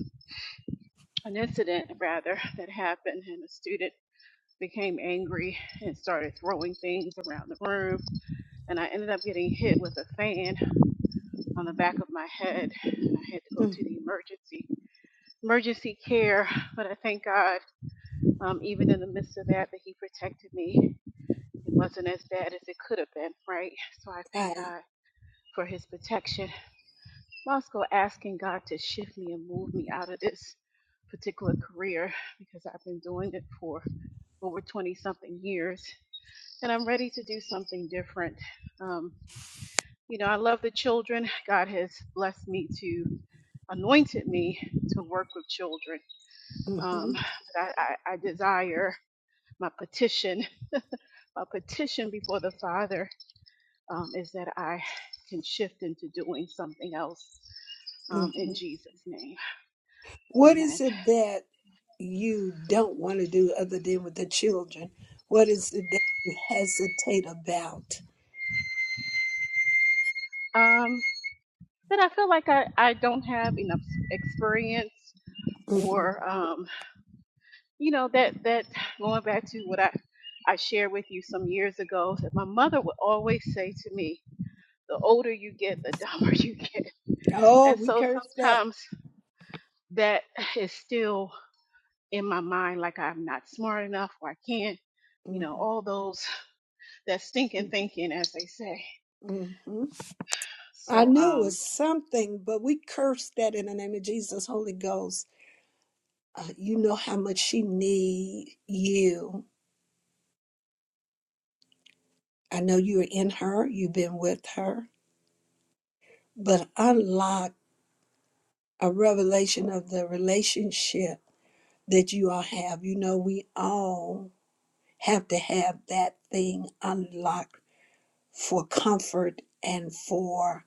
Speaker 5: an incident rather, that happened, and a student became angry and started throwing things around the room. And I ended up getting hit with a fan on the back of my head, and I had to go
Speaker 1: Mm.
Speaker 5: to the emergency emergency care. But I thank God, um, even in the midst of that, that He protected me. It wasn't as bad as it could have been, right? So I thank
Speaker 1: right.
Speaker 5: God for His protection Moscow asking God to shift me and move me out of this particular career because I've been doing it for over 20 something years and I'm ready to do something different. Um, you know, I love the children. God has blessed me to anointed me to work with children. Um,
Speaker 1: Mhm,
Speaker 5: but I, I, I desire my petition, my petition before the Father um, is that I can shift into doing something else um, in
Speaker 1: mhm.
Speaker 5: Jesus' name.
Speaker 1: What is
Speaker 5: Amen.
Speaker 1: it that you don't want to do other than with the children? What is it that you hesitate about?
Speaker 5: Um, that I feel like I, I don't have enough experience
Speaker 1: Mhm.
Speaker 5: or um, you know that that going back to what I I shared with you some years ago that my mother would always say to me, the older you get, the dumber you get.
Speaker 1: Oh,
Speaker 5: And
Speaker 1: we
Speaker 5: so
Speaker 1: curse that.
Speaker 5: sometimes that is still in my mind like I'm not smart enough or I can't, you know,
Speaker 1: Mhm,
Speaker 5: all those that stinking thinking as they say.
Speaker 1: mhm. I
Speaker 5: So
Speaker 1: knew it
Speaker 5: um
Speaker 1: was something, but we curse that in the name of Jesus, Holy Ghost. Uh, you know how much she need you. I know you're in her. You've been with her, but unlock a revelation of the relationship that you all have. You know, we all have to have that thing unlocked for comfort and for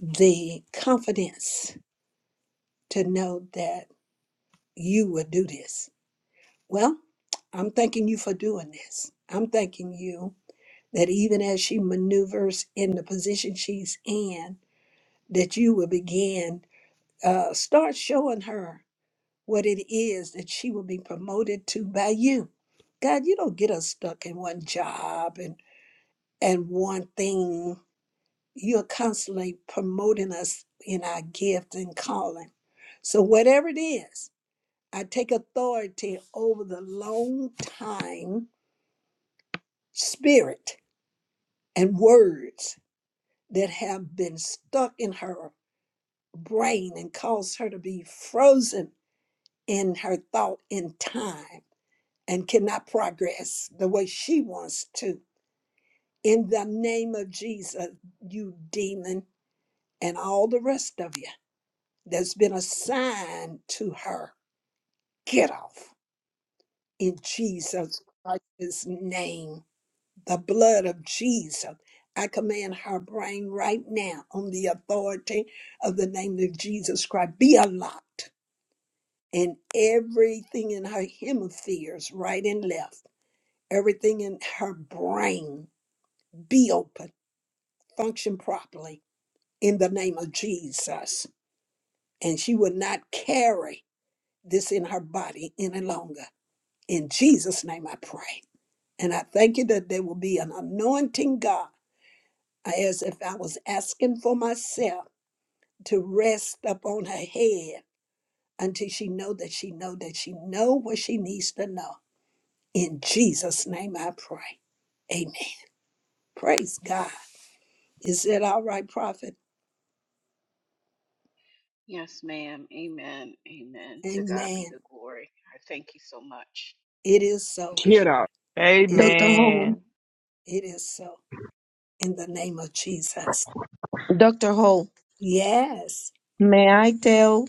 Speaker 1: the confidence to know that you will do this. Well, I'm thanking you for doing this. I'm thanking you that even as she maneuvers in the position she's in, that you will begin, uh, start showing her. what it is that she will be promoted to by you. God, you don't get us stuck in one job and, and one thing. You're constantly promoting us in our gift and calling. So, whatever it is, I take authority over the long time spirit and words that have been stuck in her brain and caused her to be frozen in her thought in time and cannot progress the way she wants to. In the name of Jesus, you demon, and all the rest of you that's been assigned to her, get off in Jesus Christ's name. The blood of Jesus. I command her brain right now on the authority of the name of Jesus Christ. Be unlocked. And everything in her hemispheres, right and left, everything in her brain, be open function properly in the name of Jesus. And she will not carry this in her body any longer. In Jesus' name I pray. And I thank you that there will be an anointing, God, as if I was asking for myself to rest upon her head until she know that she know that she know what she needs to know. In Jesus' name I pray. Amen. Praise God. Is it all right, prophet?
Speaker 5: yes ma'am. Amen. Amen. To God
Speaker 1: Amen.
Speaker 5: be the glory. I thank you so much.
Speaker 1: It is so.
Speaker 8: Get out.
Speaker 1: It is.
Speaker 7: Dr. Ho,
Speaker 8: Amen.
Speaker 1: It is so in the name of Jesus.
Speaker 7: Dr. Ho,
Speaker 1: Yes.
Speaker 7: may I tell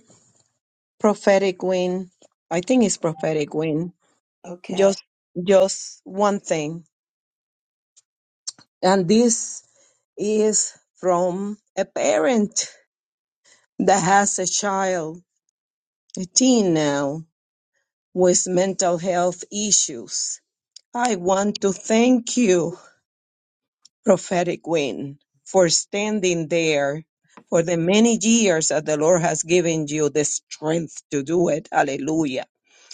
Speaker 7: prophetic win? I think it's prophetic win.
Speaker 1: Okay.
Speaker 7: just just one thing and this is from a parent that has a child a teen now with mental health issues i want to thank you prophetic wind for standing there for the many years that the lord has given you the strength to do it hallelujah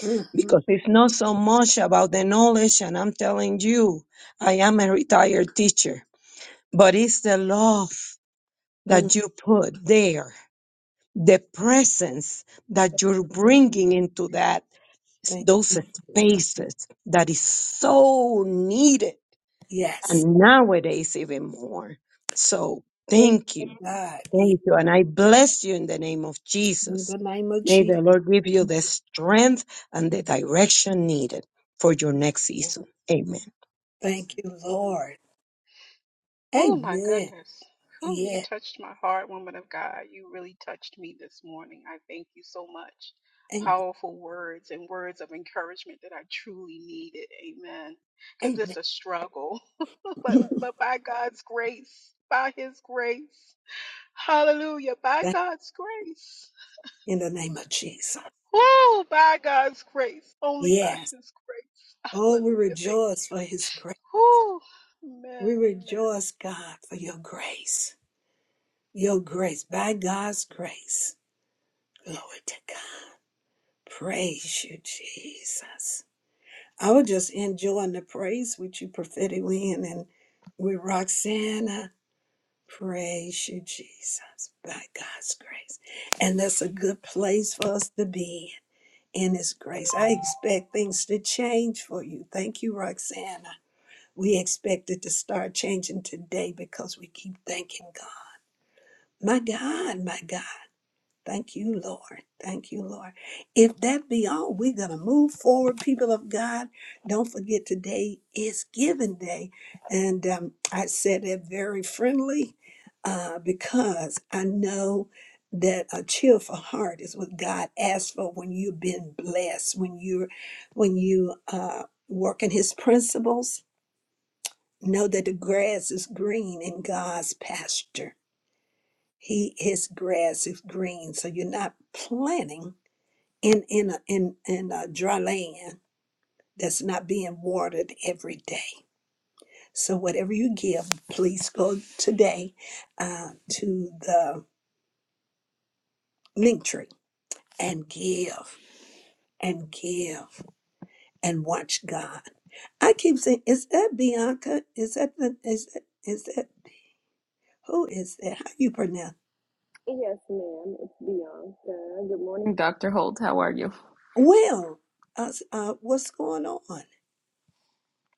Speaker 1: Mm-hmm.
Speaker 7: because it's not so much about the knowledge and i'm telling you i am a retired teacher but it's the love that you put there, the presence that you're
Speaker 1: Mm-hmm.
Speaker 7: bringing into that
Speaker 1: Thank
Speaker 7: those
Speaker 1: you.
Speaker 7: spaces that is so needed,
Speaker 1: Yes.
Speaker 7: and nowadays even more. So
Speaker 1: Oh
Speaker 7: thank
Speaker 1: my
Speaker 7: you,
Speaker 1: God. Yeah.
Speaker 7: thank you, and I bless you in the name of
Speaker 1: In
Speaker 7: Jesus.
Speaker 1: the name of
Speaker 7: May the
Speaker 1: Jesus.
Speaker 7: Lord give you the strength and the direction needed for your next season. Amen.
Speaker 1: Thank you, Lord.
Speaker 5: Oh my
Speaker 1: Amen.
Speaker 5: goodness. Whew, you
Speaker 1: Yeah.
Speaker 5: touched my heart, woman of God. You really touched me this morning. I thank you so much.
Speaker 1: Amen.
Speaker 5: Powerful words and words of encouragement that I truly needed. Amen. Because it's
Speaker 1: Amen.
Speaker 5: a struggle. but but by God's grace, by his grace. Hallelujah. By
Speaker 1: Thank
Speaker 5: God's grace.
Speaker 1: you in the name of Jesus.
Speaker 5: Whoo, by God's grace. Only by
Speaker 1: Yes.
Speaker 5: his grace.
Speaker 1: Oh, we
Speaker 5: Hallelujah. Thank you.
Speaker 1: rejoice for his grace.
Speaker 5: Whoo.
Speaker 1: We
Speaker 5: Amen. Amen.
Speaker 1: rejoice, God, for your grace. Your grace. By God's grace. Glory to God. Praise you, Jesus. I was just enjoying the praise with you, Prophetic Lynn, and with Roxana. Praise you, Jesus, by God's grace. And that's a good place for us to be in, in His grace. I expect things to change for you. Thank you, Roxana. We expect it to start changing today because we keep thanking God. My God, my God. Thank you, Lord. Thank you, Lord. If that be all, we're going to move forward, people of God. Don't forget today is Giving Day. And um, I said that very friendly uh, because I know that a cheerful heart is what God asks for when you've been blessed, when you're when you uh, work in his principles. Know that the grass is green in God's pasture. He his grass is green. So you're not planting in in a, in in a dry land that's not being watered every day. So whatever you give, please go today uh, to the link tree and give and give and watch God. I keep saying, is that Bianca? Is that the, is that, is that who is that? How you pronounce?
Speaker 10: Yes, ma'am. It's Bianca. Good morning, Dr. Holt. How are you?
Speaker 1: Well, uh, uh, what's going on?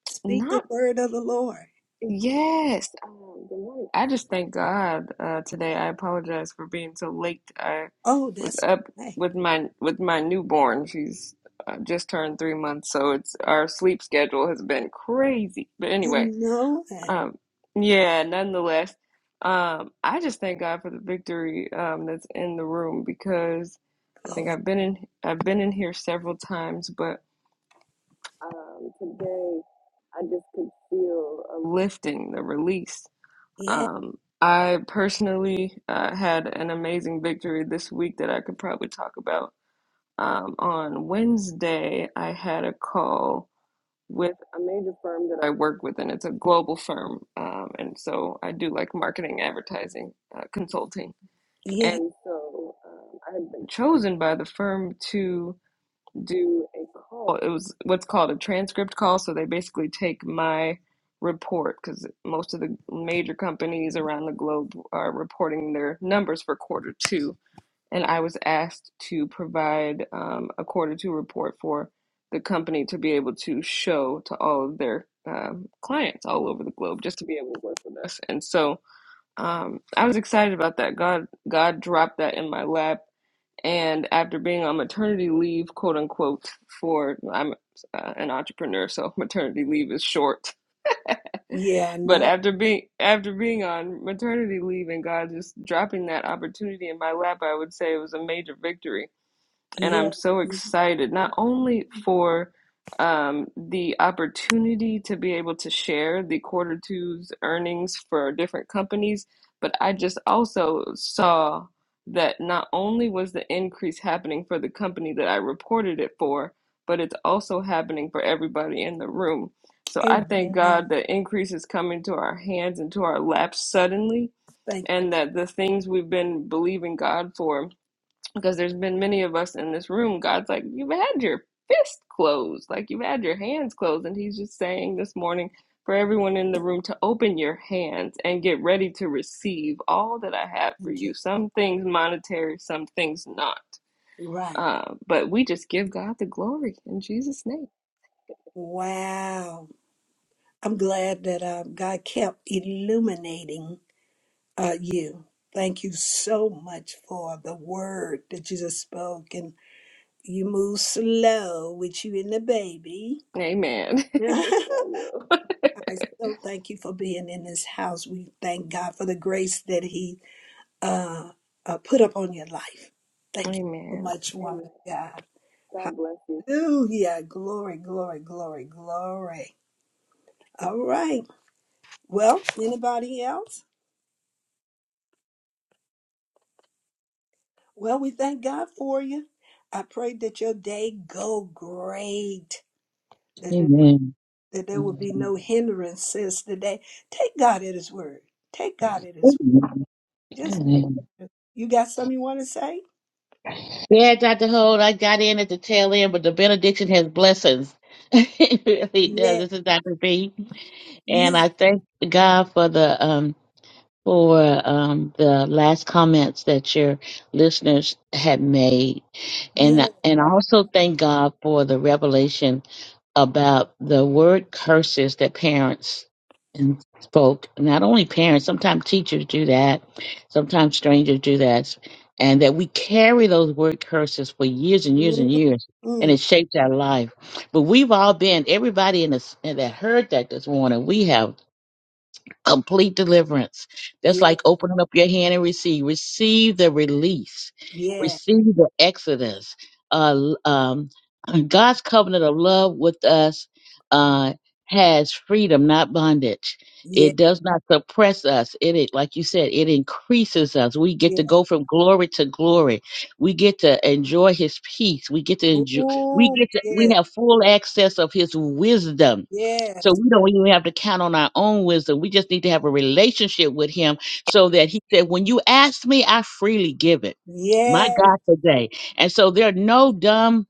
Speaker 1: Speak the
Speaker 10: Not
Speaker 1: word of the Lord.
Speaker 10: yes. Um, good morning. I just thank God uh, today. I apologize for being so late. I
Speaker 1: Oh,
Speaker 10: was
Speaker 1: that's
Speaker 10: up
Speaker 1: right.
Speaker 10: with my with my newborn. She's uh, just turned three months, so it's our sleep schedule has been crazy. But
Speaker 1: I
Speaker 10: anyway,
Speaker 1: know that,
Speaker 10: um, yeah. Nonetheless, um, I just thank God for the victory um, that's in the room because I think
Speaker 1: Glory.
Speaker 10: I've been in I've been in here several times, but. Um, today, I just could feel a lifting, the release.
Speaker 1: Yeah.
Speaker 10: Um, I personally uh, had an amazing victory this week that I could probably talk about. Um, on Wednesday, I had a call with a major firm that I work with, and it's a global firm. Um, and so I do like marketing, advertising, uh, consulting.
Speaker 1: Yes.
Speaker 10: And so um, I had been chosen by the firm to do a call. It was what's called a transcript call. So they basically take my report because most of the major companies around the globe are reporting their numbers for quarter two. And I was asked to provide um, a quarter two report for the company to be able to show to all of their um, clients all over the globe just to be able to work with us. And so um, I was excited about that. God, God dropped that in my lap and after being on maternity leave, quote unquote, for I'm uh, an entrepreneur, so maternity leave is short.
Speaker 1: Yeah, I
Speaker 10: But
Speaker 1: know.
Speaker 10: after being after being on maternity leave and God just dropping that opportunity in my lap, I would say it was a major victory and I'm
Speaker 1: Yes.
Speaker 10: so excited not only for um, the opportunity to be able to share the quarter two's earnings for different companies, but I just also saw that not only was the increase happening for the company that I reported it for, but it's also happening for everybody in the room. So I thank
Speaker 1: Amen.
Speaker 10: God that increase is coming to our hands and to our laps suddenly,
Speaker 1: Thank
Speaker 10: and that the things we've been believing God for because there's been many of us in this room god's like you've had your fist closed like you've had your hands closed and he's just saying this morning for everyone in the room to open your hands and get ready to receive all that i have for
Speaker 1: you,
Speaker 10: you
Speaker 1: Lord.
Speaker 10: some things monetary some things not
Speaker 1: Right.
Speaker 10: uh, but we just give god the glory in jesus name
Speaker 1: Wow. I'm glad that uh, God kept illuminating uh, you. Thank you so much for the word that you just spoke. And you move slow with you and the baby.
Speaker 10: amen I will.
Speaker 1: I so thank you for being in this house. We thank God for the grace that He uh, uh, put upon your life. Thank you so
Speaker 10: amen
Speaker 1: much, woman
Speaker 10: amen
Speaker 1: of God.
Speaker 10: God bless you.
Speaker 1: Hallelujah. Glory, glory, glory, glory. All right. Well, anybody else? Well, we thank God for you. I pray that your day go great, that there,
Speaker 11: Amen.
Speaker 1: that there will be
Speaker 11: Amen.
Speaker 1: no hindrances today. Take God at His word. Take God at His word. Just take
Speaker 11: Amen.
Speaker 1: it. You got something you want to say?
Speaker 11: Yeah, Dr. Hold, I got in at the tail end, but the benediction has blessings. it really does.
Speaker 1: Yeah,
Speaker 11: This is Dr. B. And
Speaker 1: yeah,
Speaker 11: I thank God for the um for um the last comments that your listeners had made.
Speaker 1: yeah.
Speaker 11: And and I also thank God for the revelation about the word curses that parents and spoke. Not only parents, sometimes teachers do that, sometimes strangers do that, and that we carry those word curses for years and years and
Speaker 1: Mm,
Speaker 11: years, and
Speaker 1: mm,
Speaker 11: it shapes our life. But we've all been everybody in this and that heard that this morning. We have complete deliverance. That's
Speaker 1: yeah,
Speaker 11: like opening up your hand and receive. Receive the release.
Speaker 1: yeah,
Speaker 11: Receive the exodus. Uh, l- um, God's covenant of love with us uh, has freedom, not bondage.
Speaker 1: yeah,
Speaker 11: It does not suppress us. It, it, like you said, it increases us. We get
Speaker 1: yeah.
Speaker 11: to go from glory to glory. We get to enjoy His peace. We get to enjoy. We
Speaker 1: Oh,
Speaker 11: get to. We
Speaker 1: yeah,
Speaker 11: have full access of His wisdom so
Speaker 1: yes,
Speaker 11: we don't even have to count on our own wisdom. We just need to have a relationship with him so that he said, When you ask me, I freely give it. My
Speaker 1: yes.
Speaker 11: God today. And so there are no dumb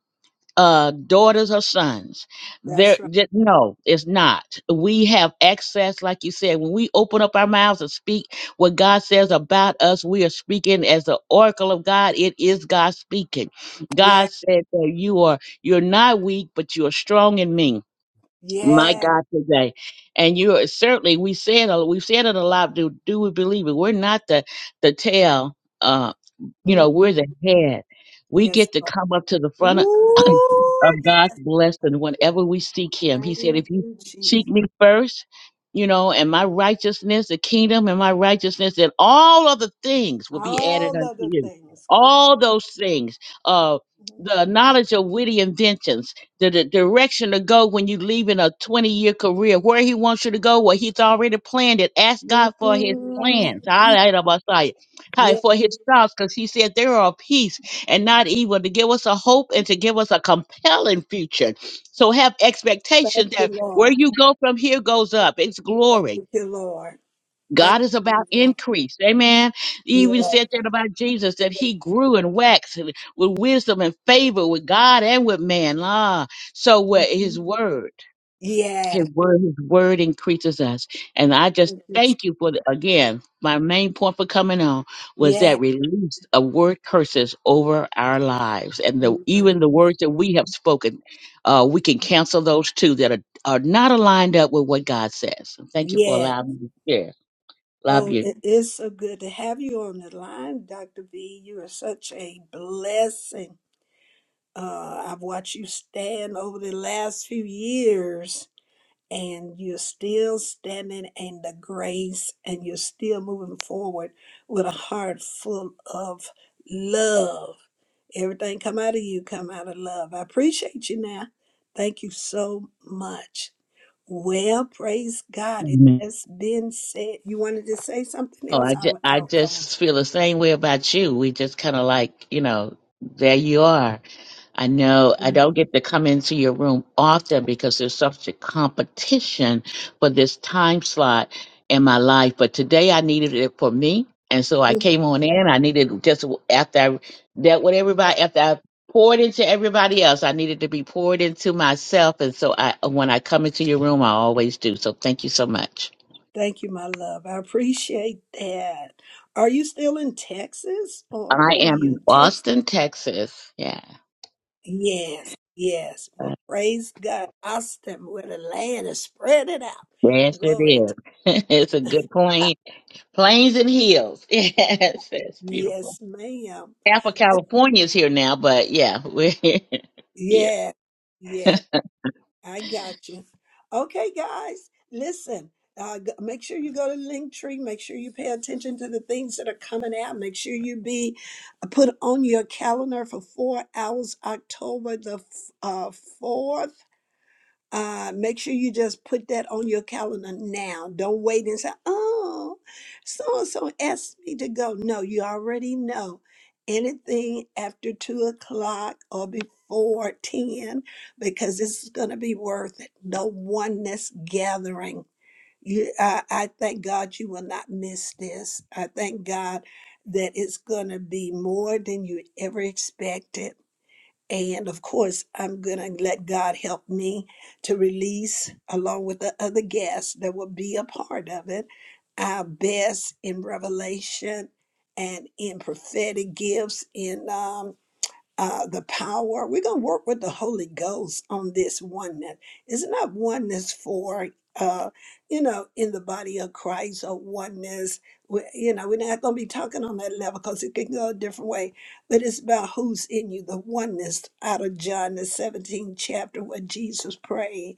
Speaker 11: uh daughters or sons. There
Speaker 1: That's right.
Speaker 11: ju- no, it's not. We have access, like you said, when we open up our mouths and speak what God says about us, we are speaking as the oracle of God. It is God speaking.
Speaker 1: Yeah,
Speaker 11: God said that you are you're not weak, but you are strong in me my
Speaker 1: yeah.
Speaker 11: God today. And you are certainly we said a- we've said it a lot. Do do we believe it? We're not the the tail. Uh, you
Speaker 1: Mm,
Speaker 11: know, we're the head. We
Speaker 1: Yes,
Speaker 11: get to
Speaker 1: Lord.
Speaker 11: come up to the front of
Speaker 1: Ooh, yes.
Speaker 11: God's blessing whenever we seek Him. He
Speaker 1: Thank
Speaker 11: said, If you
Speaker 1: you, Jesus.
Speaker 11: seek me first, you know, and my righteousness, the kingdom and my righteousness, then all other things will be added
Speaker 1: All
Speaker 11: unto
Speaker 1: other
Speaker 11: you.
Speaker 1: things.
Speaker 11: All those things, uh, the knowledge of witty inventions, the, the direction to go when you leave in a 20 year career, where He wants you to go, where He's already planned it. Ask God for His
Speaker 1: Mm,
Speaker 11: plans. I, I, I, I,
Speaker 1: Yes,
Speaker 11: for His thoughts, because He said, There are peace and not evil, to give us a hope and to give us a compelling future. So have
Speaker 1: thank
Speaker 11: expectation
Speaker 1: you,
Speaker 11: that where
Speaker 1: Lord.
Speaker 11: you go from here goes up. It's
Speaker 1: Thank
Speaker 11: glory.
Speaker 1: you, Lord. Thank
Speaker 11: God is
Speaker 1: you,
Speaker 11: about
Speaker 1: Lord.
Speaker 11: increase. Amen. He even
Speaker 1: Yeah.
Speaker 11: said that about Jesus, that he grew and waxed with wisdom and favor with God and with man. Ah, so with his word. His
Speaker 1: Yeah.
Speaker 11: word, his word increases us. And I just
Speaker 1: Thank you, Jesus.
Speaker 11: thank you for the, again, my main point for coming on was
Speaker 1: Yeah.
Speaker 11: that release of word curses over our lives. And the,
Speaker 1: Mm,
Speaker 11: even the words that we have spoken, uh, we can cancel those too that are, are not aligned up with what God says. So Thank you for
Speaker 1: Yeah.
Speaker 11: allowing me to share. Love
Speaker 1: Oh,
Speaker 11: you.
Speaker 1: it is so good to have you on the line, Dr. V. You are such a blessing. Uh, I've watched you stand over the last few years, and you're still standing in the grace, and you're still moving forward with a heart full of love. Everything come out of you come out of love. I appreciate you now. Thank you so much. Well, praise God. It
Speaker 11: Amen.
Speaker 1: has been said. You wanted to say something
Speaker 11: Oh,
Speaker 1: else?
Speaker 11: I,
Speaker 1: I,
Speaker 11: ju-
Speaker 1: will- I,
Speaker 11: I
Speaker 1: will-
Speaker 11: just feel the same way about you. We just kind of like, you know, there you are. I know I
Speaker 1: I
Speaker 11: don't get to come into your room often because there's such a competition for this time slot in my life. But today I needed it for me. And so I
Speaker 1: will.
Speaker 11: came on in. I needed just after I that with everybody, after I poured into everybody else, I needed to be poured into myself. And so I when I come into your room, I always do. So thank you so much.
Speaker 1: Thank you, my love. I appreciate that. Are you still in Texas? Or where
Speaker 11: I
Speaker 1: were
Speaker 11: am
Speaker 1: you?
Speaker 11: in
Speaker 1: in Texas?
Speaker 11: Austin, Texas. Yeah.
Speaker 1: Yes, yes. Well, praise God. Austin, where the land is spread it out.
Speaker 11: Yes, it
Speaker 1: Glory to
Speaker 11: is. it's a good
Speaker 1: God.
Speaker 11: plan. Plains and hills. Yes, that's beautiful.
Speaker 1: Yes, ma'am.
Speaker 11: Half of California is here now, but yeah, we're here.
Speaker 1: Yes, yes. I got you. Okay, guys, listen. Uh, g- make sure you go to Linktree. Make sure you pay attention to the things that are coming out. Make sure you be uh, put on your calendar for four hours, October the f- uh, 4th uh, make sure you just put that on your calendar now. Don't wait and say, oh, so and so asked me to go. No, you already know. Anything after two o'clock or before 10, because this is going to be worth it. The oneness gathering. You, I, I thank God you will not miss this. I thank God that it's going to be more than you ever expected and of course, I'm going to let God help me to release, along with the other guests that will be a part of it, our best in revelation and in prophetic gifts. In um, uh, the power. We're going to work with the Holy Ghost on this oneness. It's not oneness for, uh, you know, in the body of Christ or oneness. We, you know, we're not going to be talking on that level because it can go a different way. But it's about who's in you, the oneness out of John, the 17th chapter where Jesus prayed.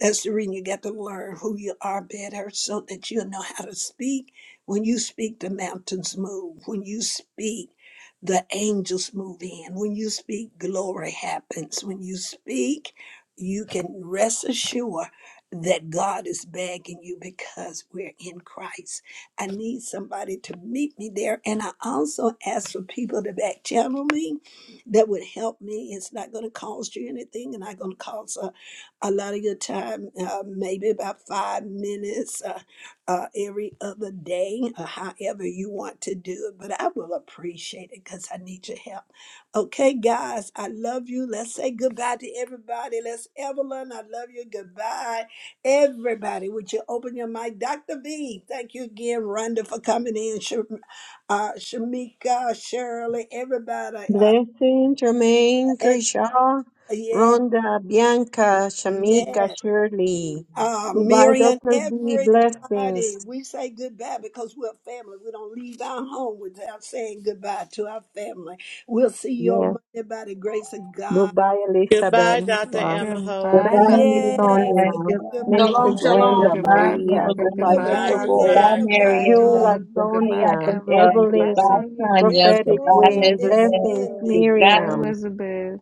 Speaker 1: That's the reason you got to learn who you are better so that you'll know how to speak. When you speak, the mountains move. When you speak, the angels move in. When you speak, glory happens. When you speak, you can rest assured that God is begging you because we're in Christ. I need somebody to meet me there. And I also ask for people to back channel me that would help me. It's not going to cost you anything and not going to cost us a lot of your time, uh, maybe about five minutes uh, uh, every other day, or however you want to do it. But I will appreciate it because I need your help. Okay, guys, I love you. Let's say goodbye to everybody. Let's, Evelyn, I love you. Goodbye. Everybody, would you open your mic? Dr. V, thank you again, Rhonda, for coming in. Sh- uh, Shamika, Shirley, everybody. Uh,
Speaker 7: Blessing, Jermaine,
Speaker 1: Ed-
Speaker 7: Grisha,
Speaker 1: yeah,
Speaker 7: Rhonda, Bianca,
Speaker 1: yeah.
Speaker 7: Shamika, Shirley.
Speaker 1: Uh,
Speaker 7: Goodbye,
Speaker 1: Miriam,
Speaker 7: Dr. B. Blessings.
Speaker 1: everybody, we say goodbye because we're family. We don't leave our home without saying goodbye to our family. We'll see you on
Speaker 7: Yes.
Speaker 1: Monday by the grace of God.
Speaker 7: Goodbye, Elizabeth,
Speaker 12: Goodbye, Dr.
Speaker 7: Michelle,
Speaker 12: Emma Hope.
Speaker 11: Goodbye,
Speaker 10: Goodbye,
Speaker 7: Felice,
Speaker 10: Dr.
Speaker 1: Yes,
Speaker 10: Holt.
Speaker 11: Marianne.
Speaker 7: Sonia,
Speaker 10: Bye,
Speaker 1: goodbye,
Speaker 7: Minister
Speaker 2: Shalom,
Speaker 10: Liv.
Speaker 7: Glenda,
Speaker 2: shalom.
Speaker 11: Goodbye,
Speaker 10: Goodbye,
Speaker 7: Maria.
Speaker 10: Prophet.
Speaker 7: Goodbye,
Speaker 11: Evelyn.
Speaker 10: Goodbye,
Speaker 1: goodbye
Speaker 12: Goodbye,
Speaker 7: Dr. Gold.
Speaker 11: Goodbye,
Speaker 12: goodbye.
Speaker 10: Roxana. Goodbye,
Speaker 11: Marianne.
Speaker 1: Elizabeth.
Speaker 7: Jula,
Speaker 10: Jewel.
Speaker 11: Goodbye,
Speaker 10: Goodbye,
Speaker 7: Sonia,
Speaker 11: Dr.
Speaker 10: Evelyn.
Speaker 11: Plum.
Speaker 10: Goodbye,
Speaker 11: Goodbye,
Speaker 7: Evelyn,
Speaker 10: Sonia.
Speaker 11: Sonia.
Speaker 1: This
Speaker 7: Prophetic
Speaker 11: Goodbye,
Speaker 10: Goodbye,
Speaker 1: room
Speaker 7: Wind,
Speaker 1: is
Speaker 7: Blessings,
Speaker 10: Leah.
Speaker 1: ending.
Speaker 11: Elizabeth.
Speaker 10: Goodbye,
Speaker 7: Miriam.
Speaker 10: Elizabeth.